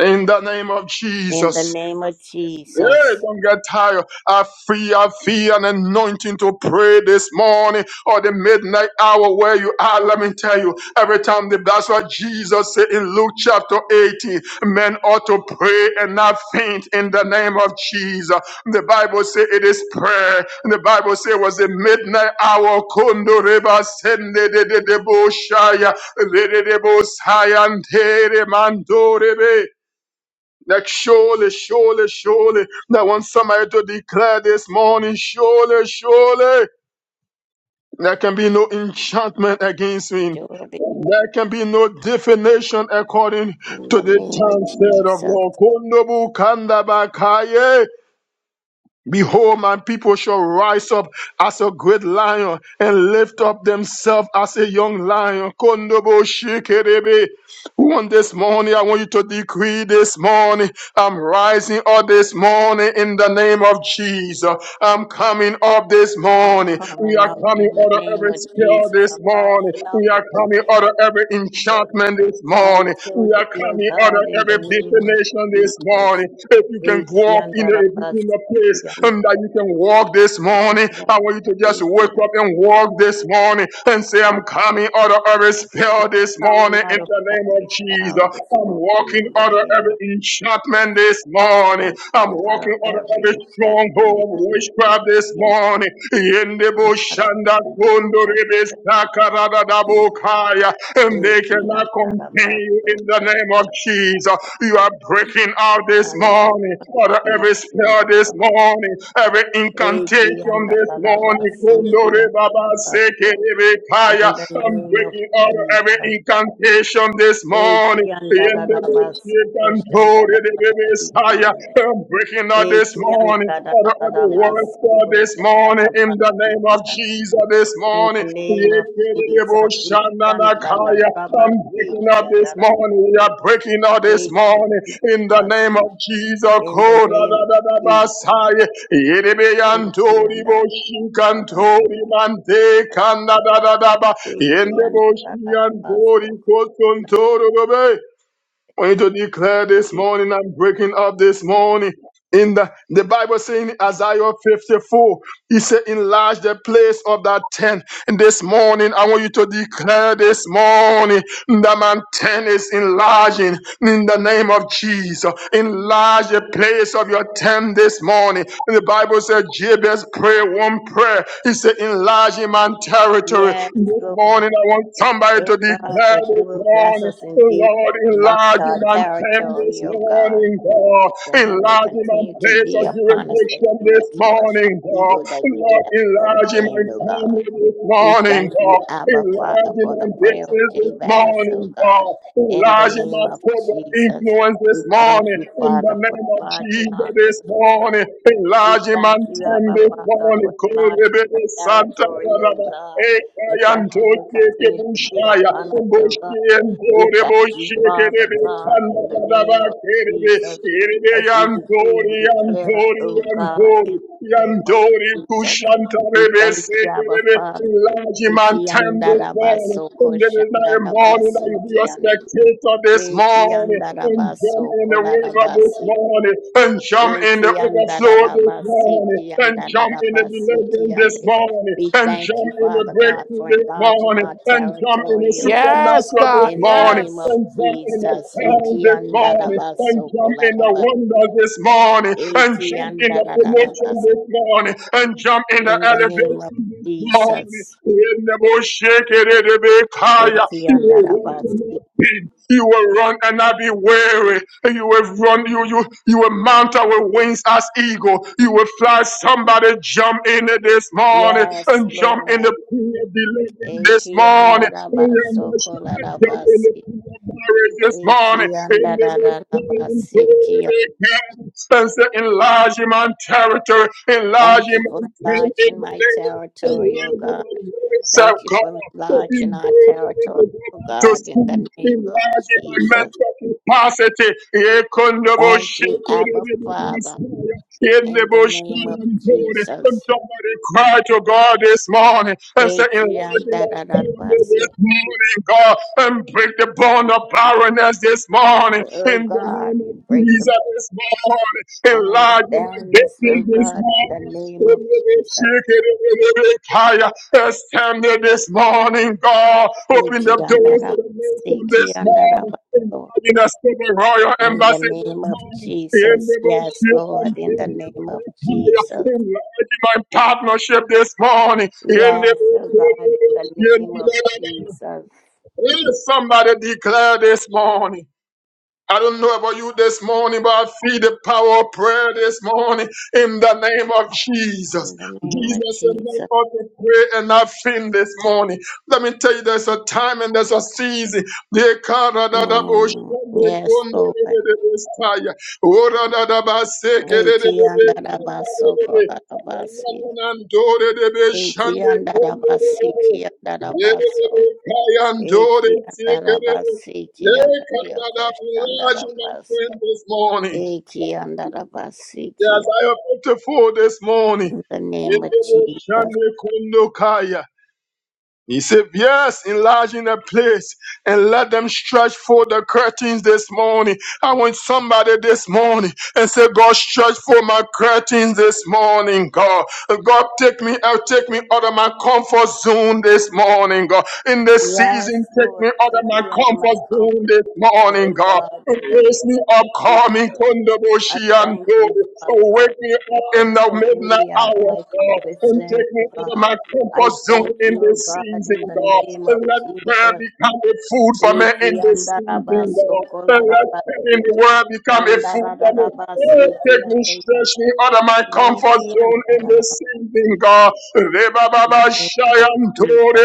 In the name of
In the
Jesus.
name of
Hey,
Jesus,
don't get tired. I feel, I feel an anointing to pray this morning or the midnight hour where you are. Let me tell you, every time the, that's what Jesus said in Luke chapter 18. Men ought to pray and not faint in the name of Jesus. The Bible says it is prayer. The Bible says it was the midnight hour. Kondo reba sende de de de bo shaya, de de de bo saya, and de de mando rebe. That surely, surely, surely, that want somebody to declare this morning, surely, surely, there can be no enchantment against me.
Jordan,
There can be no definition according
in
to
the
the
name of
time said of
Jesus,
Lord. Kondobu kandabakaye. Behold, my people shall rise up as a great lion and lift up themselves as a young lion. Kondobo shikerebe. On this morning, I want you to decree this morning. I'm rising up this morning in the name of Jesus. I'm coming up this
I'm
morning. We
coming
are
out in
coming
the
out of
name
every
of
spell
Jesus.
this
I'm
morning.
rising up
We
in
are
the
coming
name
out of every
of Jesus.
enchantment this
My
morning. We
children,
are
oh
coming out of
God, in the
every
name of
divination this
Jesus.
morning. If you can walk in the, in
Ikiandarabasi,
the place um,
ikiandarabasi,
that you can walk this morning, I want you to just wake up
ikiandarabasi.
and walk walk this morning and say, I'm coming out of every spell this
Coming
morning in
out of
the name of
every spell
Jesus.
this
I'm
morning
walking
in the
out of
name
every
of
enchantment this morning.
I'm
I'm
coming out of
walking out of
every
every
enchantment in
stronghold of
the name of
witchcraft this
Jesus.
morning.
I'm
Yendebo
out of
shanda
every
kondo
witchcraft.
rebe saka rada dabo kaya and
Thank
they
you,
cannot
and that
contain
about
you
so
in the
good.
name of Jesus. You are breaking out this
And that
morning. Father,
seek,
every spell
that
this
about-
morning, every
Thank you,
incantation
and that
this morning.
about seek,
Kundore
and
Baba
that
Seke
so. In
Rebekaya,
the
I'm
name of
breaking out of every
Jesus.
incantation this
Thank
morning.
you,
The
and that about so
The
good,
and
and
told
that
it. the
about seek,
Messiah.
and-
I'm breaking out this
Thank you, and
morning
that
out of every
about
word
so
for
good,
this
and that
morning
about
in the name of Jesus this
In the
morning.
name of Jesus, in
Yekedebushananakaya.
the
I'm breaking out this morning. We are breaking out this morning in the name of Jesus.
name of Jesus,
Kodadadadabasaya. Yerebeyantori boshinkantori mante kanda da da da ba. Yende boshiyantori kosontoro bobe. We need to declare this morning, I'm breaking up this morning. In the, the Bible saying in Isaiah 54. He said, enlarge the place of that tent. And this morning, I want you to declare this morning that my tent is enlarging in the name of Jesus. Enlarge the place of your tent this morning. And the Bible said, Jabez prayed one prayer. He said, enlarge in my territory.
yes,
This
Lord,
morning, I want somebody
oh
to
God,
declare
that you
this
will bless
morning,
us indeed and
Lord,
enlarge
enlarge in
our
my him this
territory, oh God,
morning, God.
that your hand will
Enlarge him and
continue to
place
be
of
upon us, that
jurisdiction
you may
this
keep us from
morning, God.
evil, that we may
Lord,
not
enlarge him
stand,
and
oh God.
family this
We
morning,
thank you,
God.
Abba Father,
Enlarge him
for the
and
prayer of
business this
Jabez,
morning,
oh God,
God.
in the
Enlarge him
name
and
of
scope of
Jesus.
influence this
We thank
morning.
you,
In the
Father, for
name of
enlarging
Jesus
our curse,
this
oh God.
morning.
We
Enlarge him
thank
and
you,
tend
Abba
this
Father,
morning.
for
Cool,
enlarging our territory, oh
Santa.
God. That
Eyan
your
toke
hand will continue to be
bushaya, Ekanyantokekebushaya,
upon us, oh God. We thank you, Father
kumboshiyendoreboshiyekebe,
God, in the name of
kandadadabakerebe,
Jesus, as we decree
erebeyantori,
and declare,
yantori,
oh God,
yantori,
in the name of
yantori,
Jesus. We thank you, Abba
kushantarebesekerebe.
Father.
Enlarge my tender corner.
Ikiandarabaso
In the night morning, I
koshandarabasi
will be a
kiande.
spectator this morning. In John
Ikiandarabaso
in the river this
kolarabasi.
morning and jump in the overflow this
Ikiandarabasi
morning, and jump in the
kiandarabasi
deliverance this
kiande.
morning,
We
and
thank you,
jump in the
Father God,
breakthrough
for
this
enlarging
morning,
our
and jump in the
territory, O God.
Yes,
supernatural this
God.
In the
morning,
name
Yes.
of
and jump in the
Jesus,
crown this morning, and
Ikiandarabaso
jump in the
kolarabasi.
wonders this morning, and jump in the promotion
Ikiandarabasi.
this morning, and jump in the
In the name of
elevation this morning.
Jesus,
In the bush, shake it, it be kaya. You will walk in
Ikiandarabasi.
your you will run and not be weary. You will run. You you you will mount our wings as eagle. You will fly. Somebody jump in it this morning
Yes,
and jump in
Lord.
the pool of deliverance this
Eki
morning.
andara
Oh, yeah,
baso
my son,
kolara
Jump in the
basi.
pool of marriage this morning.
Eki
In the
andara
most
rara
holy
basi ki.
glory of God. And say, enlarge in my territory. Enlarge
Thank
in
you
my
for
tent
enlarging
in the
my
name of
territory,
enlarge
O
in
God.
my voice of
Thank you
God.
for enlarging
Open
our
doors for me to
territory,
go
O
back to
God, in
school,
the name of
enlarging my
Jesus.
mental capacity. And
Thank you, Abba Father, in the name of Jesus.
somebody cried to God this morning and say,
Eki
enlarging my
andara rara
family this
basi.
morning, God, and break the bond of barrenness this morning.
O
In the
God,
name
we
of
break the
Jesus this morning,
bond of
enlarging my
barrenness, O
business this
God, in
morning.
the name of Jesus.
It's time that this morning, God. Open
Iki
the doors
andaraba,
of the nation
Siki
this morning.
andaraba. Lord.
In a civil royal
In the
embassy this
name of
morning. In
Jesus.
the
Yes,
worship
Lord, in the name of Jesus.
my partnership this morning. In the
Yes, oh God, in the name of Jesus.
Somebody declare this morning. I don't know about you this morning, but I feel the power of prayer this morning in the name of Jesus.
In the name of
Jesus said, "Man
Jesus.
ought to pray and not faint this morning. Let me tell you, there's a time and there's a season. They can't run out of bush,
Mm.
and they
Yes,
couldn't do it,
Lord.
they did this fire. Oh, run out of bus, they can it, they did
Iki
this
andaraba, Soko
fire. Na, na,
andarabasi.
na, na, do, it, they did and
Iki
they couldn't do
andaraba,
it, they did this.
Siki
They did
andarabaso.
this fire, and they
Iki
did
andaraba,
it. Lord,
Siki
God, that we enlarge my
andarabasi.
faith this
Eki andarabasi,
morning.
Iki andarabasi,
Yes, I am beautiful this morning.
In the
In
name of
the ocean,
Jesus.
the Kundukaya. He said, Yes, enlarge in the place and let them stretch forth the curtains this morning. I want somebody this morning and say, God, stretch forth my curtains this morning, God. God, take me out, take me out of my comfort zone this morning, God. In this
Yes,
season, take me
Lord,
out of
take
my
me out of my
comfort zone
comfort
this morning,
zone, oh
God.
God, in the
Raise
name
me up,
of
call me
Jesus. I
Kondaboshianto.
thank you, Father God,
Wake me up
for
in the
taking
midnight
me out of
hour,
my
God,
comfort
and
zone,
take
oh
me out of
God.
my
I
comfort zone
thank
in
you, oh
this
God, in
season,
the
God.
name of
And let prayer
Jesus.
become a food for me in
Eki
this season, God.
andarabasoko
And let prayer in
larabasi,
the world become a food for me.
andarararabasi,
Oh,
ki
Take me,
ande-
stretch me out of my comfort
eki
zone in this season,
andarararabasi, ki
God.
in the
Rebababa
name of
Shayanto,
Jesus.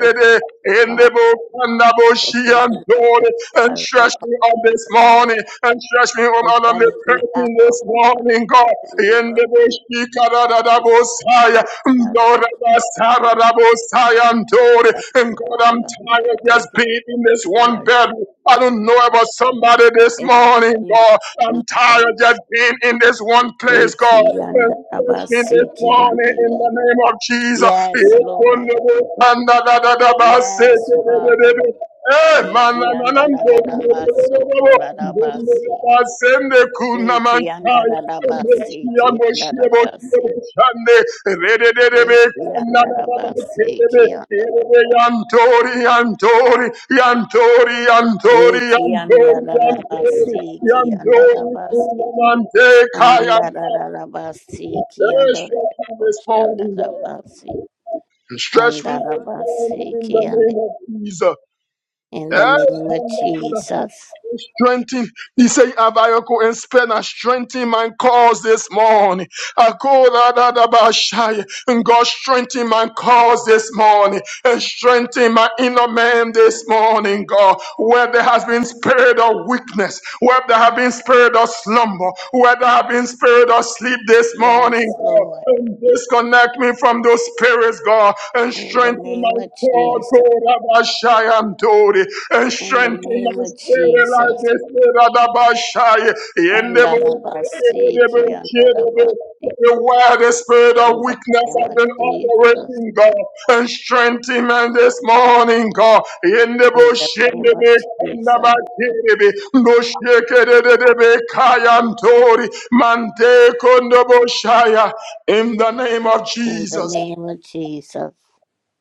I thank you, Father,
Endebo
for taking me
Kandaboshianto,
out of my
and
comfort
stretch
zone.
me on this
So
morning and stretch me on
I
on the
thank you, Abba
curtain this
Father,
morning, God.
in the name
In
of
the
Jesus,
Boshikarabosaya,
now that I've met
Ndorabasarabosaya, Ndore. And
you,
God, I'm
Father,
tired
for
of just
taking
being in this one
charge
bed. I don't know
and in
about somebody this
the
morning,
name
God. I'm
of
tired of just being in this one
Jesus.
place, God.
Eti and
And stretch me this
Abasiti
morning
and
in the name of Jesus.
Yes, Lord. Yes, Father.
Eh,
Eki and
mananana
Dadabaso
ndebelelelelelelo,
Koladabasi.
ndebelelelebasende
Eki and
kunamashaya, eboshiya,
Dadabasiti and
boshiya, boshiya,
Dadabasi.
boshande, redededebe,
Eki and
kanadadadadebe,
Dadabasi.
erebe, yantori, yantori, yantori, yantori, yantori,
Eki
yantori,
andarabasi ki
yantori,
andarabasi
kunamante, kaya,
andarabasi ki
Eh, stretch me this
andorioshi
morning, God.
andarabasi
Stretch me this
andarabasi
morning in the
ki and
name of Jesus.
in the name of
Eh,
Jesus.
strengthen. He said, Abayoko and Spena, strengthen my cause this morning. Akoradadabashaya. And God strengthen my cause this morning and strengthen my inner man this morning, God. Where there has been spirit of weakness, where there have been spirit of slumber, where there have been spirit of sleep this morning,
Yes,
God.
Lord.
And disconnect me from those spirits, God, and
In the
strengthen
name
my
of
cord,
Jesus.
God. Rabashaya, and
In the
strengthen
name
my
of
spirit like
Jesus.
this. Radabashai. Yendebo-
Andarabasi ki
Yendebo- Yendebo.
andarabasi
Everywhere the spirit of
in the
weakness
name
has
of
been
Jesus.
operating, God, and strengthen me this morning, God.
In
Yendebo-
the name of
Yendebo-
Jesus.
Kandaba- Yendebo. No shekedededebe kayantori. Mante shaya. In the name of
In the
Jesus.
name of Jesus.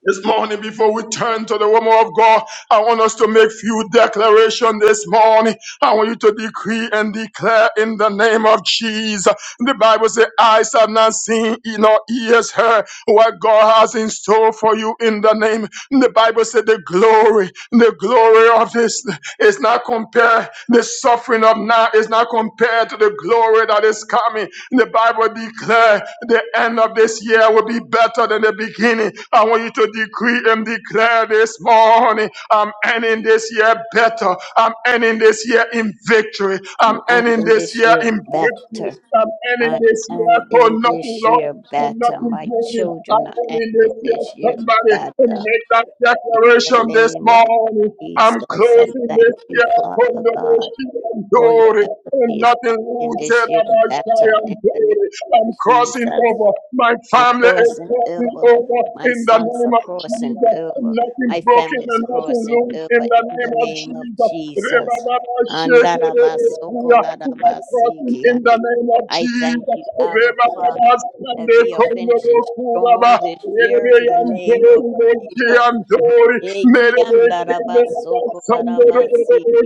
This morning, before we turn to the woman of God, I want us to make few declaration this morning. I want you to decree and declare in the name of Jesus. The Bible says, eyes have not seen, nor ears heard what God has in store for you in the name. The Bible said the glory, the glory of this is not compared. The suffering of now is not compared to the glory that is coming. The Bible declares the end of this year will be better than the beginning. I want you to decree and declare this morning I'm ending this year better. I'm ending this year in victory. I'm ending
ending
this
this
year
year
in breakthrough.
better.
I'm
I'm
ending this year for
ending
nothing,
this
Lord.
year
I'm not
better. My
complaining. I'm
children are
telling
ending
this year,
this year
somebody to
better.
make that
In the
declaration this
name of
morning. I'm
Jesus, I
closing
thank
this
you,
year from
Father
the
God.
worship and
Royal
glory. And
Embassy is
nothing
ending
rooted
this year
about shy
better. In
and
the
glory.
name of
I'm crossing
Jesus,
over. My
I'm
family is
crossing
crossing
over.
over
My
in the
sons are
name of
crossing
Jesus.
over.
Nothing
My
broken
family is
and nothing
crossing
loose in
over
the
in the
name of
name of
Jesus.
Jesus.
Rebaba shake it, Rebaba. We are crossing
Andarabasokolarabasiki
in the
ande.
name of
I thank
Jesus.
you, Abba
Rebaba
Father, that
Sunday
we are
Kondoro
finishing strong
Kuraba.
this year in
Rebe
the name of
Yantori Beki
Jesus.
Yantori.
Eki
Merebe Kendeba
andarabasoko
Sandoro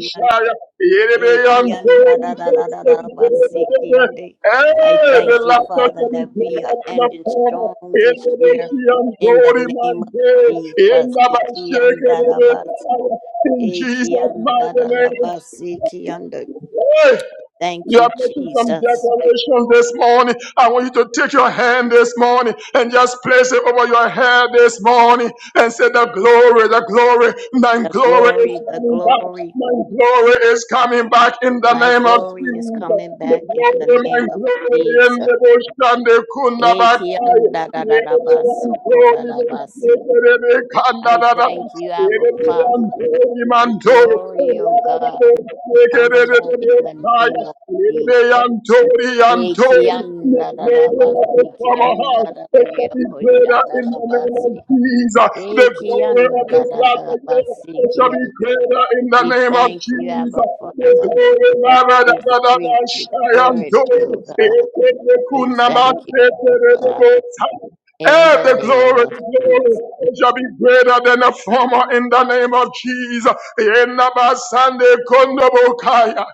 Shaya. Rebe Yantori.
Ekiandadadadadabasikiande. I
Hey, Ele
thank you,
la
Father,
toca de
that we are
In the
ending
forma,
strong this
ele
year
deixa
in the
andor e
name of
manter, ele
Jesus.
vai chegar
Ekiandadabaso.
de In Jesus' mighty name,
Ekiandadadabasikiande.
hey.
Thank
You
you,
are making some
Jesus.
declarations this morning. I want you to take your hand this morning and just place it over your head this morning and say, The glory, the glory, my
The
glory is
glory, the
coming back.
glory,
My glory is coming back in the
my
name of
glory is
Jesus.
coming
The
back in the
glory, my
name of
glory, in
Jesus.
the bush and the kunda back.
Ekiandadadadabasokoladabasi. I thank you, Abba
I- Manto,
Father.
in
I
the
glory, O God, coming back in the name of Jesus. Ekiandadadabasi,
name of
kiandadadadiakoshandadabasi,
Jesus. The glory of this latter day
ekiandadadadabasi,
shall be
kiandi.
greater in the
We
name of
thank you, Abba
Jesus.
Father, as we
The
decree and declare it, O God. We thank you, Abba Father,
glory of
in
Eh,
the
the
name
glory,
of Jesus.
glory shall be greater than the former in the name of Jesus. Yenabasande kondobokaya.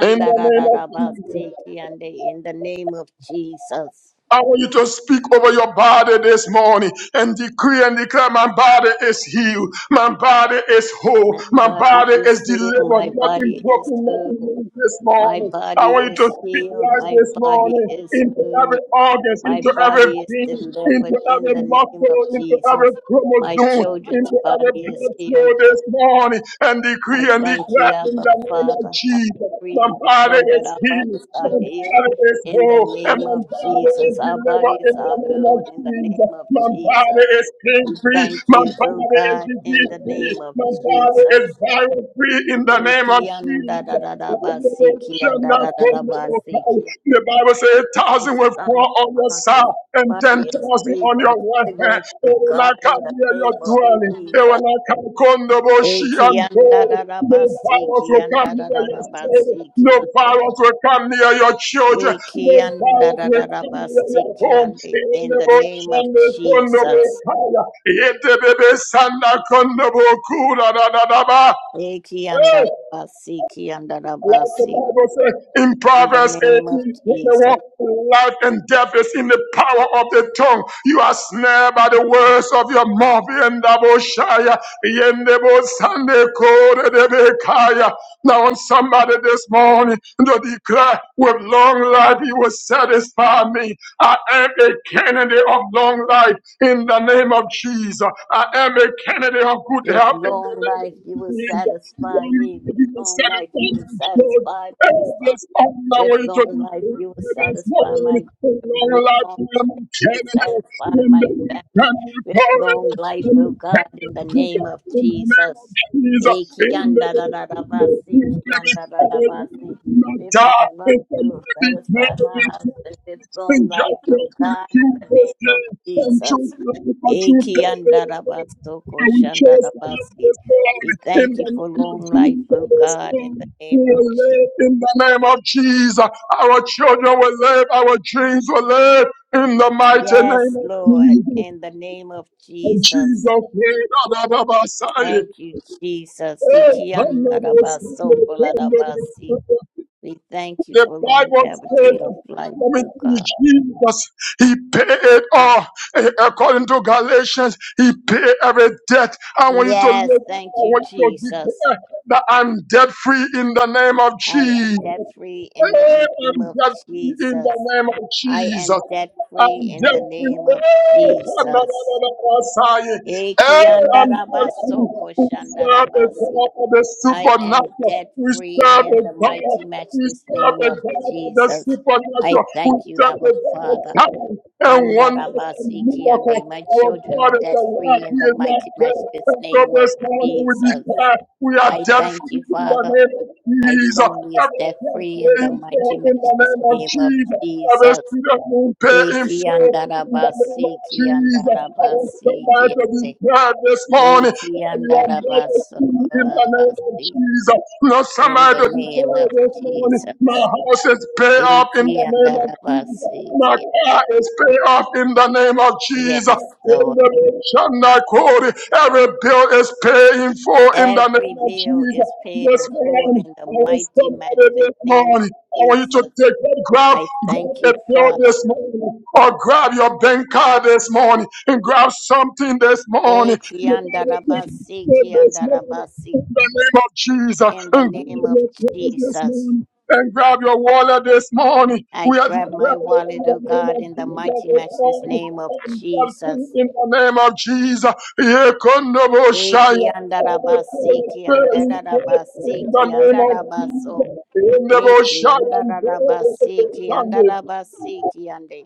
In the name of Jesus.
kiandi, In the name of Jesus.
I want you to speak over your body this morning and decree and declare my body is healed, my body is whole,
My
my
body
body
is
is
healed.
delivered,
My
nothing
body is
broken, nothing
whole.
loose this
My
morning. I
body
want you to
is
speak
healed.
life
My
this
body
morning
is
into
whole.
every organ,
My
into every
body is
vein, into
delivered in
every
the name of
muscle, into
Jesus.
every
My
chromosome,
children's
into every
body is
blood flow
healed.
this morning and
I
decree and
thank you,
declare in
Abba
the name of
Father. I
Jesus.
decree
My
and
body
declare that
is
our
healed.
bodies are
My
healed
body is
in the
whole. And
name
my
of
body is
Jesus. Our
delivered
bodies
in the
are
name of
healed in the name
Jesus.
of
My body
Jesus.
is pain
We
free.
thank
My
you, O
body is
God, in
disease
the
free.
name of
My body is
Jesus.
virus free in the name
Iki
of
yanda da
Jesus.
da da bas, iki yanda da da da bas, iki yanda.
The Bible says a
My
thousand will fall
son,
on your
Marcus,
side and ten
body is
thousand
free
on
from
your right hand.
cigarettes to
It will
God
not
in
come
the
near your
name of
dwelling. It will
Jesus.
not come Kondoboshi
Iki
and
yanda
Paul.
da da
No
da
virus
iki
will come
yanda da
near
da da
your
bas,
family. No
iki yanda.
virus will come near your children.
Iki
No
yanda da
virus
da da
will
da
come
bas,
near your
iki
home.
yanda.
In
In
the
the name of
Boshande
Jesus.
Kondobokaya. It the baby Sanda Kondobokura da da da ba.
Iki yanda
Hey!
da da iki yanda da da
Like
bas,
the Bible says in
In the
Proverbs 18,
name of Jesus.
21, life and death is in the power of the tongue. You are snared by the words of your mouth. Yendaboshaya, yendebosandekoredebekaya. Now, on somebody this morning to declare, with long life, you will satisfy me. I am a candidate of long life in the name of Jesus. I am a candidate of good
With
health in the
long
name
life, you
of
will
Jesus. In Lord,
satisfy me.
we
With
give you the set
long life,
of
you will satisfy my son.
there's nothing I
With
want
long
to be
life,
free.
you will
There's no
satisfy
one
my
in
children.
long
With
life
long
I am
life,
in
you will satisfy
In the
my family.
can we
With
call
long
it
life,
in
oh
the
God,
Canada
in the
book,
name of
in the name of
Jesus.
Jesus.
Eh,
In the name of
kiandarararabasi,
Jesus, I will
kiandarararabasi.
not
With
die.
long
If
life,
I'm
you will
to be
satisfy my
free,
husband. With long
and
life,
just
oh
let me
God, in
choose
the
this
name of
day and
Jesus.
choose life. I choose that day. I will choose life
Ekiandarabasokoshandarabasi.
this morning
We
in
thank you
the
for
name of
long life, oh God, in
Jesus.
the
We
name of
will
Jesus.
live in the name of Jesus. Our children will live. Our dreams will live in the mighty name
Yes,
of
Lord,
Jesus.
in the name of
And Jesus
Jesus.
prayed on the Messiah.
Thank you, Jesus.
Oh, hallelujah,
Ekiandarabasokolarabasi.
hallelujah.
We thank you
The
for
Bible says,
longevity of life,
coming
oh
to
God.
Jesus, He paid it all. Eh, According to Galatians, He paid every debt. I want you to
Yes,
live.
thank
I
you,
want you to
Jesus.
declare that I'm debt free in the name of
I am
Jesus.
debt free in the
Hey,
name
I'm
of
jumping in
Jesus.
the name of
I
Jesus.
am debt free
I'm
in the
jumping.
name of
Hey, na, na, na,
Jesus.
na, na, Messiah.
Eki
Hey, I'm telling
andarabaso
you, we serve a
koshandarabasi.
God of the
I am
supernatural.
debt
We
free
serve
in
a
the
God.
mighty
We
matchless
serve
name
a
of
God of the
Jesus. I
supernatural. We
thank you,
serve
Abba
a God of
Father.
signs and wonders and
Andarabasi kiande.
miracles.
My
Our
children are
God is
debt
alive.
free in
He
the
is not
mighty
dead.
matchless
And so
name of
this morning we
Jesus.
declare we are
I
dead
thank
free
you,
in the
Father.
name of
My
Jesus.
family is
Every
debt free in the mighty
death in the
matchless
name of
name of
Jesus arrest
Jesus.
you and pay in
Eki
full in the name of
andarabasi
Jesus. I want
kiandarabasi
somebody to be
kiande.
proud this morning.
Eki
You are
andarabas
blessed in the name of
sokorabasi.
Jesus. You know
In
somebody
the
to be
name of
proud this morning. My
Jesus.
house is paid off in
Eki
the name of
andarabas,
Jesus. My
eki
car is paid off in the name of Jesus.
Yes,
In the
Lord.
name of Shanda Every bill is paying for in the
Every
name of
bill
Jesus.
is paid
This
in full
morning,
in the
I want
mighty,
somebody
matchless
this
name of
morning. I want you to
Jesus.
take that grab,
I thank you,
grab a bill
Father.
this morning, or grab your bank card this morning, and grab something this morning.
Eki
The Bible said,
andarabasi, eki
"Grab This morning,
andarabasi.
in the name of Jesus,
In the
and grab
name of
your prize this
Jesus.
morning and grab your wallet this morning.
I
We are declaring
grab my wallet, oh God, in the mighty, matchless name of Jesus.
in the name of Jesus this morning. and God, In the name of Jesus,
Eki
Yekondoboshaya. Every
andarabasiki
prayer in
andarabasiki
the name
andarabaso.
of Jesus,
Eki
Yekondoboshaya and
andarabasiki
Sunday.
andarabasiki ande.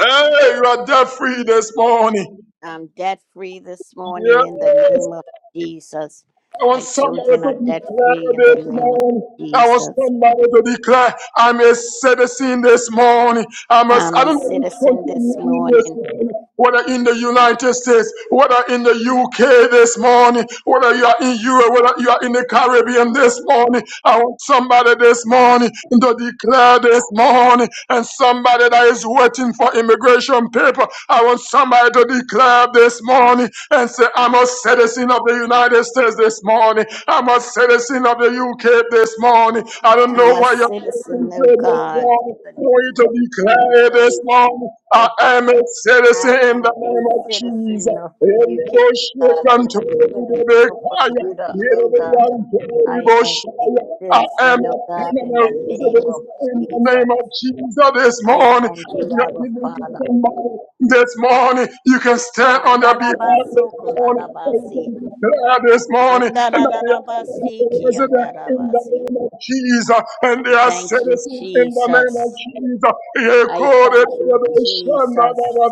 Hey, you are debt free this morning.
I'm debt free this morning in the
Yes,
name of Jesus.
I want
My
somebody
children are
to
debt free
declare
in the
this
name of
morning. I want
Jesus.
somebody to declare, I'm a citizen this morning. I'm a,
I'm
I
a
don't know which
citizen
country
this
in this
morning.
morning, whether in the United States, whether in the UK this morning, whether you are in Europe, whether you are in the Caribbean this morning. I want somebody this morning to declare this morning, and somebody that is waiting for immigration paper. I want somebody somebody to declare this morning and say, I'm a citizen of the United States this morning. I'm a citizen of the UK this morning. I don't
I'm
know
a
why you're
citizen,
going
oh
this
God, in
morning. I
the
you
name
to
of
declare this
Jesus.
morning. I am a citizen
I
in
am
the
a
name of
citizen
Jesus.
of the UK,
Elbow shake
God. I
and
am
to
a
the
citizen of
fire.
Bermuda, oh
we
God.
are, to the
I am a
bush. I am
citizen, oh
a
God, in the
permanent
name
resident
of
in the name
Jesus.
of Jesus this
I
morning.
thank
If
you,
you are
Abba
giving to
Father.
somebody this morning, you can stand on their behalf this morning. and you
Andarabasoko-larabasi.
can declare This morning, and that they are permanent
Andarararabasiki,
resident in the
andarabasi.
name of Jesus, and
I
they are
thank you,
citizens in the name of
Jesus.
Jesus. Yeah,
I
call it,
thank
yeah,
you,
they shall
Jesus.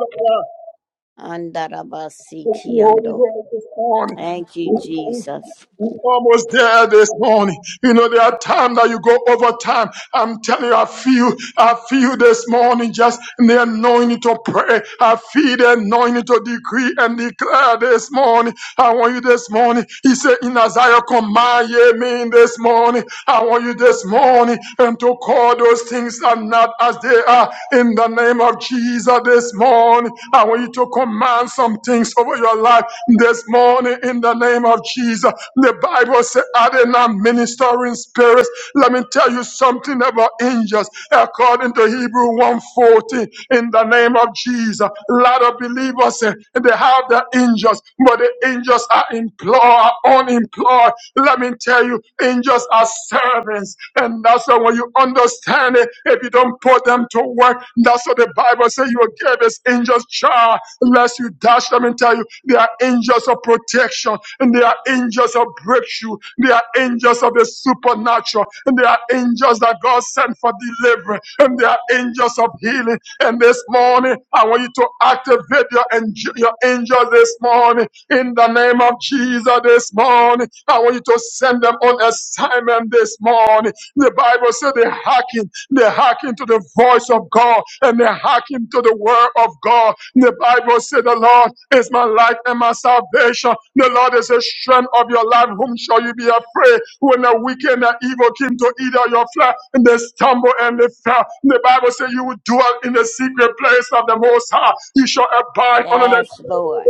Thank
Andarabasiki,
you, Holy
ando.
Ghost, this morning.
Thank you, Jesus.
We're almost there this morning. You know, there are times that you go over time. I'm telling you, I feel, I feel this morning just the anointing to pray. I feel the anointing to decree and declare this morning. I want you this morning. He said, In Isaiah, command ye me this morning. I want you this morning and to call those things are not as they are in the name of Jesus this morning. I want you to command some things over your life this morning in the name of of Jesus. The Bible says, Are they not ministering spirits? Let me tell you something about angels. According to Hebrew 1:14, in the name of Jesus, a lot of believers eh, they have the angels, but the angels are employed, are unemployed. Let me tell you, angels are servants, and that's why when you understand it, if you don't put them to work, that's what the Bible says you will give his angels charge lest you dash them and tell you they are angels of protection and they are angels of breakthrough. They are angels of the supernatural and they are angels that God sent for deliverance and they are angels of healing. And this morning, I want you to activate your, ang- your angels this morning in the name of Jesus this morning. I want you to send them on assignment this morning. The Bible said they hearken they hearken to the voice of God and they hearken to the word of God. The Bible says, The Lord is my light and my salvation. The Lord is the strength of your life. Whom shall you be afraid? When the wicked and the evil came to eat of your flesh, and they stumble and they fell. The Bible says, You will dwell in the secret place of the Most High. You shall abide under the
Yes, Lord.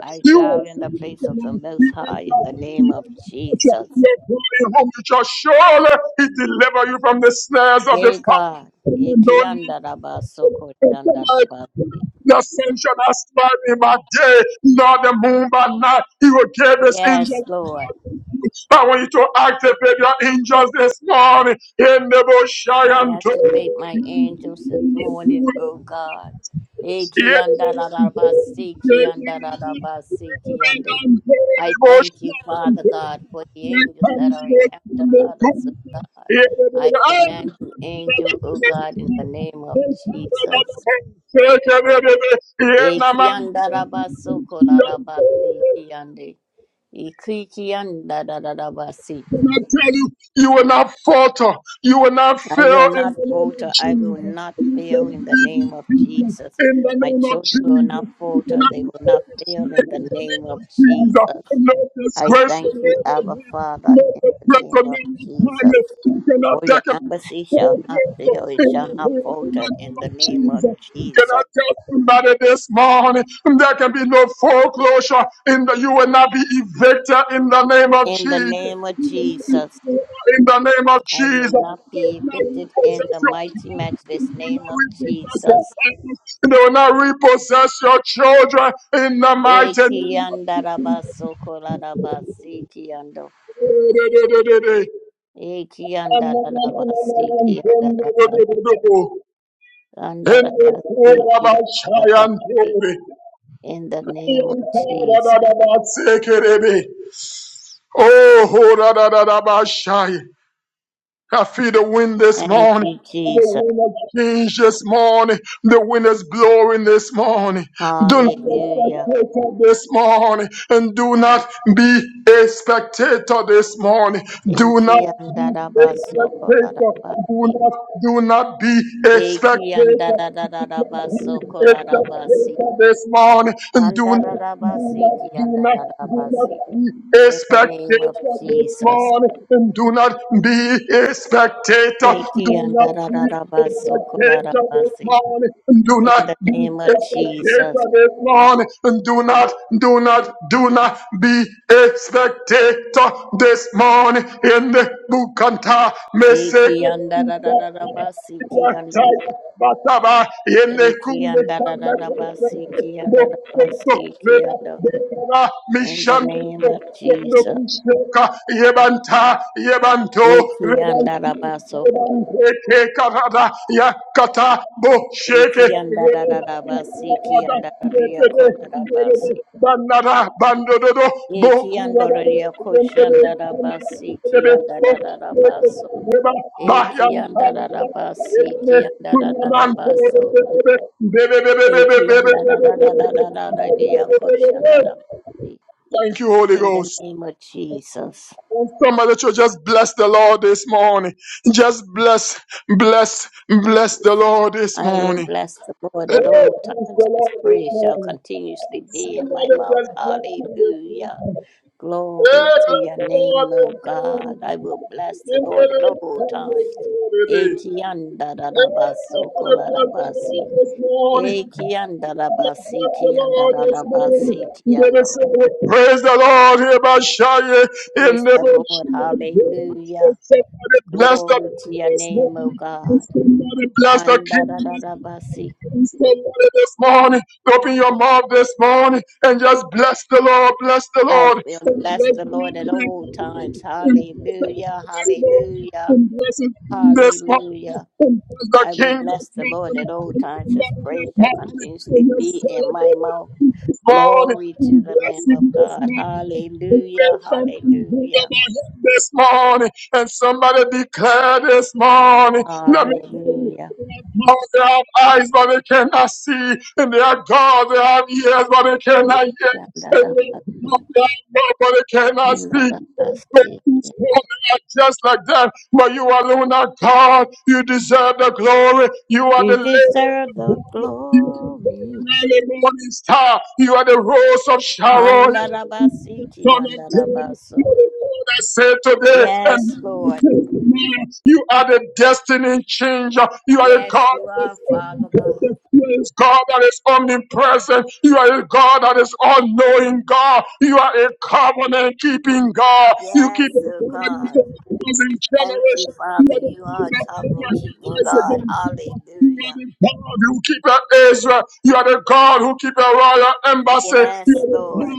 I
you
dwell
will
in
see
the place of the Most High
the
in the name
Lord
of
you
Jesus.
Your glory whom you shall surely he deliver you from the snares of the
Yea,
fowler.
God.
no need for tonight.
Ikiandarabasokoshandarabasi.
The sun shall not smite me by day, nor the moon by night. He will give his
Yes,
angels.
Lord.
I want you to activate your angels this morning in the bush. I
I
am told.
activate my angels this morning, oh God.
Yeah,
Ikiandararabasi,
yeah,
kiandararabasi, kiande. I thank you, Father God, for the angels that are encamped about
yeah.
us, oh God.
Yeah,
I command the angel, oh God, in the name of Jesus.
yeah, yeah,
Ekiandarabasoko
yeah.
korarabasi kiande. Ikikiandararabasi.
And I tell you, you will not falter. You will not
I will
fail in
not
the name
falter.
of
I will
Jesus.
not
You
fail
cannot
in the
be
name of
defeated
Jesus.
in the
My
name of
children will
Jesus.
not
You
falter.
cannot
They
be
will not
taken
fail in the
in the
name
name
of
of
Jesus.
Jesus. No
I
disgrace
thank
will
you,
ever
Abba
be.
Father,
No
in the
disgrace
name
will ever
of Jesus.
be. You cannot
For your
decorate
embassy shall not fail. It
In
shall not
the
falter
name
in the
of
name of
Jesus. can I
Jesus.
tell somebody this morning there can be no foreclosure in the you will not be evicted in the name of
In the
Jesus.
name of Jesus.
In the name of
I will
Jesus,
not be evicted in the mighty, matchless name of Jesus.
they will not repossess your they will not repossess your family. They will not repossess your children in the mighty name
Ekiandarabasoko kolarabasikiando. Ekiandarabasikiandarabasi. Andarabasikiandarabasi. In the name of Jesus.
of Jesus. Oh, I feel the wind this
Thank
morning.
you,
The
Jesus.
wind of change this morning. The wind is blowing this morning. Do not be
Hallelujah.
a spectator this morning, and do not be a spectator this morning. Do not be a
Ekiandarabasoko
spectator.
kolarabasi.
Do not, do not be a spectator. Do not be
Ekiandarabasoko
a
kolarabasi.
spectator this morning, and do not, do not,
Andararabasiki,
do not, do not
andararabasi.
be a
In the name of
spectator this
Jesus.
morning, and do not be a spectator.
Eki
Do not be Expectation this
andarararabasokorarabasi.
morning. Do
In
not
the
be
name of Jesus.
expectation this morning. Do not, do not, do not be a spectator this morning. In the Bukanta Message.
Eki andarararabasiki ando.
Bataba, Yende
Eki
Kunde Kanda Kanda,
andarararabasiki
Bokoko,
andarabasiki
Reba,
ando.
Bekara,
In the
Mishan,
name of Jesus.
Bokoko, Kusheka, Yebanta,
Eki
Yebanto,
andarabaso. Eki andarararabasiki andarariyakolarabasi. Ekiandoria koshandara basi kiandara baso. Ekiandara basi kiandara baso. Ekiandara koshandara basi.
Thank you, Holy
In the
Ghost.
name of Jesus,
Oh, Somebody should just bless the Lord this morning. Just bless, bless, bless the Lord this
I will
morning.
bless the Lord
Eh,
at all
Bless
times.
the
His
Lord this
praise shall
morning.
continuously be in my
Somebody
mouth.
just bless him this
Hallelujah.
morning.
Glory
Hey,
to
bless
your
the Lord
name, O
this
God.
morning.
I will bless the
In the
Lord at all times. Ekiandarabasi
name of the Lord, this morning. Eh, Somebody bless the
kolarabasi.
Lord this morning.
Ekiandarabasi
Bless the Lord this morning.
kiandarabasi
Never
kiando.
say, Praise the Lord, here by Shia, in
Praise the
never
Lord. Hallelujah.
Somebody bless the
Glory to
Lord
your
this
name, O
morning.
God.
Somebody bless the King.
Andarabasi.
Somebody this morning. Open your mouth this morning and just bless the Lord, bless the
I
Lord,
will
and
bless
bless
the Lord
the
at all times.
Lord this morning. And bless the
Hallelujah.
Lord this morning.
Hallelujah.
And bless the King this morning.
Hallelujah.
And bless the
I will
King this morning. And
bless the Lord at
bless the
all
King
times. His praise
this
shall
morning.
continuously
And just
be in
celebrate.
my
the
mouth.
God,
Glory
we
to the
bless
Lamb of
you this
God.
morning. We say
Hallelujah.
something good
Hallelujah.
about him this morning. And somebody declare this morning. Let me tell you,
Hallelujah.
God, they have eyes, but they cannot see. And they are God, they have ears, but they cannot hear. And they
Yandadabasi,
are God, they have mouth, but they cannot speak. But
yandadabasi.
this morning, not just like that, but you alone are God. You deserve the glory. You are
You
the Lord.
deserve the
You
glory.
are the morning star, you are the rose of Sharon.
Handarabasi,
Come and do
yandarabaso.
what I said today,
Yes,
and
Lord.
you are the destiny changer. You are a
Yes,
God
you are, Father God.
that is God that is omnipresent. You are a God that is all-knowing God. You are a covenant-keeping God. You
Yes,
keep a
oh
covenant
God.
to a thousand
Thank you,
generations.
Father. You
You
are
are the
covenant
God of
keeping
Isaac
God.
and
Hallelujah.
God who keep a Israel. You are the God who keep a royal embassy.
Yes,
You are the
Lord.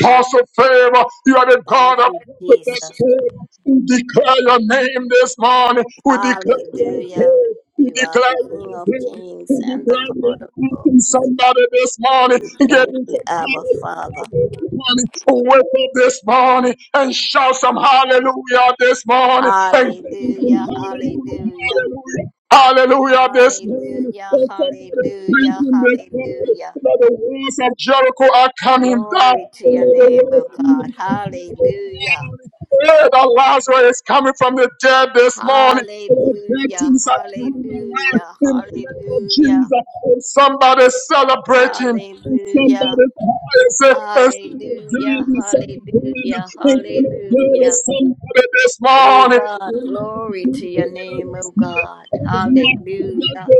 cause of favor. You are the
Thank
God of
you, Jesus.
prophetess favor. We declare your name this morning. We declare your
Hallelujah.
faith. We
You are the
declare
King
your
of
faith.
kings
We
and the
declare your
Lord of
faith
lords.
somebody this morning.
We
Get
thank
in
you,
some
Abba Father.
hallelujah this morning. Wake up this morning and shout some hallelujah this morning. And
Hallelujah. Hallelujah.
hallelujah. Hallelujah this morning.
Hallelujah. Hallelujah. Hallelujah.
the walls of Jericho are coming down.
Glory to your name, O God. Hallelujah.
The Lazarus is coming from the dead this morning. The dead
Hallelujah.
things are coming alive
Hallelujah.
in the name of
Hallelujah.
Jesus. And somebody celebrating. And
Hallelujah.
somebody praise And somebody
Hallelujah.
somebody
Hallelujah. Hallelujah.
this
Hey
morning.
God,
And
glory to
somebody
your name,
this
O
morning.
God. Hallelujah.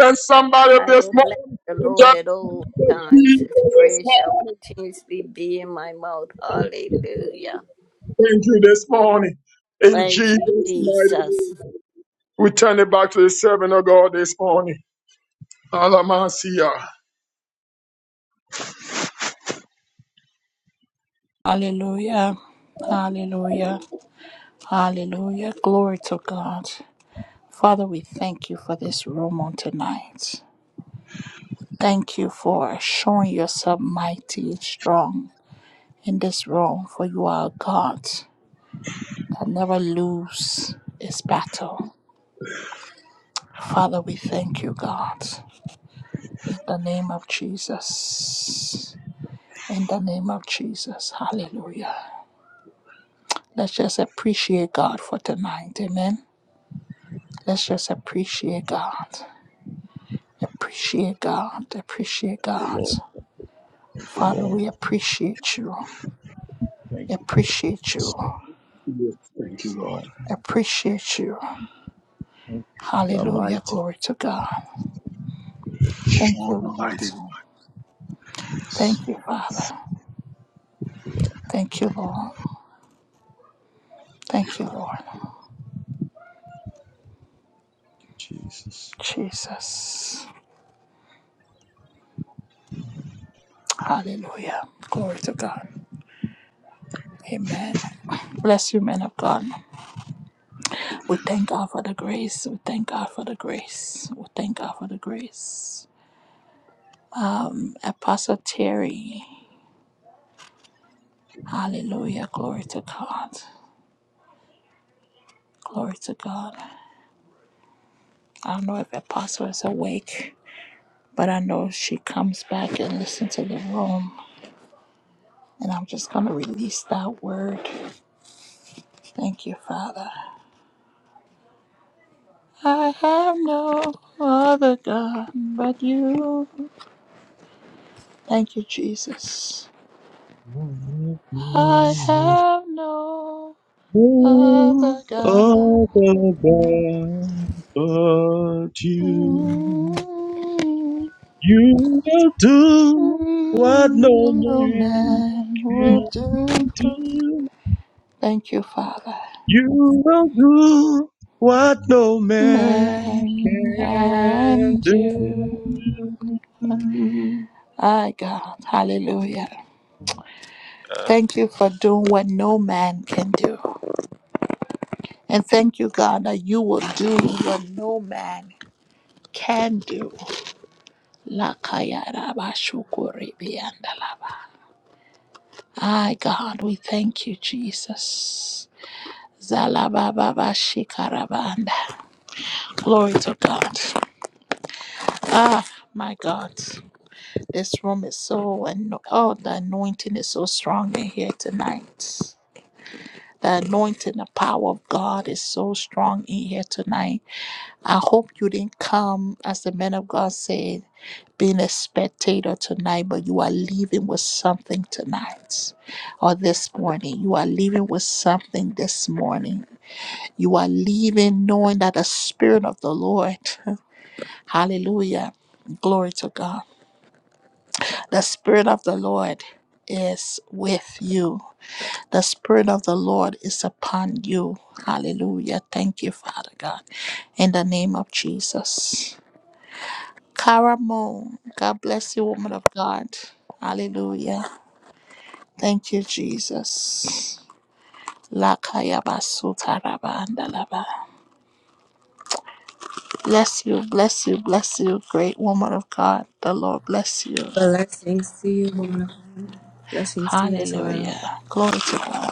And somebody
I
this
will bless
morning.
the Lord
Just
at all
Jesus
times. His praise shall continuously be in my mouth. Hallelujah.
Thank you this morning. In
Thank you,
Jesus' mighty name.
Jesus.
We turn it back to the servant of God this morning. Alamasia.
Hallelujah. Hallelujah. Hallelujah. Glory to God. Father, we thank you for this room on tonight. Thank you for showing yourself mighty and strong in this room, for you are a God that never lose its battle. Father, we thank you, God, in the name of Jesus. In the name of Jesus. Hallelujah. Let's just appreciate God for tonight. Amen. Let's just appreciate God. Appreciate God. Appreciate
you,
God.
Lord. Thank you,
Father,
Lord.
we appreciate you.
Thank you,
Appreciate you.
yes, Lord.
Thank
Yes,
you, Lord.
Lord.
Appreciate you.
Thank you. You are
Hallelujah.
mighty.
Glory to God. Thank you,
Lord
Lord.
Almighty God.
Thank
Thank you, Father. Thank you, Lord. Thank you, Lord.
you, Jesus.
Jesus. Hallelujah. Glory to God. Amen. Bless you, men of God. We thank God for the grace. We thank God for the grace. We thank God for the grace. Um, Apostle Terry, hallelujah, glory to God. Glory to God. I don't know if Apostle is awake, but I know she comes back and listens to the room. And I'm just going to release that word. Thank you, Father. I have no other God but you. Thank you, Jesus.
Lord,
I
Lord,
have no
who
other God.
other God but you?
No
You will do what no man
man will do.
can do.
Thank you, Father.
You will do what no man
Man
can
and you.
do.
My God. Hallelujah.
Uh,
Thank you for doing what no man can do. And thank you, God, that you will do what no man can do. Lakayarabashukuribiandalaba. My God, we thank you, Jesus. Zalabababashikarabandalaba. Glory to God. Ah, my God. This room is so, and oh, the anointing is so strong in here tonight. The anointing, the power of God is so strong in here tonight. I hope you didn't come, as the man of God said, being a spectator tonight, but you are leaving with something tonight or this morning. You are leaving with something this morning. You are leaving knowing that the Spirit of the Lord, hallelujah, glory to God The Spirit of the Lord is with you. The Spirit of the Lord is upon you. Hallelujah. Thank you, Father God. In the name of Jesus. Cara Moon, God bless you, woman of God. Hallelujah. Thank you, Jesus. Lakaya basu taraba andalaba. Bless you, bless you, bless you, great woman of God. The Lord bless you.
Blessings to you, woman of God. Blessings to you as well.
Hallelujah. Glory to God.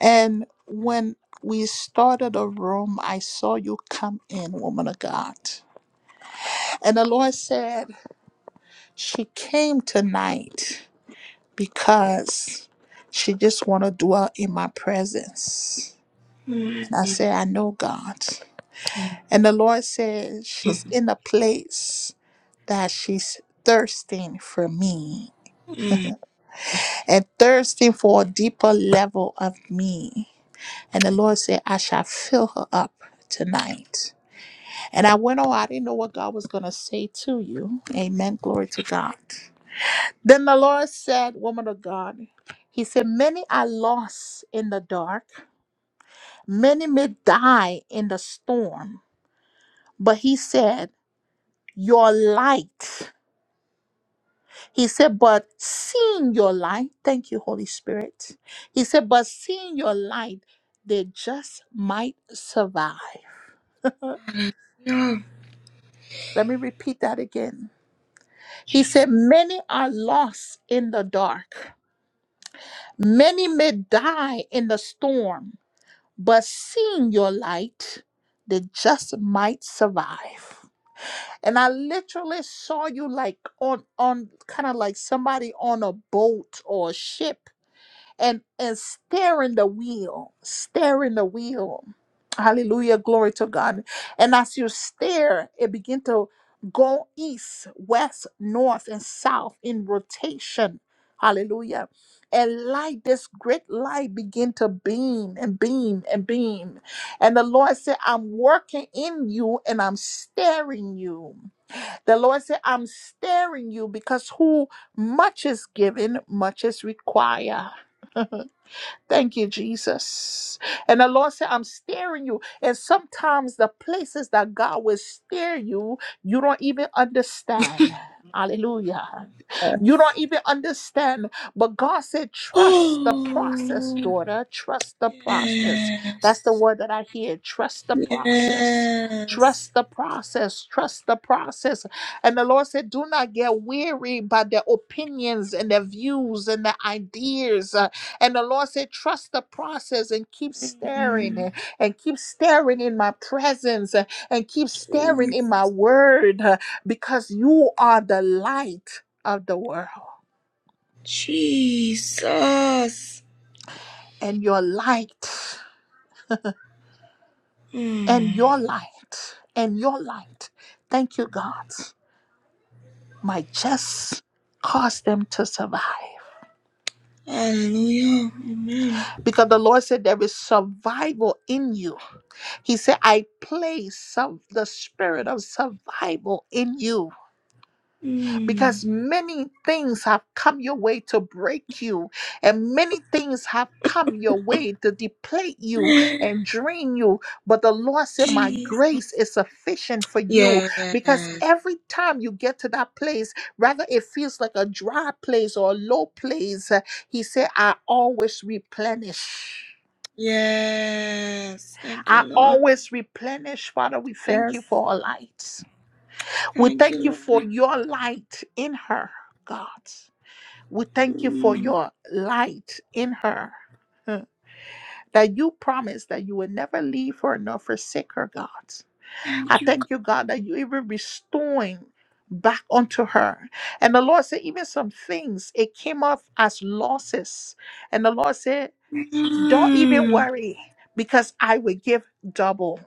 And when we started a room, I saw you come in, woman of God. And the Lord said, She came tonight because she just want to dwell in my presence.
Mm.
And I said, I know God.
Yeah.
And the Lord said, She's in a place that she's thirsting for me
Mm.
and thirsting for a deeper level of me. And the Lord said, I shall fill her up tonight. And I went, Oh, I didn't know what God was going to say to you. Amen. Glory to God. Then the Lord said, Woman of God, He said, Many I lost in the dark, many may die in the storm. But He said, Your light. He said, But seeing your light, thank you, Holy Spirit. He said, But seeing your light, they just might survive.
Yeah.
Let me repeat that again. He said, Many are lost in the dark. Many may die in the storm, but seeing your light, they just might survive. And I literally saw you like on on kind of like somebody on a boat or a ship and and steering the wheel steering the wheel hallelujah glory to god and as you steer it begin to go east west north and south in rotation hallelujah and light this great light begin to beam and beam and beam and the lord said i'm working in you and i'm staring you the lord said i'm staring you because who much is given much is required Thank you, Jesus. And the Lord said, I'm steering you. And sometimes the places that God will steer you, you don't even understand. Hallelujah. You
Yes.
don't even understand. But God said, trust the process,
Oh,
daughter. Trust the process. That's the
yes.
word that I hear. Trust the process.
Yes.
Trust the process. Trust the process. And the Lord said, do not get weary by their opinions and their views and their ideas. Uh, And the Lord said, trust the process and keep staring
Mm.
uh, and keep staring in my presence uh, and keep staring in my
Jesus.
word uh, because you are the light of the world
Jesus.
and your light and
Mm.
your light and your light. Thank you, God. My just cause them to survive.
Hallelujah. Amen.
Because the Lord said there is survival in you. He said, I place some the spirit of survival in you.
Mm.
because many things have come your way to break you, and many things have come your way to deplete you and drain you. But the Lord said, My grace
Jesus.
is sufficient for you because
Yes.
every time you get to that place, rather it feels like a dry place or a low place, uh, He said, I always replenish.
Yes. Thank you,
I
Lord.
always replenish, Father. We thank you
Yes.
for our light. We
Thank you,
thank you
Lord.
for your light in her, God. We thank you for
Mm.
your light in her. huh, That you promised that you would never leave her nor forsake her, God. I
Thank you, God.
thank you, God, that you even restoring back unto her. And the Lord said, even some things, it came off as losses. And the Lord said, don't even
Mm.
worry because I will give double.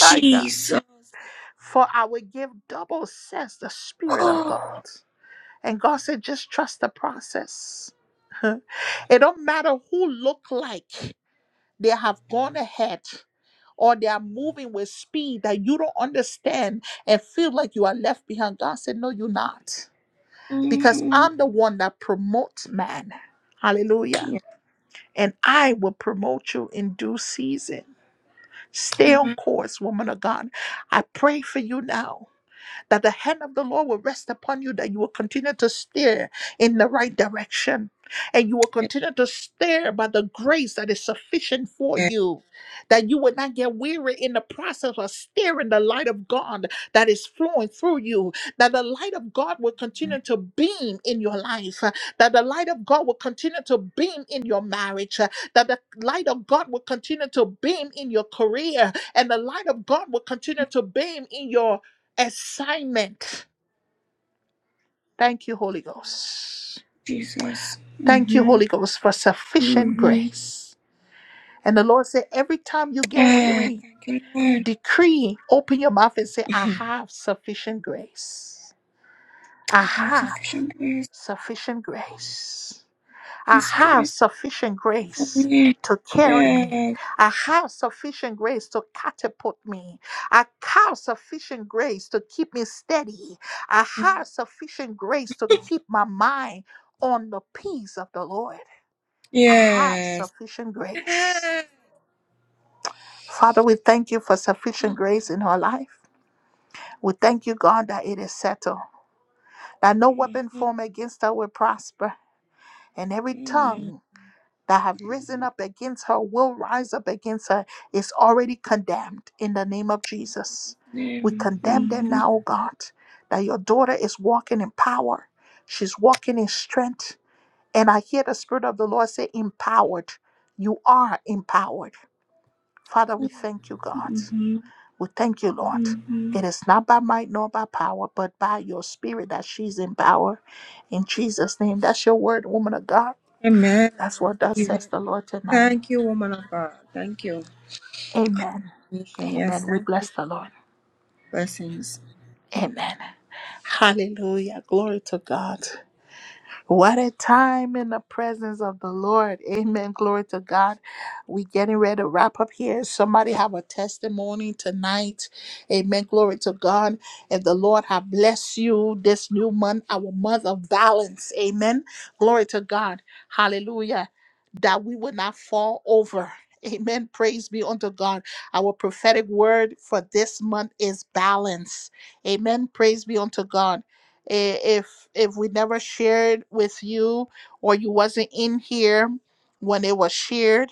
My God. For I will give double, says the Spirit of God.
Oh.
And God said, just trust the process. It don't matter who look like they have gone ahead or they are moving with speed that you don't understand and feel like you are left behind. God said, No, you're not. Because
Mm-hmm.
I'm the one that promotes man. Hallelujah.
Yes,
And I will promote you in due season. Stay on
ma'am.
course, woman of God. I pray for you now that the hand of the Lord will rest upon you, that you will continue to steer in the right direction. And you will
Yes,
continue to steer by the grace that is sufficient for
ma'am.
you, that you will not get weary in the process of steering the light of God that is flowing through you, that the light of God will continue to beam in your life, uh, that the light of God will continue to beam in your marriage, uh, that the light of God will continue to beam in your career, and the light of God will continue to beam in your assignment. Thank you, Holy Ghost.
Jesus.
Thank you,
Mm-hmm.
Holy Ghost, for sufficient
Mm-hmm.
grace. And the Lord said, every time you get
Ah,
weary,
thank you, Lord.
decree, open your mouth and say, I
Mhm.
have sufficient grace. I
I have
have
sufficient grace.
sufficient grace. I
Yes,
have
grace
sufficient
for
grace
me.
to carry me.
Yes.
I have sufficient grace to catapult me. I have sufficient grace to keep me steady. I
Mhm.
have sufficient grace to keep my mind on the peace of the Lord. I have
Yes.
sufficient grace.
Yes.
Father, we thank you for sufficient grace in our life. We thank you, God, that it is settled, that no weapon
Mm-hmm.
formed against us will prosper, and every
Mm-hmm.
tongue
In
that have risen up against her will rise up against her is already condemned in the name of Jesus.
Jesus'
We
name.
condemn them
Mm-hmm.
now, O God, that your daughter is walking in power. She's walking in strength. And I hear the Spirit of the Lord say, empowered. You are empowered. Father, we thank you, God.
Mm-hmm.
We thank you, Lord.
Mm-hmm.
It is not by might nor by power, but by your spirit that she's in power. In Jesus' name. That's your word, woman of God.
Amen. And
That's
I
what thus
receive
says
it.
the Lord tonight.
Thank you, woman of God. Thank you.
Amen.
Mission. Yes,
Amen. We
thank you.
bless the Lord.
Blessings.
Amen. Hallelujah. Glory to God. What a time in the presence of the Lord. Amen. Glory to God. We getting ready to wrap up here. Somebody have a testimony tonight. Amen. Glory to God. If the Lord have blessed you this new month, our month of balance. Amen. Glory to God. Hallelujah. That we will not fall over. Amen. Praise be unto God. Our prophetic word for this month is balance. Amen. Praise be unto God. I- If if we never shared with you or you wasn't in here when it was shared,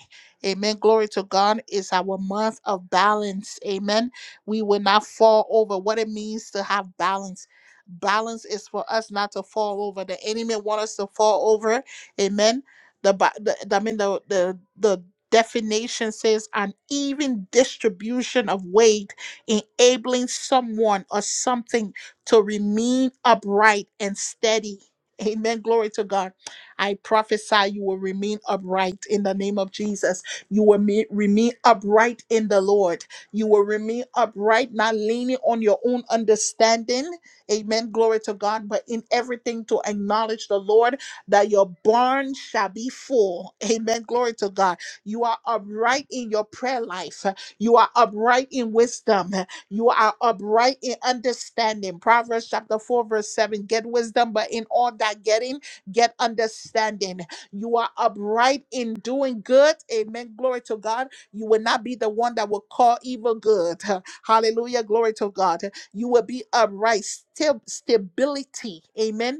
Amen. Glory to God is our month of balance. Amen. We will not fall over what it means to have balance. Balance is for us not to fall over. The enemy want us to fall over. Amen. The, Bi- the the- I mean the the the definition says an even distribution of weight enabling someone or something to remain upright and steady. Amen. Glory to God. I prophesy you will remain upright in the name of Jesus. You will me- remain upright in the Lord. You will remain upright, not leaning on your own understanding. Amen. Glory to God. But in everything to acknowledge the Lord that your barn shall be full. Amen. Glory to God. You are upright in your prayer life. You are upright in wisdom. You are upright in understanding. Proverbs chapter 4, verse 7. Get wisdom, but in all that getting, get understanding. You are upright in doing good. Amen. Glory to God. You will not be the one that will call evil good. Hallelujah. Glory to God. You will be upright. Stab- stability. Amen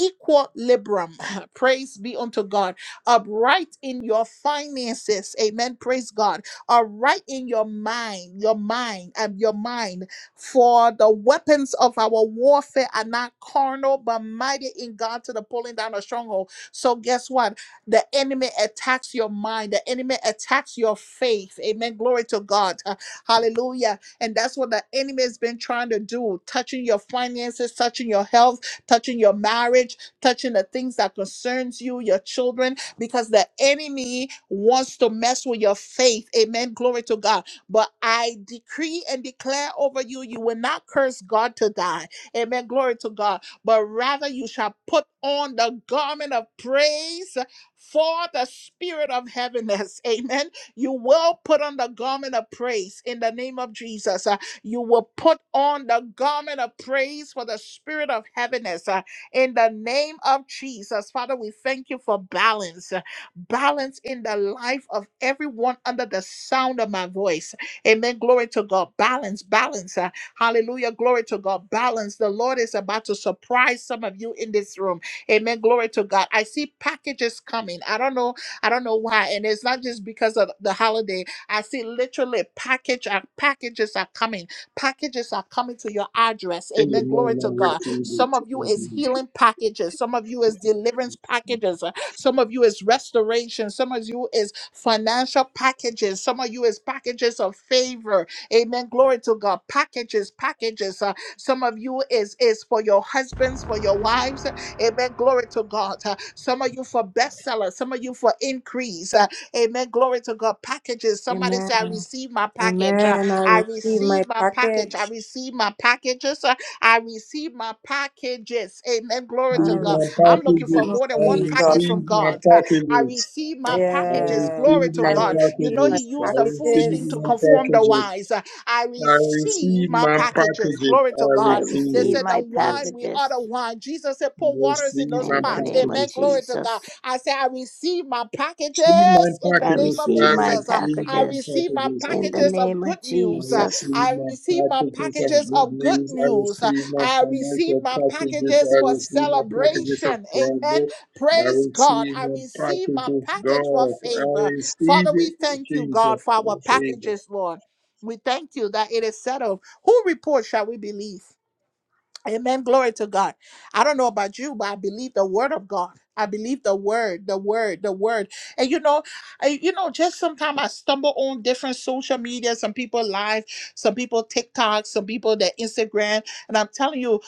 equilibrium. Praise be unto God. Upright in your finances. Amen. Praise God. Upright in your mind, your mind, and your mind. For the weapons of our warfare are not carnal, but mighty in God to the pulling down of stronghold. So guess what? The enemy attacks your mind. The enemy attacks your faith. Amen. Glory to God. Uh, Hallelujah. And that's what the enemy has been trying to do, touching your finances, touching your health touching your marriage, touching the things that concerns you, your children, because the enemy wants to mess with your faith. Amen. Glory to God. But I decree and declare over you, you will not curse God to die. Amen. Glory to God. But rather you shall put on the garment of praise for the spirit of heaviness. Amen. You will put on the garment of praise in the name of Jesus. You will put on the garment of praise for the spirit of heaviness uh, in the name of Jesus. Father, we thank you for balance, uh, balance in the life of everyone under the sound of my voice. Amen. Glory to God. Balance, balance. uh, hallelujah. Glory to God. Balance. The Lord is about to surprise some of you in this room. Amen. Glory to God. I see packages coming. I don't know. I don't know why. And it's not just because of the holiday. I see literally package uh, packages are coming Packages are coming to your address. Amen. Glory
Amen. I
to God.
receive
Some
it.
of you is
Amen.
healing packages. Some of you is deliverance packages. Uh, Some of you is restoration. Some of you is financial packages. Some of you is packages of favor. Amen. Glory to God. Packages, packages. Uh, some of you is is for your husbands, for your wives. Amen. Glory to God. Uh, some of you for bestsellers. Some of you for increase. Uh, amen. Glory to God. Packages. Somebody say, I
Amen.
receive my package.
Amen. I
I
receive my
receive my package. I
package.
receive my packages. uh, I receive my packages. Amen. Glory
I
to
Read
God.
my
receive
I'm
in
looking
the
for
name of
packages.
more than
I
one
Jesus.
package from
receive my
God. I
packages.
receive my
I
packages.
Yes.
Glory
receive
to
my
I
God. You
receive
know,
my
He
packages.
used
I
the foolish
receive
thing
packages.
to
my
conform the
packages.
wise. Uh, I
I
receive
receive
my
my
packages.
packages.
Glory to
I
I
God.
receive
They
receive
it.
said, The
my
Yes.
wine, we are
packages
the wine. Jesus said,
I
Pour waters in
receive
those
my
in the
pots.
name of
Amen.
packages.
Glory to God.
Jesus.
I say, I receive my packages
my
in the
I
name
packages,
of
receive
I
my
Jesus. Uh,
receive
I
my
packages
receive my
packages.
in the
packages of
name of
good
I
news. Uh,
Jesus.
receive
I
my
receive my
packages of
packages
good
of good
news. I
news. Uh,
receive my
I receive
financial
my
packages.
packages
I
for
receive my packages of
celebration. Amen.
trouble. I
Praise God.
receive
I
my
receive my
packages,
package for
God. I
favor.
receive
Father, we
it,
thank you,
Jesus.
God, for our
in favor.
packages, Lord. We thank you that it is settled. Who report shall we believe? Amen. Glory to God. I don't know about you, but I believe the word of God. I believe the word, the word, the word. And you know, I, you know, just sometimes I stumble on different social media, some people live, some people TikTok, some people their Instagram. And I'm telling you,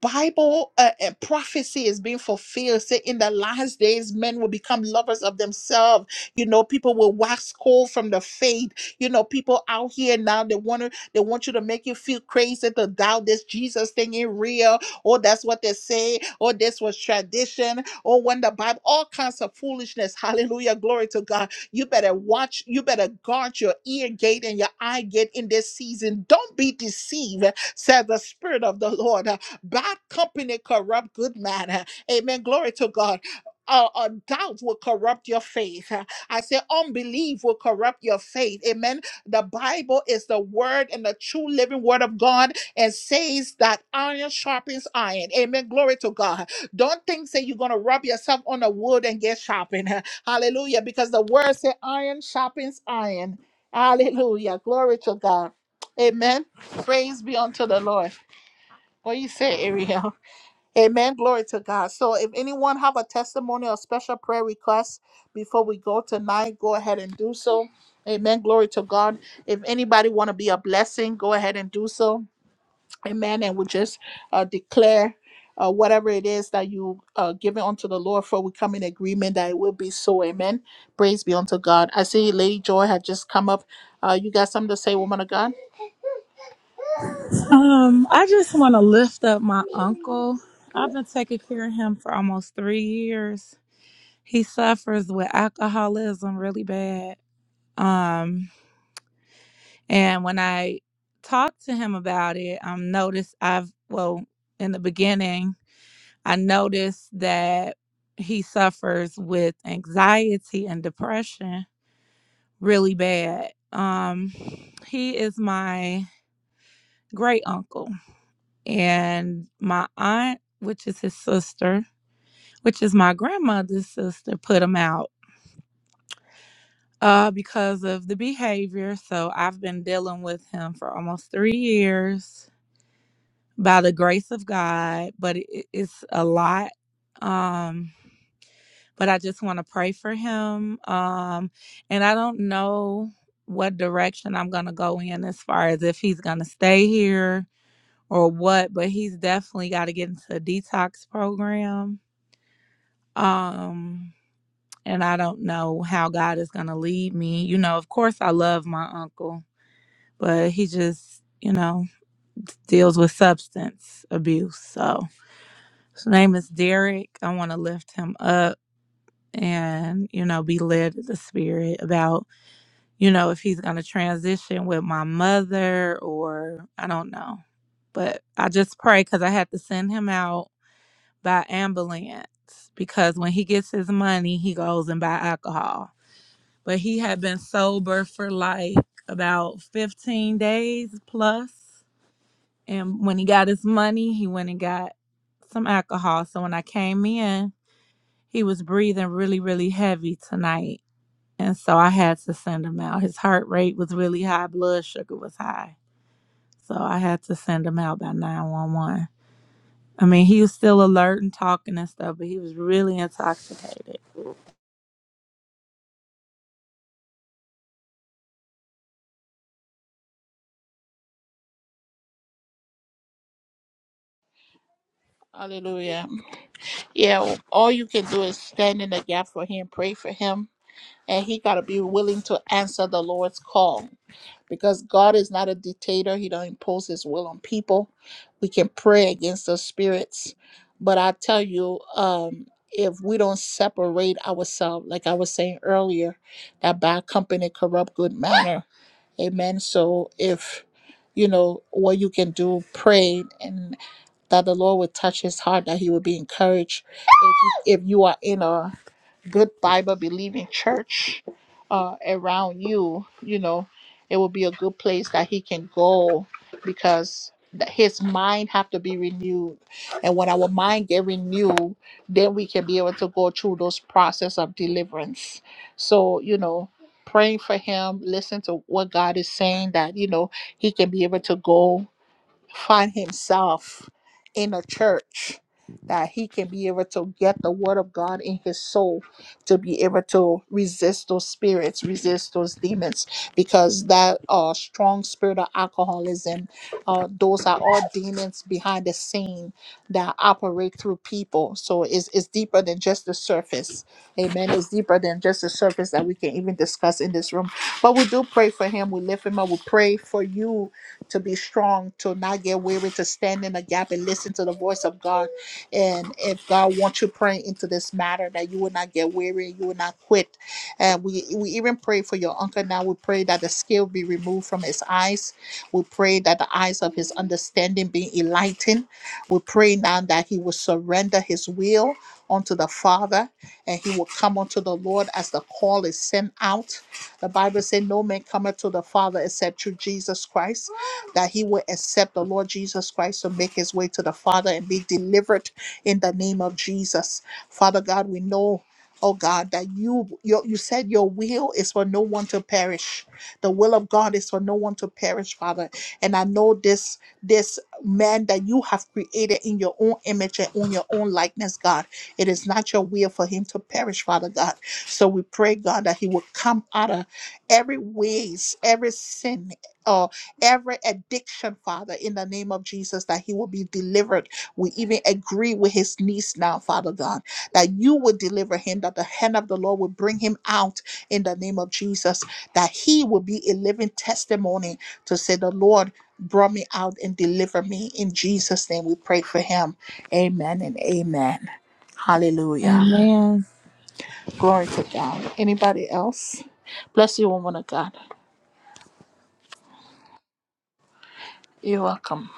Bible uh, uh, prophecy is being fulfilled. Say, in the last days, men will become lovers of themselves. You know, people will wax cold from the faith. You know, people out here now they want they want you to make you feel crazy to doubt this Jesus thing ain't real. Oh, that's what they say. Oh, this was tradition. Oh, when the Bible, all kinds of foolishness. Hallelujah. Glory to God. You better watch, you better guard your ear gate and your eye gate in this season. Don't be deceived, says the Spirit of the Lord. Bad company corrupt good man. Amen. Glory to God. Uh, uh, doubt will corrupt your faith. I say unbelief will corrupt your faith. Amen the Bible is the word and the true living word of God and says that iron sharpens iron. Amen. Glory to God. Don't think that you're going to rub yourself on the wood and get sharpened. Hallelujah. Because the word says iron sharpens iron. Hallelujah. Glory to God. Amen. Praise be unto the Lord. What do you say, Ariel? Amen. Glory to God. So if anyone have a testimony or special prayer request before we go tonight, go ahead and do so. Amen. Glory to God. If anybody want to be a blessing, go ahead and do so. Amen. And we just uh, declare uh, whatever it is that you uh, giving unto the Lord for, we come in agreement that it will be so. Amen. Praise be unto God. I see Lady Joy had just come up. Uh, you got something to say, woman of God?
Um, I just want to lift up my uncle. I've been taking care of him for almost three years. He suffers with alcoholism really bad. Um, and when I talk to him about it, I'm noticed I've well, in the beginning, I noticed that he suffers with anxiety and depression really bad. Um, he is my great uncle. and my aunt, which is his sister, which is my grandmother's sister, put him out uh, because of the behavior. So I've been dealing with him for almost three years by the grace of God, but it, it's a lot. Um, but I just want to pray for him. Um, and I don't know what direction I'm going to go in as far as if he's going to stay here or what, but he's definitely got to get into a detox program um and i don't know how god is going to lead me you know of course i love my uncle but he just you know deals with substance abuse so his name is derek i want to lift him up and you know be led to the spirit about you know if he's going to transition with my mother or i don't know but i just pray because i had to send him out by ambulance because when he gets his money he goes and buy alcohol but he had been sober for like about 15 days plus and when he got his money he went and got some alcohol so when i came in he was breathing really really heavy tonight and so i had to send him out his heart rate was really high blood sugar was high so i had to send him out by 911 i mean he was still alert and talking and stuff but he was really intoxicated
Hallelujah. Yeah. All you can do is stand in the gap for him, pray for him and he got to be willing to answer the lord's call because god is not a dictator he don't impose his will on people we can pray against those spirits but i tell you um if we don't separate ourselves like i was saying earlier that bad company corrupt good manner amen so if you know what you can do pray and that the lord would touch his heart that he would be encouraged if you, if you are in a good Bible believing church uh, around you, you know, it will be a good place that he can go because th- his mind have to be renewed and when our mind get renewed then we can be able to go through those process of deliverance so you know praying for him listen to what god is saying that you know he can be able to go find himself in a church that he can be able to get the word of God in his soul to be able to resist those spirits, resist those demons, because that uh, strong spirit of alcoholism, uh, those are all demons behind the scene that operate through people. So it's, it's deeper than just the surface. Amen. It's deeper than just the surface that we can even discuss in this room. But we do pray for him. We lift him up. We pray for you to be strong, to not get weary, to stand in the gap and listen to the voice of God. And if God wants you praying into this matter, that you will not get weary, you will not quit. And we, we even pray for your uncle now. We pray that the scale be removed from his eyes. We pray that the eyes of his understanding be enlightened. We pray now that he will surrender his will unto the Father and he will come unto the Lord as the call is sent out. The Bible says, No man cometh to the Father except through Jesus Christ that he would accept the Lord Jesus Christ to make his way to the Father and be delivered in the name of Jesus. Father God, we know. Oh God, that you, you you said your will is for no one to perish. The will of God is for no one to perish, Father. And I know this this man that you have created in your own image and on your own likeness, God. It is not your will for him to perish, Father God. So we pray, God, that he will come out of every ways, every sin. uh, every addiction, Father, in the name of Jesus, that he will be delivered. We even agree with his niece now, Father God, that you will deliver him, that the hand of the Lord will bring him out in the name of Jesus, that he will be a living testimony to say, The Lord brought me out and delivered me. In Jesus' name, we pray for him. Amen and amen. Hallelujah.
And man.
Glory to God. Anybody else? Bless you, woman of God. You're welcome.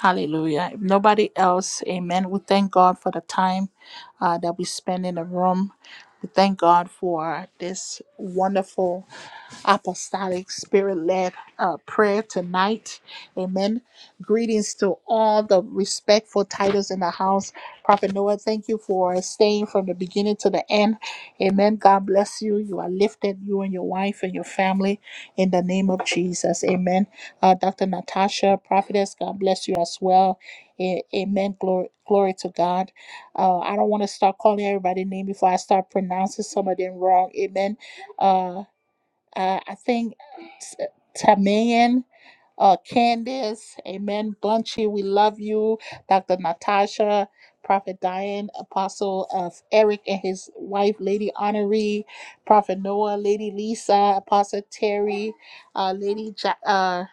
Hallelujah. If nobody else, amen. We thank God for the time uh, that we spend in the room. We thank God for this wonderful apostolic spirit led uh, prayer tonight. Amen. Greetings to all the respectful titles in the house. Prophet Noah, thank you for staying from the beginning to the end. Amen. God bless you. You are lifted, you and your wife and your family, in the name of Jesus. Amen. Uh, Dr. Natasha, prophetess, God bless you as well. A- Amen. Glory, glory to God. Uh, I don't want to start calling everybody name before I start pronouncing some of them wrong. Amen Uh, uh, I think uh, T- Tamian, uh, Candace, Amen, Bunchy, we love you. Dr. Natasha, Prophet Diane, Apostle of Eric and his wife, Lady Honoree, Prophet Noah, Lady Lisa, Apostle Terry, uh, Lady ja- uh,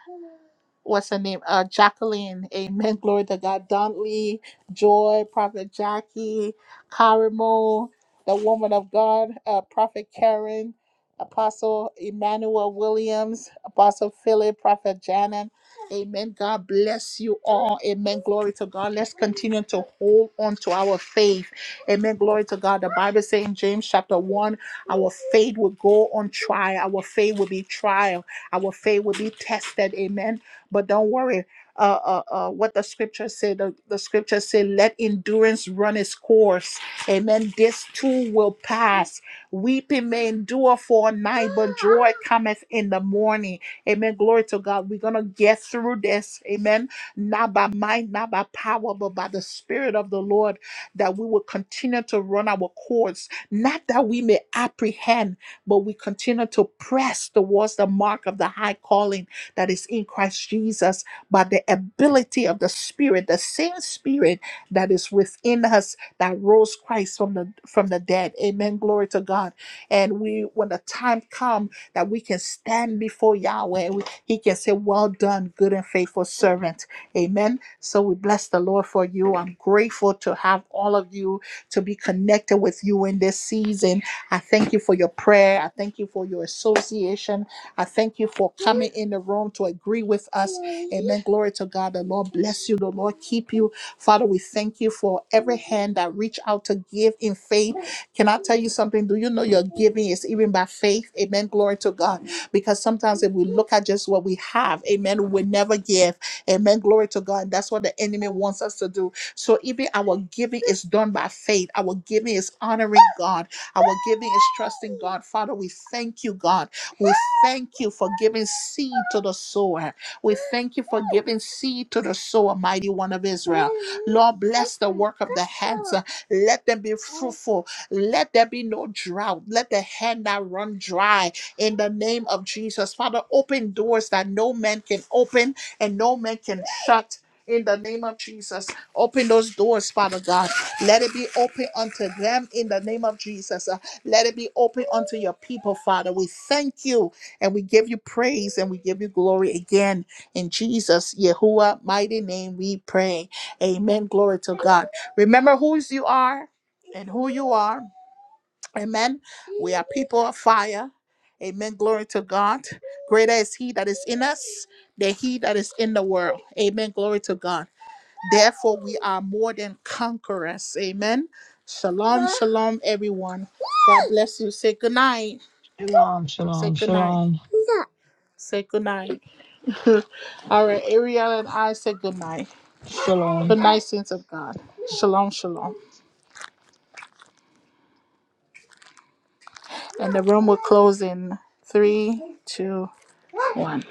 what's her name? Uh, Jacqueline. Amen. Glory to God. Dontley, Joy, Prophet Jackie, Karimo, the woman of God, uh, Prophet Karen, Apostle Emmanuel Williams, Apostle Philip, Prophet Janet. Amen. God bless you all. Amen. Glory to God. Let's continue to hold on to our faith. Amen. Glory to God. The Bible says in James chapter 1, our faith will go on trial. Our faith will be trial. Our faith will be tested. Amen but don't worry. Uh, uh, uh, what the scripture say? The, the scripture say, "Let endurance run its course." Amen. This too will pass. Weeping may endure for a night, but joy cometh in the morning. Amen. Glory to God. We're gonna get through this. Amen. Not by might, not by power, but by the Spirit of the Lord. That we will continue to run our course, not that we may apprehend, but we continue to press towards the mark of the high calling that is in Christ Jesus by the ability of the Spirit, the same Spirit that is within us that rose Christ from the from the dead. Amen. Glory to God. And we, when the time comes that we can stand before Yahweh, and we, He can say, "Well done, good and faithful servant." Amen. So we bless the Lord for you. I'm grateful to have all of you to be connected with you in this season. I thank you for your prayer. I thank you for your association. I thank you for coming in the room to agree with us. Amen. Glory to God. The Lord bless you. The Lord keep you. Father, we thank you for every hand that reach out to give in faith. Can I tell you something? Do you know your giving is even by faith? Amen. Glory to God. Because sometimes if we look at just what we have, amen, we never give. Amen. Glory to God. That's what the enemy wants us to do. So even our giving is done by faith. Our giving is honoring God. Our giving is trusting God. Father, we thank you, God. We thank you for giving seed to the sower. We thank you for giving seed to the sower, mighty one of Israel. Lord, bless the work of the hands. Let them be fruitful. Let there be no drought. Let the hand not run dry in the name of Jesus. Father, open doors that no man can open and no man can shut. In the name of Jesus, open those doors, Father God. Let it be open unto them in the name of Jesus. Let it be open unto your people, Father. We thank you and we give you praise and we give you glory again. In Jesus, Yahuwah, mighty name, we pray. Amen. Glory to God. Remember whose you are and who you are. Amen. We are people of fire. Amen. Glory to God. Greater is He that is in us than He that is in the world. Amen. Glory to God. Therefore, we are more than conquerors. Amen. Shalom, shalom, everyone. God bless you. Say good night.
Shalom,
Say
shalom,
good night.
shalom,
Say good night. All right, Ariel and I say good night.
shalom.
Good night, saints of God. Shalom, shalom. And the room will close in three, two, one.